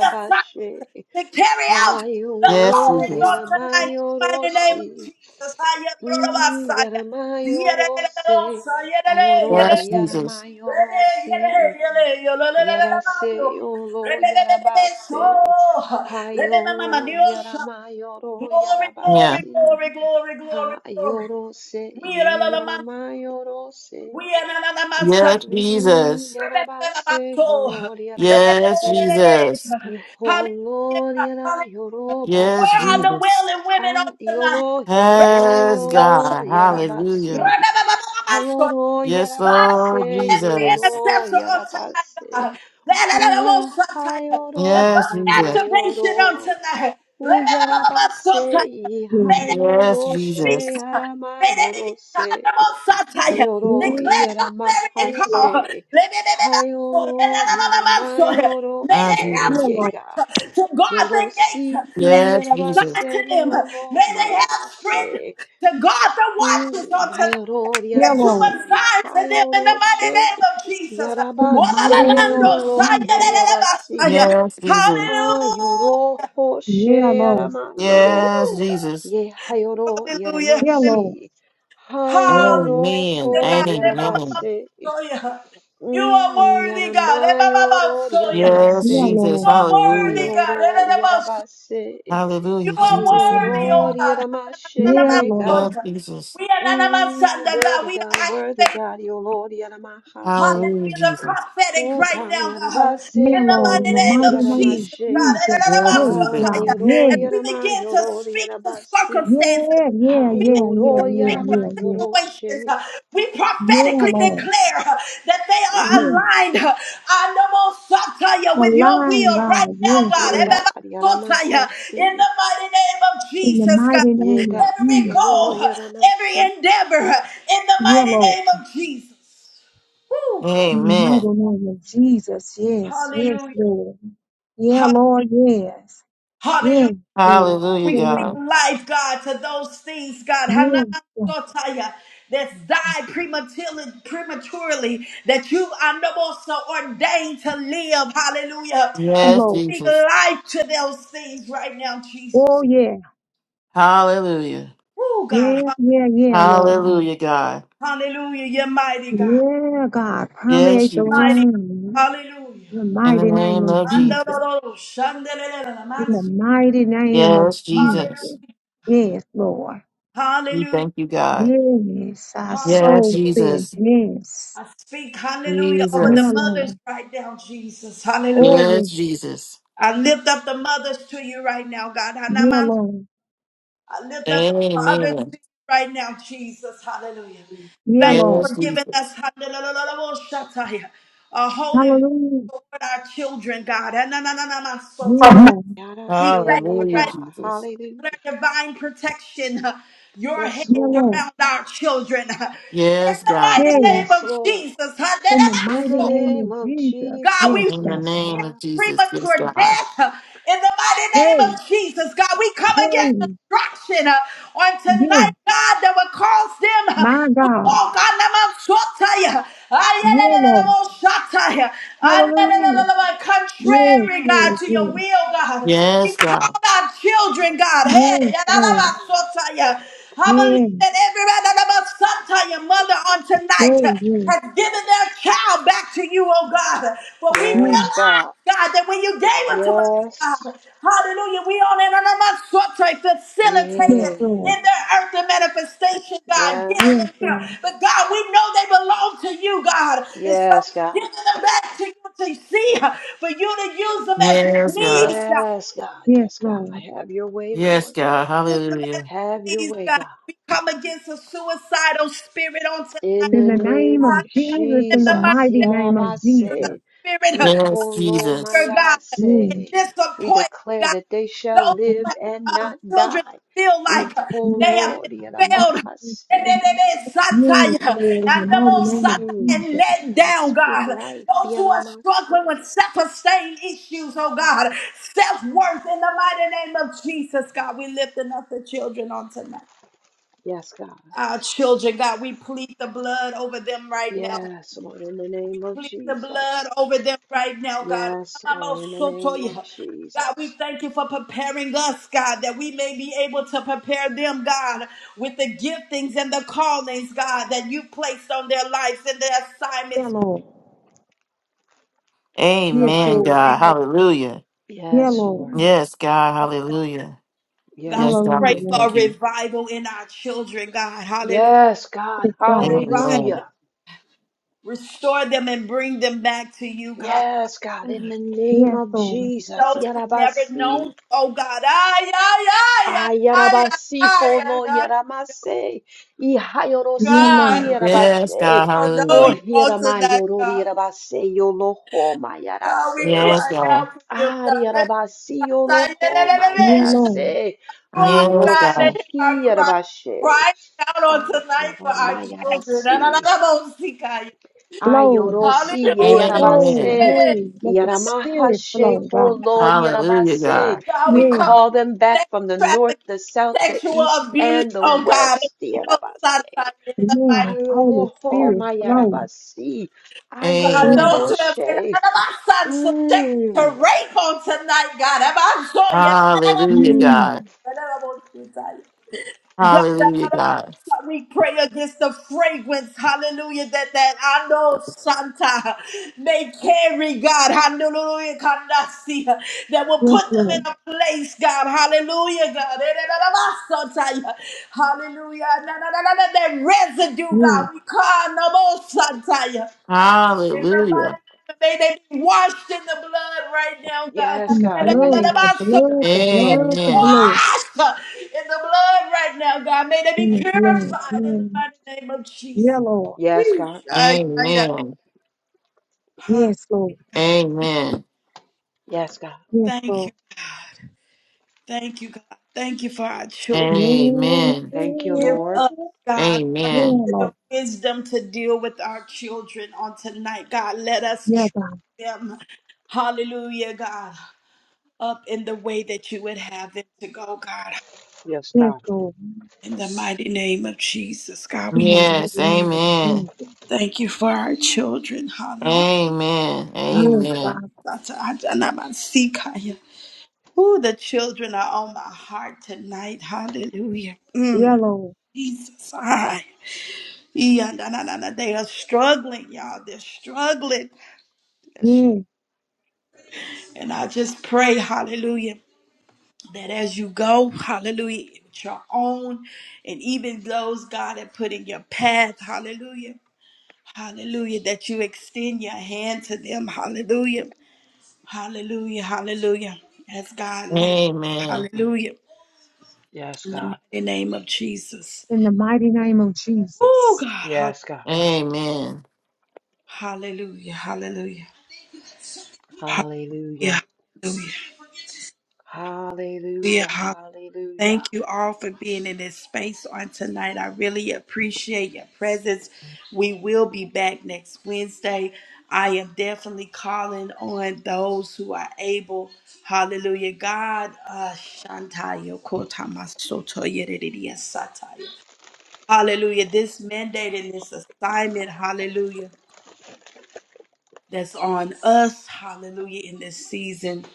Speaker 1: the assignments, to carry out the
Speaker 3: Yes,
Speaker 1: calling on
Speaker 3: Jesus.
Speaker 1: tonight in the mighty name
Speaker 4: Hayoloriaramayorosi.
Speaker 1: of Jesus.
Speaker 4: Mm,
Speaker 1: Hayanorobasaya.
Speaker 4: Yaramayorose.
Speaker 1: Yerelelelosa, yerele,
Speaker 4: Ayoro
Speaker 1: yerele.
Speaker 3: Yes, Jesus.
Speaker 1: Rele,
Speaker 4: Yaramayorose.
Speaker 1: yele, yele,
Speaker 4: Yarase
Speaker 1: yololelelelelando.
Speaker 4: olo
Speaker 1: Rebebebebe,
Speaker 4: yarabase.
Speaker 1: so. Rebebebebe,
Speaker 4: Hayolo
Speaker 1: Dios.
Speaker 4: yaramayoro
Speaker 1: Glory,
Speaker 3: Yeah.
Speaker 1: glory,
Speaker 4: yarabasi.
Speaker 1: glory, glory, glory, glory.
Speaker 4: Hayorose
Speaker 1: We are another man.
Speaker 4: yaramayorose.
Speaker 1: We are another man.
Speaker 3: Yes,
Speaker 4: Mm,
Speaker 3: Jesus.
Speaker 4: yarabase holor
Speaker 3: Yes,
Speaker 4: yaramashe.
Speaker 3: Jesus.
Speaker 1: Hallelujah,
Speaker 4: Yiholor
Speaker 1: God. Hallelujah.
Speaker 4: yarayoro
Speaker 3: Yes,
Speaker 1: Where are the
Speaker 3: Jesus.
Speaker 1: wailing women
Speaker 4: Ah,
Speaker 1: on tonight?
Speaker 4: yolo
Speaker 3: Yes,
Speaker 4: yaramayoro
Speaker 3: God. Hallelujah.
Speaker 4: yarabasi. Hayoro
Speaker 3: Yes,
Speaker 1: God, I
Speaker 3: Lord
Speaker 1: call
Speaker 4: yarabase
Speaker 1: every
Speaker 3: Jesus.
Speaker 4: yolo
Speaker 1: intercessor on tonight,
Speaker 4: yarabase.
Speaker 1: God. That
Speaker 4: Uyara hayoro
Speaker 3: Yes,
Speaker 1: Divine
Speaker 4: yara
Speaker 3: Jesus.
Speaker 1: activation on
Speaker 4: mayoro.
Speaker 1: tonight.
Speaker 4: Uyara base i
Speaker 1: May
Speaker 5: Lord.
Speaker 1: they begin
Speaker 3: Yes,
Speaker 1: to
Speaker 4: hayoro
Speaker 1: speak.
Speaker 4: she
Speaker 3: Jesus.
Speaker 4: yara
Speaker 1: May they begin
Speaker 4: mayoro
Speaker 1: to
Speaker 4: se.
Speaker 5: Yeah,
Speaker 4: Hayoro
Speaker 1: Declare your
Speaker 4: yara
Speaker 1: clarion
Speaker 5: Lord.
Speaker 1: call.
Speaker 4: mahase. Hayoro yara
Speaker 1: May
Speaker 4: mayoro
Speaker 3: Ah,
Speaker 1: they have
Speaker 4: se
Speaker 3: Jesus.
Speaker 5: Yeah, Lord.
Speaker 4: yega.
Speaker 1: strength to guard the
Speaker 4: Yoro si
Speaker 1: gates that
Speaker 4: hi
Speaker 1: you
Speaker 3: Yes,
Speaker 4: yara
Speaker 3: Jesus.
Speaker 1: assign to
Speaker 4: base
Speaker 1: them.
Speaker 4: riolo
Speaker 1: May they have
Speaker 4: mayara
Speaker 1: strength
Speaker 4: se.
Speaker 1: to guard the watches
Speaker 4: Mm,
Speaker 1: on tonight
Speaker 4: Vayoro
Speaker 5: Yeah,
Speaker 1: that you
Speaker 5: Lord.
Speaker 4: yarasi,
Speaker 1: assign to them in the
Speaker 4: hayoro
Speaker 1: mighty
Speaker 4: she,
Speaker 1: name of Jesus.
Speaker 5: In the mighty
Speaker 4: yarabase
Speaker 5: name of
Speaker 4: yolo
Speaker 5: Jesus.
Speaker 4: mayarasi,
Speaker 3: Yes, Jesus.
Speaker 4: hayoro
Speaker 1: Hallelujah.
Speaker 4: hoshe
Speaker 5: Yeah, Lord.
Speaker 4: yarama yoro,
Speaker 3: Yes,
Speaker 1: Woo, God.
Speaker 3: Jesus.
Speaker 4: ye hayoro
Speaker 1: Hallelujah.
Speaker 5: Yeah, Lord.
Speaker 4: yaramasi,
Speaker 1: Hallelujah.
Speaker 4: hayoro
Speaker 3: Amen.
Speaker 4: ho
Speaker 3: Amen.
Speaker 4: yarabase,
Speaker 1: Hallelujah. God. Ebabababando, yeah. You are
Speaker 4: mm,
Speaker 1: worthy,
Speaker 4: yarama
Speaker 1: God.
Speaker 4: yoro
Speaker 1: Ebabababando, yeah.
Speaker 3: Yes,
Speaker 4: yaramase,
Speaker 5: Yeah,
Speaker 1: You
Speaker 3: Jesus.
Speaker 5: Lord.
Speaker 1: are worthy,
Speaker 3: Hallelujah.
Speaker 1: God.
Speaker 4: hayoro yarabase,
Speaker 1: You
Speaker 3: Hallelujah,
Speaker 1: are
Speaker 3: Jesus.
Speaker 1: worthy,
Speaker 4: hayoro
Speaker 1: oh
Speaker 3: Amen.
Speaker 1: God. We
Speaker 4: yaramashe
Speaker 1: are not
Speaker 5: Yeah,
Speaker 1: about
Speaker 5: Lord.
Speaker 4: yega.
Speaker 3: Yes, Jesus.
Speaker 4: Mm,
Speaker 1: Sunday, God.
Speaker 4: worthy
Speaker 1: We are
Speaker 4: God, worthy
Speaker 1: activating,
Speaker 4: God, O Lord, Yaramahasi.
Speaker 3: Hallelujah,
Speaker 1: hallelujah, the
Speaker 3: Jesus.
Speaker 1: prophetic
Speaker 4: Oh
Speaker 1: right
Speaker 4: God,
Speaker 1: now, God.
Speaker 4: Yarabase,
Speaker 1: In
Speaker 5: Yeah,
Speaker 1: the
Speaker 4: O
Speaker 5: Lord.
Speaker 1: mighty
Speaker 5: In the
Speaker 1: name
Speaker 4: Lord,
Speaker 5: mighty
Speaker 1: of
Speaker 5: name
Speaker 1: Jesus,
Speaker 5: of
Speaker 4: Yaramashe.
Speaker 1: God.
Speaker 5: Jesus.
Speaker 3: Yes,
Speaker 4: Ha,
Speaker 5: Yes,
Speaker 3: Jesus.
Speaker 5: God.
Speaker 4: O Lord,
Speaker 1: As
Speaker 5: Yeah.
Speaker 1: we
Speaker 4: Yarama,
Speaker 1: begin
Speaker 4: O
Speaker 1: to
Speaker 4: Lord,
Speaker 1: speak to
Speaker 4: Yarabasi.
Speaker 1: circumstances,
Speaker 5: Yeah,
Speaker 4: Ha,
Speaker 5: yeah, yeah,
Speaker 4: O
Speaker 5: yeah,
Speaker 4: Lord,
Speaker 5: yeah,
Speaker 4: Yarama,
Speaker 5: yeah,
Speaker 4: O
Speaker 5: yeah.
Speaker 1: situations,
Speaker 4: Roshe.
Speaker 1: uh, we
Speaker 5: Yeah,
Speaker 1: prophetically
Speaker 5: Lord.
Speaker 1: declare uh, that they are
Speaker 5: Yes.
Speaker 4: Mm.
Speaker 1: aligned. uh, Anamosataya, With your
Speaker 5: Align,
Speaker 1: will right
Speaker 5: God.
Speaker 1: now,
Speaker 5: Yes,
Speaker 1: God.
Speaker 4: Ye
Speaker 5: Lord.
Speaker 4: God,
Speaker 1: Ebebasotaya, In
Speaker 4: Yaramahasi.
Speaker 1: the mighty name of
Speaker 5: In the
Speaker 1: Jesus, God.
Speaker 5: mighty
Speaker 4: Ye
Speaker 5: name of
Speaker 4: God,
Speaker 1: Every
Speaker 4: O
Speaker 5: Jesus.
Speaker 1: goal,
Speaker 4: Lord,
Speaker 1: uh, every
Speaker 4: Yaramasi.
Speaker 1: endeavor, uh, in the
Speaker 5: Yeah,
Speaker 1: mighty
Speaker 5: Lord.
Speaker 1: name of Jesus.
Speaker 5: In the
Speaker 3: Amen.
Speaker 5: mighty name of Jesus. Yes, yes,
Speaker 1: Hallelujah.
Speaker 5: Lord. Yeah,
Speaker 1: Ha-
Speaker 5: Lord. Yes.
Speaker 1: Hallelujah.
Speaker 5: Yes, Lord.
Speaker 3: Hallelujah,
Speaker 1: We speak
Speaker 3: God.
Speaker 5: Amen.
Speaker 1: life, God, to those things, God.
Speaker 5: Yes, Lord.
Speaker 1: Hananasotaya, That's died prematurely, prematurely that you are no more so ordained to live. Hallelujah.
Speaker 5: Oh,
Speaker 3: Yes,
Speaker 5: Lord.
Speaker 1: Speak
Speaker 3: Jesus.
Speaker 1: life to those things right now, Jesus.
Speaker 5: Oh, yeah.
Speaker 3: Hallelujah.
Speaker 1: Oh, God.
Speaker 5: Yeah, yeah, yeah, Lord.
Speaker 3: Hallelujah, God.
Speaker 1: Hallelujah. You're mighty, God.
Speaker 5: Yeah, God.
Speaker 3: Yes,
Speaker 5: Permeate the
Speaker 1: You're
Speaker 3: Jesus.
Speaker 1: mighty.
Speaker 5: room.
Speaker 1: Hallelujah.
Speaker 5: In the
Speaker 3: In the
Speaker 5: mighty name
Speaker 3: name
Speaker 5: of
Speaker 3: of Jesus.
Speaker 5: Jesus.
Speaker 1: Andororo, shandelelele,
Speaker 5: In
Speaker 1: manso.
Speaker 5: the mighty name of
Speaker 3: Yes,
Speaker 1: Hallelujah.
Speaker 3: Jesus.
Speaker 5: Jesus. Yes, Lord.
Speaker 3: We
Speaker 1: Hallelujah.
Speaker 3: thank you, God.
Speaker 5: Yes, our
Speaker 1: Hallelujah.
Speaker 3: Yes,
Speaker 5: soul said
Speaker 3: Jesus.
Speaker 5: yes.
Speaker 1: I speak hallelujah over the
Speaker 5: Yeah,
Speaker 3: Jesus.
Speaker 1: mothers
Speaker 5: Lord.
Speaker 1: right now, Jesus. Hallelujah.
Speaker 5: Oh, yes.
Speaker 3: Yes, Jesus.
Speaker 1: I lift up the mothers to you right now, God.
Speaker 5: Yeah,
Speaker 1: Hanaman.
Speaker 5: Lord.
Speaker 1: I lift up the fathers to
Speaker 3: Amen.
Speaker 1: you right now, Jesus. Hallelujah.
Speaker 5: Yeah,
Speaker 1: Thank you
Speaker 5: Lord.
Speaker 3: Yes,
Speaker 1: for giving us
Speaker 3: Jesus.
Speaker 1: hallelujah, a holy birth
Speaker 5: Hallelujah.
Speaker 1: toward our children, God.
Speaker 5: Yeah,
Speaker 1: Hanananamasota.
Speaker 5: Lord.
Speaker 1: We
Speaker 4: Yarase,
Speaker 1: thank
Speaker 4: ye
Speaker 1: you
Speaker 3: Hallelujah,
Speaker 1: right
Speaker 4: God,
Speaker 3: Jesus.
Speaker 4: hallelujah.
Speaker 1: now for your divine protection, uh, your head
Speaker 4: Yes,
Speaker 5: Yeah,
Speaker 4: Lord.
Speaker 5: Lord.
Speaker 1: around our children. uh, In
Speaker 3: Yes,
Speaker 1: the
Speaker 3: God.
Speaker 1: mighty
Speaker 5: Yes.
Speaker 1: name
Speaker 4: Yes,
Speaker 1: of
Speaker 4: Lord.
Speaker 1: Jesus.
Speaker 5: In the
Speaker 4: In
Speaker 5: mighty
Speaker 4: the
Speaker 1: Hallelujah.
Speaker 5: name
Speaker 4: name
Speaker 5: of
Speaker 4: of
Speaker 5: Jesus.
Speaker 1: God, we
Speaker 5: Yes,
Speaker 4: Jesus,
Speaker 3: In the
Speaker 5: God.
Speaker 4: yes,
Speaker 3: name
Speaker 4: God.
Speaker 3: of Jesus. Yes,
Speaker 1: premature
Speaker 3: God.
Speaker 1: death uh, in the mighty name of
Speaker 5: Yay,
Speaker 1: Jesus. God, we come against
Speaker 5: yay,
Speaker 1: destruction uh, on
Speaker 5: yes,
Speaker 1: tonight, God, that will cause them uh,
Speaker 5: my
Speaker 1: to
Speaker 5: God,
Speaker 1: walk on the Mount Shotaya,
Speaker 5: yeah, Lord,
Speaker 1: Shotaya,
Speaker 5: hallelujah, yes,
Speaker 1: contrary, God,
Speaker 5: yes,
Speaker 1: to your
Speaker 5: yes,
Speaker 1: will, God. We
Speaker 3: Yes,
Speaker 1: call
Speaker 3: God.
Speaker 1: our children, God. Hey,
Speaker 5: yes, Lord,
Speaker 1: Shotaya. I
Speaker 5: yes,
Speaker 1: believe that every Shotaya mother on
Speaker 5: oh,
Speaker 1: tonight
Speaker 5: yes,
Speaker 1: has given their child back to you, oh God. For we
Speaker 5: yes,
Speaker 4: Yes,
Speaker 1: realize,
Speaker 4: God.
Speaker 1: God, that when you gave it to us,
Speaker 4: Yes.
Speaker 1: God, hallelujah, we on in and among sorts of
Speaker 5: yes,
Speaker 4: Yeah.
Speaker 1: facilitated
Speaker 5: Lord,
Speaker 1: in their earthly manifestation, God, giving
Speaker 5: yes,
Speaker 4: Yes.
Speaker 1: them here.
Speaker 5: Lord,
Speaker 1: But God, we know they belong to you, God. And so
Speaker 4: Yes,
Speaker 1: we're
Speaker 4: God.
Speaker 1: giving them back to you to see, for you to use them as you
Speaker 3: Yes, God.
Speaker 1: please, God.
Speaker 4: Yes, God.
Speaker 5: yes,
Speaker 4: Yes, God. I
Speaker 5: Lord,
Speaker 4: Have your way,
Speaker 3: Yes,
Speaker 4: Lord.
Speaker 3: God.
Speaker 1: Use them as
Speaker 3: Hallelujah.
Speaker 4: Have
Speaker 1: you
Speaker 4: your
Speaker 1: please,
Speaker 4: way,
Speaker 1: God.
Speaker 4: God.
Speaker 1: We come against a suicidal spirit on
Speaker 4: In
Speaker 1: tonight,
Speaker 5: in
Speaker 4: the
Speaker 5: the name
Speaker 4: name
Speaker 5: of
Speaker 4: of
Speaker 5: Jesus, in the
Speaker 4: Jesus.
Speaker 1: God.
Speaker 5: mighty name of Jesus,
Speaker 1: to the
Speaker 5: yes, yes, Lord, in the
Speaker 4: Yarabase.
Speaker 1: spirit of
Speaker 3: Yes. yes.
Speaker 1: anger, God, and
Speaker 4: Iholomayarase. We
Speaker 1: disappointment,
Speaker 4: declare
Speaker 1: God.
Speaker 4: that they shall
Speaker 1: Those
Speaker 4: live
Speaker 1: who have
Speaker 4: and
Speaker 1: uh,
Speaker 4: not
Speaker 1: children
Speaker 4: die.
Speaker 1: feel like uh, they have been failed. They-
Speaker 4: Iholodiyaramahasi.
Speaker 1: they- they- they satire, And the
Speaker 5: mighty
Speaker 1: most
Speaker 5: name
Speaker 1: satire
Speaker 5: of
Speaker 4: Mm, God,
Speaker 1: and
Speaker 5: Jesus,
Speaker 1: let
Speaker 4: We
Speaker 1: down,
Speaker 4: speak
Speaker 1: God.
Speaker 4: life.
Speaker 1: Those who are struggling
Speaker 4: Yaramase.
Speaker 1: with self-esteem issues, oh God, self-worth in the mighty name of Jesus, God. We lift up the children on tonight.
Speaker 4: Yes, God.
Speaker 1: Our children, God, we plead the blood over them right now
Speaker 4: Yes, Lord, in the name of
Speaker 1: plead the blood
Speaker 4: Jesus.
Speaker 1: over them right now, God.
Speaker 4: Yes, Lord, in the name of
Speaker 1: Amamosotoya. God, we
Speaker 4: Jesus.
Speaker 1: thank you for preparing us, God, that we may be able to prepare them, God, with the giftings and the callings, God, that you placed on their lives and their
Speaker 5: yeah,
Speaker 1: assignments.
Speaker 5: Lord,
Speaker 1: In the
Speaker 5: yes,
Speaker 3: Amen,
Speaker 1: mighty
Speaker 5: Lord,
Speaker 3: God.
Speaker 1: name of
Speaker 3: Hallelujah.
Speaker 5: yeah,
Speaker 4: Yes, Lord.
Speaker 5: Lord,
Speaker 1: Jesus,
Speaker 3: Yes, God. Hallelujah.
Speaker 1: God,
Speaker 4: Yes,
Speaker 3: Yes, God.
Speaker 1: we
Speaker 4: Lord.
Speaker 1: pray
Speaker 5: hallelujah,
Speaker 3: We
Speaker 5: Lord,
Speaker 1: for a
Speaker 3: thank you.
Speaker 1: revival in our children, God. Hallelujah.
Speaker 4: Yes, God.
Speaker 5: it's God,
Speaker 1: Revive
Speaker 3: Amen.
Speaker 1: them,
Speaker 4: Hallelujah.
Speaker 1: restore them, and bring them back to you, God.
Speaker 4: Yes, God, in the name
Speaker 5: yes,
Speaker 4: of
Speaker 5: Lord.
Speaker 4: Jesus.
Speaker 1: those who've never known you,
Speaker 4: Yarabasi.
Speaker 1: oh God. Ay, ay, ay, ay, ay, ay,
Speaker 4: Ayarabasi
Speaker 1: ay, ay,
Speaker 4: holo
Speaker 1: ay,
Speaker 4: yaramase. Ihayorosi
Speaker 5: Yellow,
Speaker 1: God.
Speaker 3: Yes,
Speaker 4: hirabashe.
Speaker 3: God.
Speaker 1: Oh, know
Speaker 4: Oh,
Speaker 3: Hallelujah.
Speaker 1: you all tonight,
Speaker 4: hiramayorori
Speaker 1: God.
Speaker 4: yarabase yoloho
Speaker 1: God, we
Speaker 4: mayarase.
Speaker 3: Yes,
Speaker 1: cry
Speaker 3: God.
Speaker 1: out for them, God. You
Speaker 4: Ariarabasi
Speaker 1: are
Speaker 4: oloho
Speaker 5: yellow,
Speaker 4: mayarase.
Speaker 3: Yes,
Speaker 1: God that
Speaker 4: Ayorosi
Speaker 3: God.
Speaker 1: hear our cry,
Speaker 4: hiyarabashe.
Speaker 1: crying out on tonight for
Speaker 4: Ayoro
Speaker 1: our children.
Speaker 4: mayarasi.
Speaker 5: flow,
Speaker 4: Ayorosi
Speaker 1: Hallelujah.
Speaker 5: flow,
Speaker 3: Amen.
Speaker 4: yeyarabase.
Speaker 5: hey, let the spirit
Speaker 4: Yaramahashe
Speaker 5: flow, God.
Speaker 3: Hallelujah,
Speaker 4: holoriyarabase.
Speaker 3: God.
Speaker 1: God,
Speaker 4: We
Speaker 1: we
Speaker 5: Yeah,
Speaker 1: come
Speaker 4: call
Speaker 1: against
Speaker 4: them back
Speaker 1: sex
Speaker 4: from the north,
Speaker 1: trafficking
Speaker 4: the south,
Speaker 1: and
Speaker 4: the
Speaker 1: sexual
Speaker 4: east,
Speaker 1: abuse.
Speaker 4: and the
Speaker 1: Oh God,
Speaker 4: west.
Speaker 1: those
Speaker 4: Yarabase.
Speaker 5: yeah, Holy
Speaker 4: Ayoroho
Speaker 5: Spirit flow,
Speaker 4: mayarabasi.
Speaker 1: God,
Speaker 5: flow,
Speaker 1: those
Speaker 4: Ayoroho
Speaker 3: Amen.
Speaker 1: who have been
Speaker 4: she.
Speaker 1: out of our sons subjected to
Speaker 4: Mm.
Speaker 1: rape on tonight, God. Have I saw
Speaker 3: Hallelujah,
Speaker 4: Mm.
Speaker 5: mm,
Speaker 3: God.
Speaker 1: you? God,
Speaker 3: Hallelujah, God.
Speaker 1: we pray against the fragrance, hallelujah, that that I know Santa may carry, God, hallelujah, Kandasi, that will
Speaker 5: yes,
Speaker 1: put them in
Speaker 5: Lord,
Speaker 1: a place, God, hallelujah, God, Santa, hallelujah, na, na, na, na, na, that residue,
Speaker 5: yeah,
Speaker 1: God, we call no more Santa. In the mighty name
Speaker 3: Hallelujah.
Speaker 1: of- May they be washed in the blood right now, God.
Speaker 4: Yes,
Speaker 5: in the
Speaker 4: God, in the
Speaker 5: blood,
Speaker 4: name
Speaker 5: the
Speaker 4: of
Speaker 5: blood,
Speaker 4: Jesus.
Speaker 5: the blood, the
Speaker 3: Amen.
Speaker 5: blood,
Speaker 1: Washed in the blood right now, God. May they
Speaker 5: in
Speaker 1: be
Speaker 5: the blood,
Speaker 1: purified in the
Speaker 5: yeah,
Speaker 1: mighty name of
Speaker 5: yeah,
Speaker 1: Jesus.
Speaker 5: Lord,
Speaker 4: Yes, God.
Speaker 1: Ay, ay, ay.
Speaker 3: Amen.
Speaker 1: Hallelujah.
Speaker 5: yes, Lord,
Speaker 1: God.
Speaker 3: Amen.
Speaker 4: Yes, God.
Speaker 5: yes,
Speaker 1: Thank you,
Speaker 5: Lord,
Speaker 1: God. Thank you, God. Thank you for our children.
Speaker 5: yeah,
Speaker 3: Amen.
Speaker 4: Thank you,
Speaker 5: yeah,
Speaker 1: Give
Speaker 4: Lord.
Speaker 1: us, God, hallelujah,
Speaker 5: yeah,
Speaker 3: Amen.
Speaker 5: Lord,
Speaker 1: the wisdom to deal with our children on tonight. God, let us
Speaker 5: yeah,
Speaker 1: train
Speaker 5: God,
Speaker 1: them. Hallelujah, God. up in the way that you would have them to go, God.
Speaker 4: Yes,
Speaker 5: yes,
Speaker 4: God.
Speaker 5: Lord,
Speaker 1: In the mighty name of Jesus, God,
Speaker 5: in
Speaker 1: we
Speaker 5: the mighty
Speaker 3: Yes,
Speaker 5: name of
Speaker 3: amen.
Speaker 5: Jesus,
Speaker 1: thank you for our children. Hallelujah.
Speaker 3: Amen.
Speaker 1: Oh,
Speaker 5: yes,
Speaker 3: Amen.
Speaker 5: God,
Speaker 1: the children are on my heart tonight. Hallelujah. Mm,
Speaker 5: yeah, Lord,
Speaker 1: Jesus. I. yeah, na, na, na, na. They are struggling, y'all. They're struggling.
Speaker 5: yeah.
Speaker 1: And I just pray, hallelujah, that as you go, hallelujah, with your own and even those God had put in your path, hallelujah. Hallelujah. That you extend your hand to them. Hallelujah. Hallelujah. Hallelujah. As God leads.
Speaker 3: Amen.
Speaker 1: Hallelujah.
Speaker 4: Yes,
Speaker 1: In the
Speaker 4: God.
Speaker 1: mighty name of Jesus.
Speaker 5: in the mighty name of
Speaker 1: Oh
Speaker 5: Jesus.
Speaker 1: God. hall-
Speaker 4: Yes, God.
Speaker 3: Amen.
Speaker 1: Hallelujah. Hallelujah. Hallelujah.
Speaker 4: Hallelujah. Hallelujah.
Speaker 1: Hallelujah.
Speaker 4: Hallelujah.
Speaker 1: Thank you all for being in this space on tonight. I really appreciate your presence. We will be back next Wednesday. I am definitely calling on those who are able. Hallelujah. God, uh, Shantaya, Kotamasotoya, Dedidiya, Sataya. Hallelujah. This mandate and this assignment, hallelujah, that's on us, hallelujah, in this season.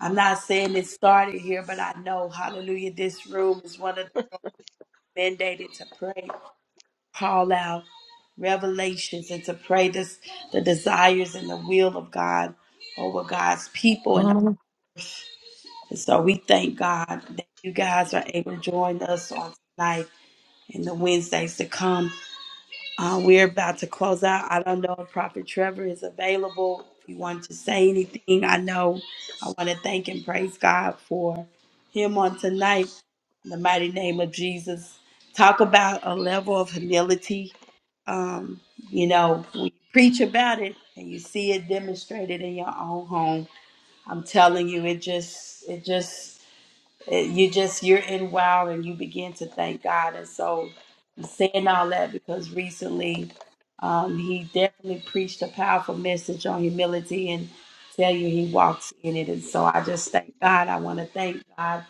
Speaker 1: I'm not saying it started here, but I know, hallelujah, this room is one of mandated to pray, call out revelations, and to pray this the desires and the will of God over God's people. And, and so we thank God that you guys are able to join us on tonight and the Wednesdays to come. Uh, we're about to close out. I don't know if Prophet Trevor is available. If you want to say anything, I know I want to thank and praise God for him on tonight. In the mighty name of Jesus. Talk about a level of humility. Um, you know, we preach about it and you see it demonstrated in your own home. I'm telling you, it just, it just, it- you just you're in wow and you begin to thank God. And so I'm saying all that because recently um, he definitely preached a powerful message on humility and tell you he walks in it. And so I just thank God. I want to thank God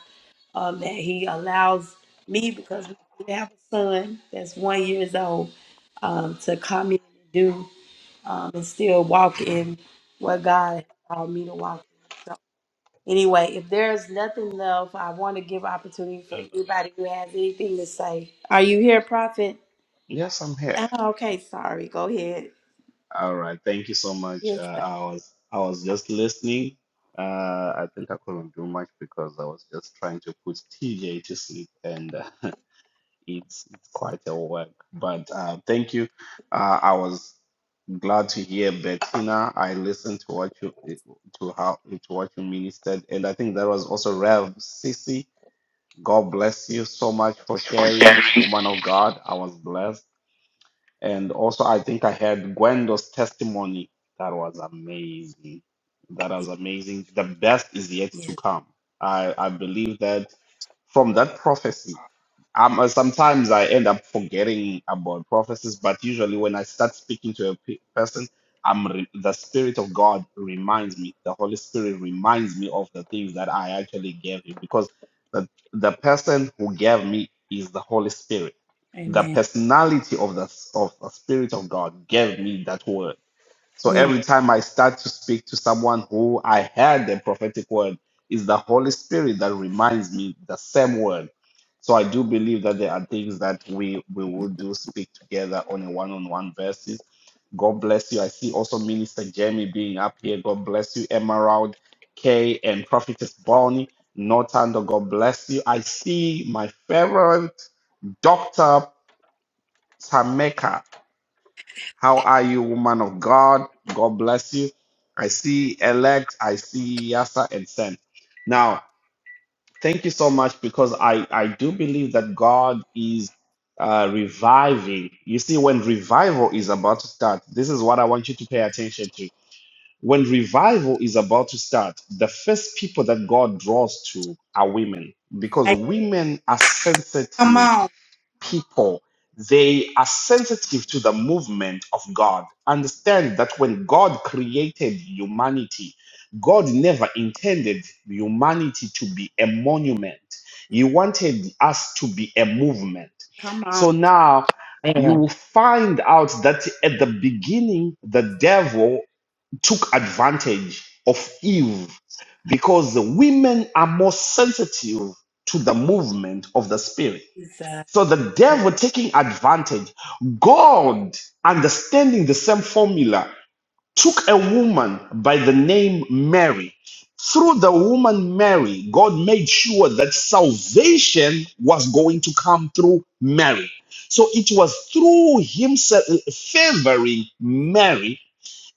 Speaker 1: um, that he allows me because we do have a son that's one years old um, to come in and do um, and still walk in what God has called me to walk in. So, Anyway, if there's nothing left, I want to give opportunity for
Speaker 6: Hello.
Speaker 1: anybody who has anything to say. Are you here, Prophet?
Speaker 6: Yes, I'm here.
Speaker 1: Oh, okay, sorry. Go ahead.
Speaker 6: All right. Thank you so much.
Speaker 1: Yes,
Speaker 6: Uh, I was I was just listening. Uh, I think I couldn't do much because I was just trying to put TJ to sleep, and uh, it's it's quite a work. But uh, thank you. Uh, I was glad to hear Bettina. I listened to what you eh, to how to what you ministered, and I think that was also Rev Sissy. God bless you so much for sharing, woman of God. I was blessed. And also, I think I had Gwendo's testimony. That was amazing. That
Speaker 1: sir.
Speaker 6: was amazing. The best is yet to
Speaker 1: yes.
Speaker 6: come. I, I believe that from that prophecy, um, sometimes I end up forgetting about prophecies, but usually when I start speaking to a pe- person, I'm re- the Spirit of God reminds me, the Holy Spirit reminds me of the things that I actually gave him because the, the person who gave me is the Holy Spirit the
Speaker 1: Amen.
Speaker 6: personality of the of the spirit of god gave me that word so
Speaker 1: Come on.
Speaker 6: every time i start to speak to someone who i had the prophetic word it's the holy spirit that reminds me the same word so i do believe that there are things that we we will do speak together on a one-on-one basis god bless you i see also minister jamie being up here god bless you emerald kay and prophetess bonnie Nortando, God bless you. I see my favorite doctor Tameka, how are you, woman of God? God bless you. I see elect, I see Yasa and Sen. Now, thank you so much because I, I do believe that God is uh, reviving. You see, when revival is about to start, this is what I want you to pay attention to. When revival is about to start, the first people that God draws to are women because
Speaker 1: I-
Speaker 6: women are
Speaker 1: come
Speaker 6: sensitive
Speaker 1: on.
Speaker 6: people they are sensitive to the movement of god understand that when god created humanity god never intended humanity to be a monument he wanted us to be a movement
Speaker 1: Come on.
Speaker 6: so now you
Speaker 3: Amen.
Speaker 6: will find out that at the beginning the devil took advantage of eve because the women are more sensitive to the movement of the spirit
Speaker 1: Jesus.
Speaker 6: so the devil taking advantage. God, understanding the same formula, took a woman by the name Mary. Through the woman Mary, God made sure that salvation was going to come through Mary. So it was through himself favoring Mary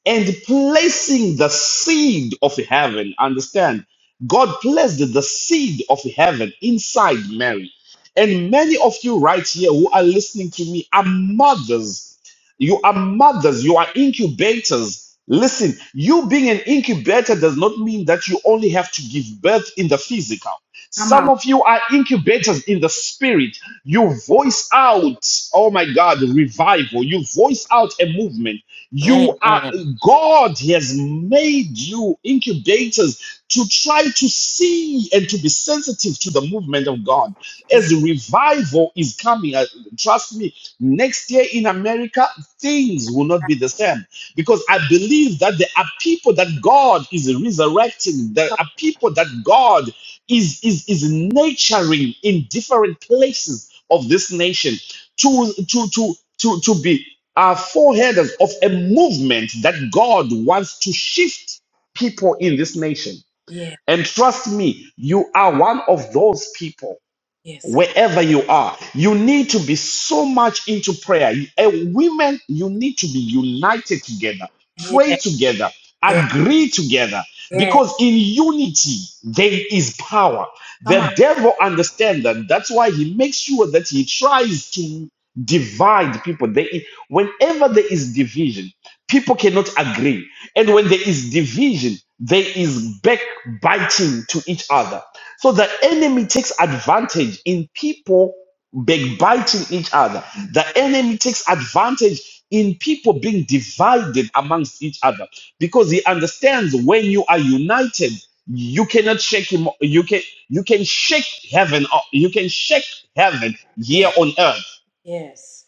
Speaker 6: and placing the seed of heaven. Understand? God placed the seed of heaven inside Mary. And many of you right here who are listening to me are mothers. You are mothers, you are incubators. Listen, you being an incubator does not mean that you only have to give birth in the physical. Some of you are incubators in the spirit. You voice out, oh my God, revival. You voice out a movement you are
Speaker 3: Amen.
Speaker 6: God has made you incubators to try to see and to be sensitive to the movement of God. As revival is coming, uh, trust me, next year in America, things will not be the same because I believe that there are people that God is resurrecting. There are people that God is is is nurturing in different places of this nation to to to to to be are foreheaders of a movement that God wants to shift people in this nation.
Speaker 1: Yes,
Speaker 6: And trust me, you are one of those people
Speaker 1: yes,
Speaker 6: wherever you are. You need to be so much into prayer. You- eh, women, you need to be united together,
Speaker 1: yes,
Speaker 6: pray together, agree together, because in unity there is power. The devil understands that. That's why he makes sure that he tries to divide people. They, whenever there is division people cannot agree. And when there is division, there is backbiting to each other. So the enemy takes advantage in people backbiting each other. The enemy takes advantage in people being divided amongst each other because he understands when you are united, you cannot shake him. You can you can shake heaven. o- You can shake heaven here
Speaker 1: yes,
Speaker 6: on earth.
Speaker 1: yes.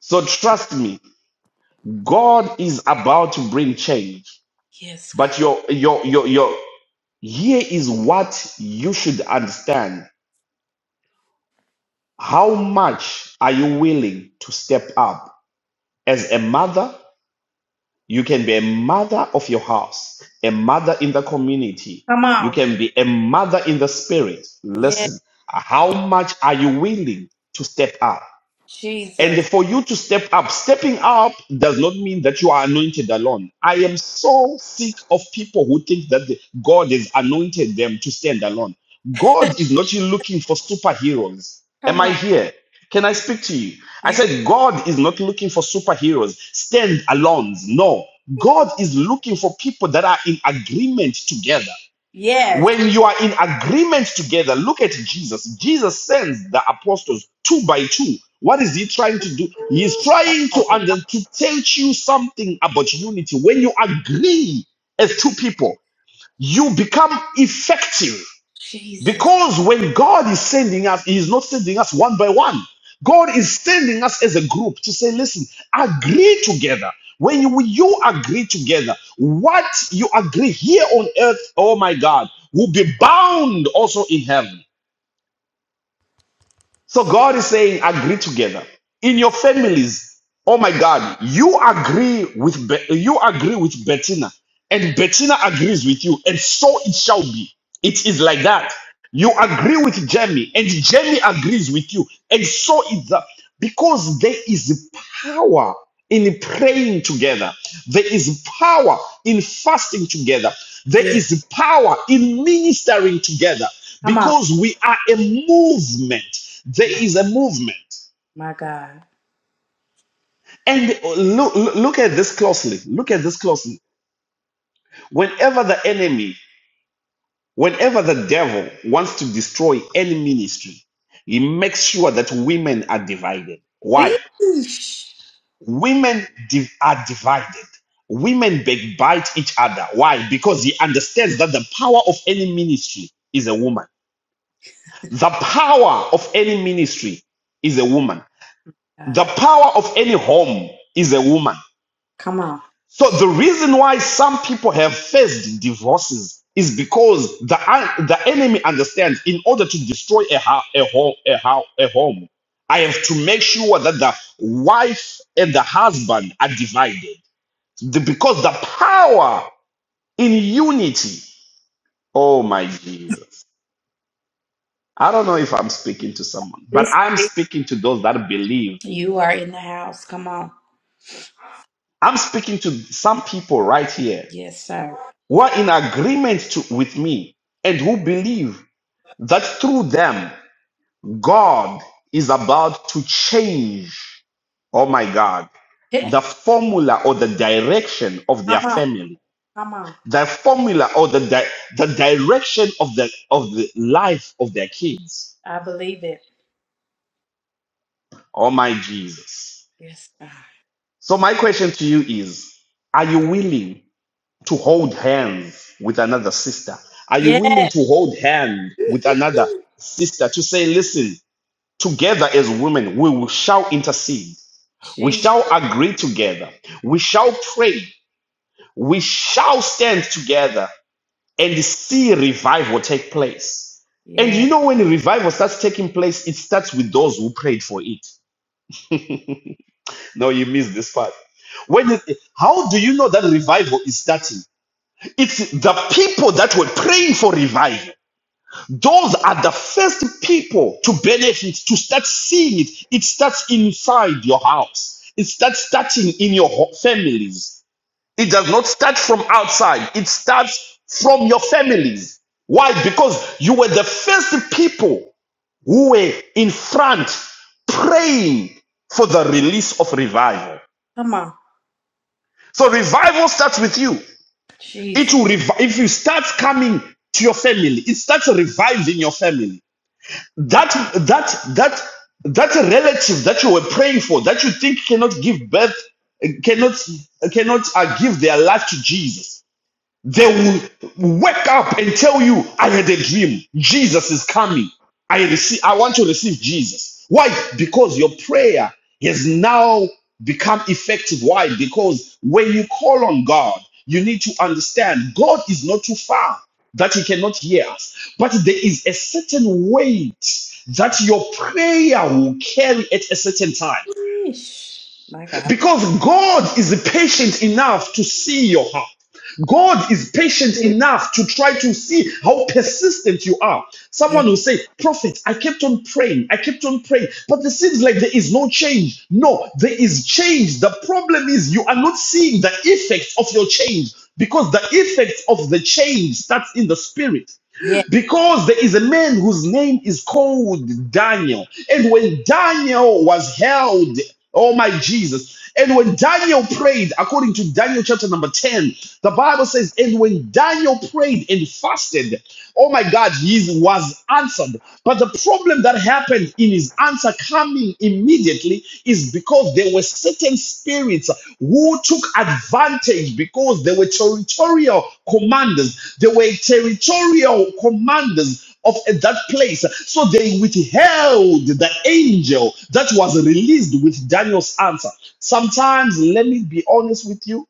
Speaker 6: So trust me, God is about to bring change.
Speaker 1: Yes,
Speaker 6: But
Speaker 1: God.
Speaker 6: your your your your here is what you should understand. How much are you willing to step up as a mother? You can be a mother of your house, a mother in the community.
Speaker 1: Come
Speaker 6: You
Speaker 1: on.
Speaker 6: can be a mother in the spirit.
Speaker 1: Yes,
Speaker 6: Listen, how much are you willing to step up?
Speaker 1: Jesus.
Speaker 6: And for you to step up, stepping up does not mean that you are anointed alone. I am so sick of people who think that the- God has anointed them to stand alone. God is not looking for superheroes. Am
Speaker 1: Come
Speaker 6: I
Speaker 1: on.
Speaker 6: here? Can I speak to you? I
Speaker 1: You.
Speaker 6: said, God is not looking for superheroes, stand alones. No, God is looking for people that are in agreement together.
Speaker 1: Yes,
Speaker 6: When you are in agreement together, look at Jesus. Jesus sends the apostles two by two. What is he trying to do? He is trying to under to teach you something about unity. When you agree as two people, you become effective
Speaker 1: Jesus.
Speaker 6: because when God is sending us, He is not sending us one by one. God is sending us as a group to say, listen, agree together. When you, you agree together, what you agree here on earth, oh my God, will be bound also in heaven. So God is saying, agree together in your families. Oh my God, you agree with Be- you agree with Bettina, and Bettina agrees with you, and so it shall be. It is like that. You agree with Jamie, and Jamie agrees with you, and so it's that. because there is power in praying together. There is power in fasting together. There
Speaker 1: Yes.
Speaker 6: is power in ministering together
Speaker 1: Come on.
Speaker 6: because we are a movement. There is a movement.
Speaker 1: My God.
Speaker 6: And look, look at this closely. Look at this closely. Whenever the enemy, whenever the devil wants to destroy any ministry, he makes sure that women are divided. Why?
Speaker 1: Eesh.
Speaker 6: women div- are divided. Women backbite each other. Why? Because he understands that the power of any ministry is a woman. The power of any ministry is a woman.
Speaker 1: God.
Speaker 6: The power of any home is a woman.
Speaker 1: Come on.
Speaker 6: So the reason why some people have faced divorces is because the the enemy understands in order to destroy a ho- a home a, ho- a home, I have to make sure that the wife and the husband are divided. The- because the power in unity. Oh my Jesus. I don't know if I'm speaking to someone, but I'm speaking to those that believe.
Speaker 1: You are in the house. Come on.
Speaker 6: I'm speaking to some people right here
Speaker 1: Yes, sir.
Speaker 6: who are in agreement to, with me and who believe that through them, God is about to change, oh my God,
Speaker 1: Yeah.
Speaker 6: the formula or the direction of
Speaker 1: Come
Speaker 6: their
Speaker 1: on.
Speaker 6: family
Speaker 1: Come on.
Speaker 6: the formula or the di- the direction of the of the life of their kids.
Speaker 1: I believe it.
Speaker 6: Oh my Jesus.
Speaker 1: Yes, God.
Speaker 6: So my question to you is are you willing to hold hands with another sister? Are you
Speaker 1: Yeah.
Speaker 6: willing to hold hand with another sister to say listen, together as women we will shall intercede. We
Speaker 1: Jesus.
Speaker 6: shall agree together. We shall pray. We shall stand together and see revival take place. And
Speaker 1: Yeah.
Speaker 6: you know when the revival starts taking place, it starts with those who prayed for it. No, you missed this part. When it, how do you know that revival is starting? It's the people that were praying for revival. Those are the first people to benefit, to start seeing it. It starts inside your house. It starts starting in your ho- families. It does not start from outside, it starts from your families. Why? Because you were the first people who were in front praying for the release of revival.
Speaker 1: Come on.
Speaker 6: So revival starts with you. It
Speaker 1: Jesus.
Speaker 6: will rev- if you start coming to your family, it starts reviving your family. That that that that relative that you were praying for that you think cannot give birth, cannot cannot uh, give their life to Jesus They will wake up and tell you, I had a dream. Jesus is coming. I receive, I want to receive Jesus. Why? Because your prayer has now become effective. Why? Because when you call on God, you need to understand God is not too far that He cannot hear us. But there is a certain weight that your prayer will carry at a certain time.
Speaker 1: Yeesh. My God.
Speaker 6: Because God is patient enough to see your heart. God is patient
Speaker 1: Yeah.
Speaker 6: enough to try to see how persistent you are. Someone will say, Prophet, I kept on praying. I kept on praying. But it seems like there is no change. No, there is change. The problem is you are not seeing the effects of your change because the effects of the change starts in the spirit
Speaker 1: Yeah.
Speaker 6: because there is a man whose name is called Daniel. And when Daniel was held, oh my Jesus, and when Daniel prayed, according to Daniel chapter number 10, the Bible says, and when Daniel prayed and fasted, oh my God, he was answered. But the problem that happened in his answer coming happening immediately is because there were certain spirits who took advantage because they were territorial commanders. They were territorial commanders of that place. So they withheld the angel that was released with Daniel's answer. Sometimes, let me be honest with you,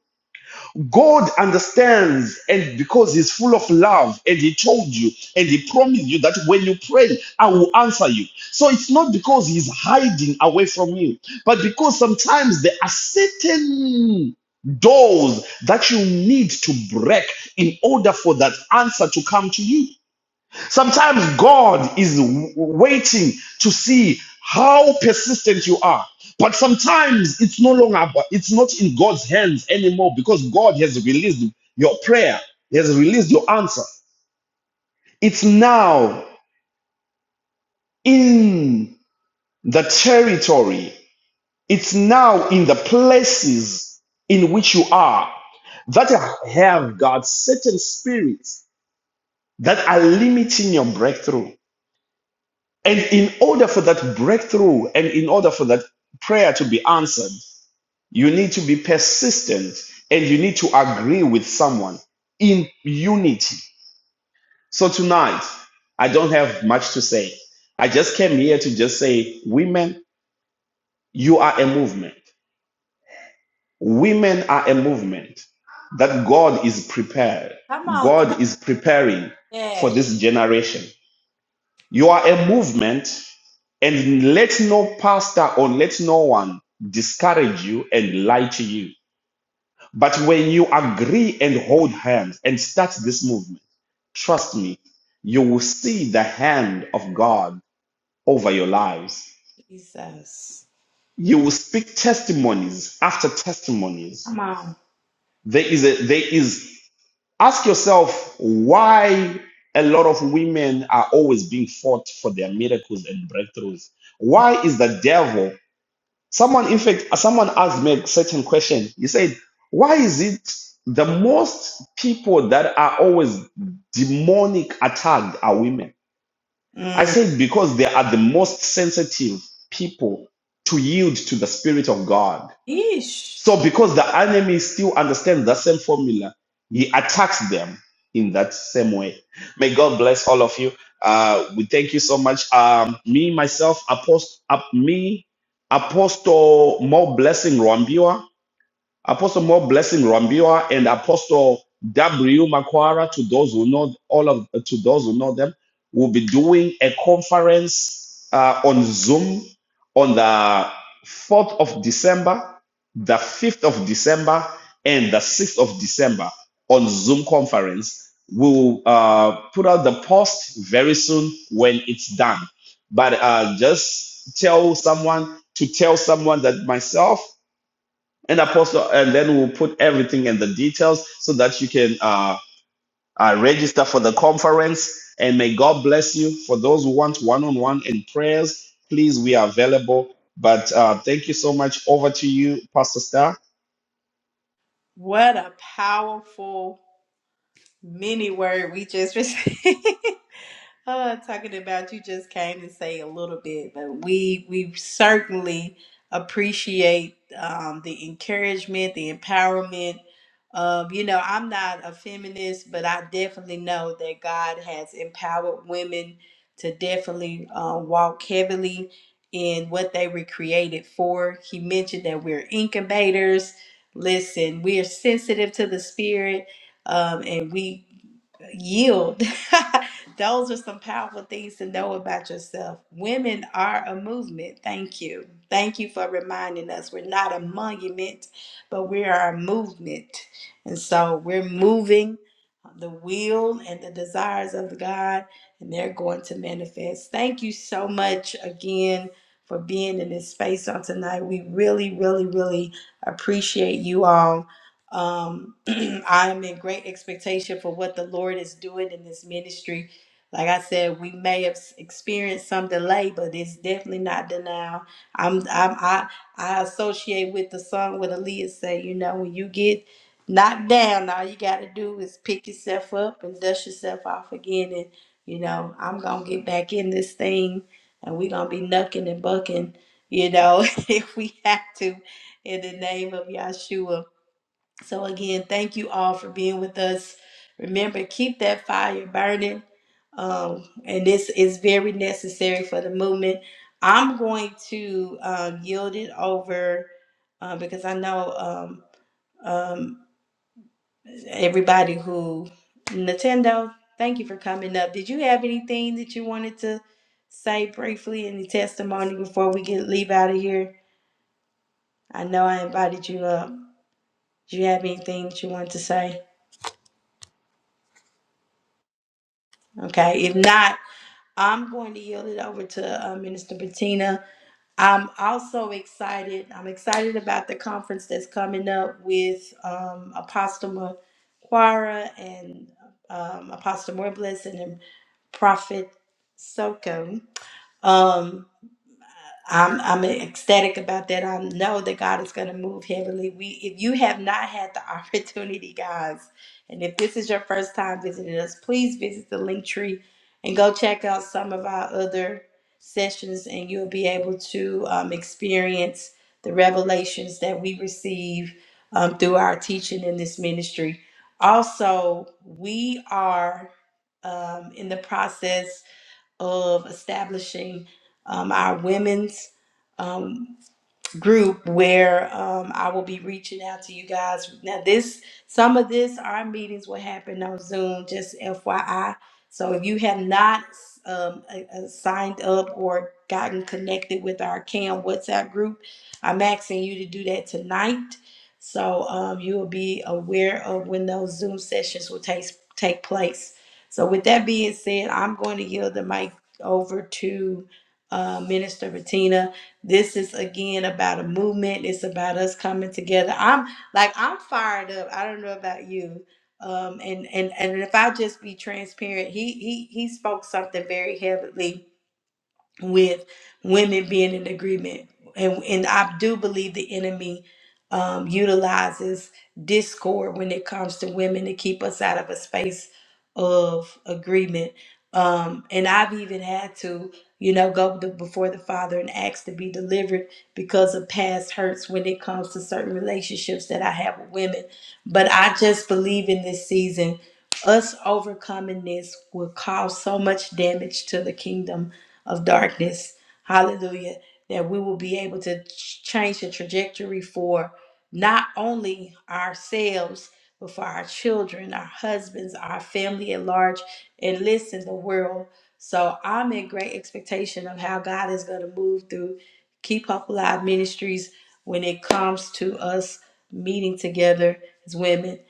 Speaker 6: God understands, and because He's full of love, and He told you, and He promised you that when you pray, I will answer you. So it's not because He's hiding away from you, but because sometimes there are certain doors that you need to break in order for that answer to come to you. Sometimes God is waiting to see how persistent you are. But sometimes it's no longer, it's not in God's hands anymore because God has released your prayer, He has released your answer. It's now in the territory, it's now in the places in which you are that have got certain spirits that are limiting your breakthrough. And in order for that breakthrough and in order for that prayer to be answered, you need to be persistent and you need to agree with someone in unity. So tonight, I don't have much to say. I just came here to just say, women, you are a movement. Women are a movement that God is prepared.
Speaker 1: Come on.
Speaker 6: God is preparing for
Speaker 1: Yeah.
Speaker 6: this generation. You are a movement, and let no pastor or let no one discourage you and lie to you. But when you agree and hold hands and start this movement, trust me, you will see the hand of God over your lives.
Speaker 1: Jesus.
Speaker 6: You will speak testimonies after testimonies.
Speaker 1: Come on.
Speaker 6: There is a, there is ask yourself why a lot of women are always being fought for their miracles and breakthroughs. Why is the devil Someone, in fact, someone asked me a certain question. He said, Why is it the most people that are always demonic attacked are women? I
Speaker 1: Mm.
Speaker 6: said, Because they are the most sensitive people to yield to the Spirit of God.
Speaker 1: Yeesh.
Speaker 6: So because the enemy still understands the same formula, he attacks them in that same way. May God bless all of you. Uh, we thank you so much. Um, me myself, apostle, up me, apostle, more blessing Rambua. Apostle More Blessing Rambiwa and Apostle W. Makwara, to those who know all of to those who know them, will be doing a conference uh, on Zoom on the 4th of December, the 5th of December, and the 6th of December on Zoom conference. We'll uh, put out the post very soon when it's done. But uh, just tell someone to tell someone that myself and apostle and then we'll put everything in the details so that you can uh, uh, register for the conference and may god bless you for those who want one-on-one and prayers please we are available but uh, thank you so much over to you pastor star
Speaker 1: What a powerful mini word we just received. Uh, talking about you just came to say a little bit, but we we certainly appreciate um, the encouragement, the empowerment. Um, you know, I'm not a feminist, but I definitely know that God has empowered women to definitely uh, walk heavily in what they were created for. He mentioned that we're incubators. Listen, we are sensitive to the spirit, um, and we yield. Those are some powerful things to know about yourself. Women are a movement. Thank you. Thank you for reminding us we're not a monument, but we are a movement. And so we're moving the will and the desires of God, and they're going to manifest. Thank you so much again for being in this space on tonight. We really, really, really appreciate you all. Um, I'm in great expectation for what the Lord is doing in this ministry. Like I said, we may have s- experienced some delay, but it's definitely not denial. I'm, I'm I I associate with the song with Aaliyah say, you know, when you get knocked down, all you got to do is pick yourself up and dust yourself off again, and you know, I'm gonna get back in this thing, and we're gonna be knucking and bucking, you know, if we have to, in the name of Yahshua. So, again, thank you all for being with us. Remember, keep that fire burning. Um, and this is very necessary for the movement. I'm going to um, yield it over uh, because I know um, um, everybody who. Nintendo, thank you for coming up. Did you have anything that you wanted to say briefly, any testimony before we get leave out of here? I know I invited you up. Do you have anything that you want to say? Okay, if not, I'm going to yield it over to uh, Minister Bettina. I'm also excited. I'm excited about the conference that's coming up with um, Apostle Maquara and um, Apostle Morbless and then Prophet Soko. Um, I'm I'm ecstatic about that. I know that God is going to move heavily. We if you have not had the opportunity, guys, and if this is your first time visiting us, please visit the link tree and go check out some of our other sessions, and you'll be able to um, experience the revelations that we receive um, through our teaching in this ministry. Also, we are um, in the process of establishing um, our women's. Um, group where um, I will be reaching out to you guys. Now, this some of this our meetings will happen on Zoom, just FYI. So if you have not um, a- a- signed up or gotten connected with our CAM WhatsApp group, I'm asking you to do that tonight. So um, you will be aware of when those Zoom sessions will take take place. So with that being said, I'm going to yield the mic over to uh, Minister Bettina this is again about a movement. It's about us coming together. I'm like I'm fired up. I don't know about you. Um, and and and if I just be transparent, he he he spoke something very heavily with women being in agreement, and and I do believe the enemy um, utilizes discord when it comes to women to keep us out of a space of agreement. Um, and I've even had to, you know, go to, before the Father and ask to be delivered because of past hurts when it comes to certain relationships that I have with women. But I just believe in this season, us overcoming this will cause so much damage to the kingdom of darkness. Hallelujah. That we will be able to ch- change the trajectory for not only ourselves but for our children, our husbands, our family at large, and listen, the world. So I'm in great expectation of how God is going to move through Keep Hope Alive Ministries when it comes to us meeting together as women.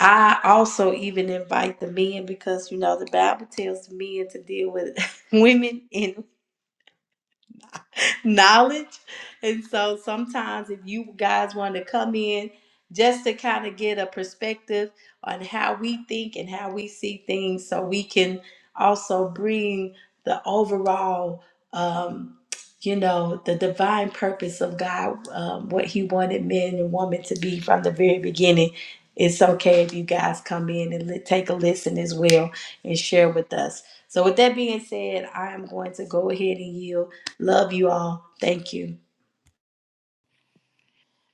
Speaker 1: I also even invite the men because you know the Bible tells the men to deal with women in. knowledge. And so sometimes if you guys want to come in just to kind of get a perspective on how we think and how we see things so we can also bring the overall um you know the divine purpose of God um, what he wanted men and women to be from the very beginning it's okay if you guys come in and li- take a listen as well and share with us so with that being said I am going to go ahead and yield Love you all. Thank you.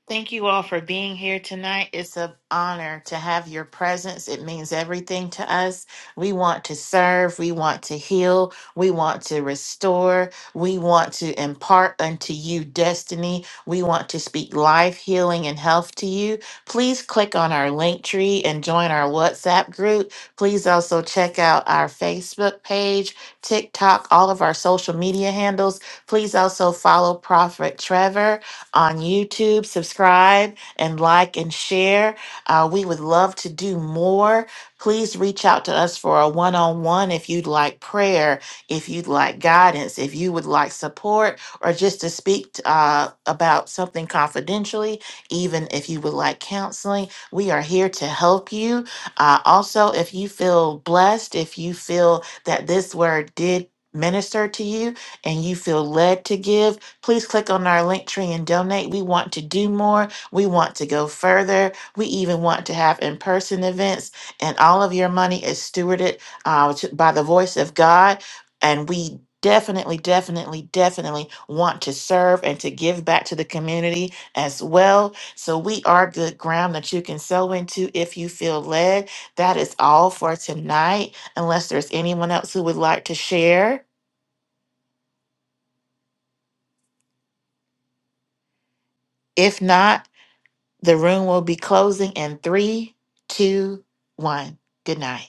Speaker 3: Thank you all for being here tonight. It's an honor to have your presence. It means everything to us. We want to serve. We want to heal. We want to restore. We want to impart unto you destiny. We want to speak life, healing, and health to you. Please click on our link tree and join our WhatsApp group. Please also check out our Facebook page, TikTok, all of our social media handles. Please also follow Prophet Trevor on YouTube. Subscribe and like and share. Uh, we would love to do more. Please reach out to us for a one on one if you'd like prayer, if you'd like guidance, if you would like support, or just to speak uh, about something confidentially, even if you would like counseling. We are here to help you. Uh, also, if you feel blessed, if you feel that this word did minister to you and you feel led to give, Please click on our link tree and donate. We want to do more. We want to go further. We even want to have in person events. And all of your money is stewarded uh, to- by the voice of God. And we definitely, definitely, definitely want to serve and to give back to the community as well. So we are good ground that you can sow into if you feel led. That is all for tonight, unless there's anyone else who would like to share. If not, The room will be closing in three, two, one. Good night.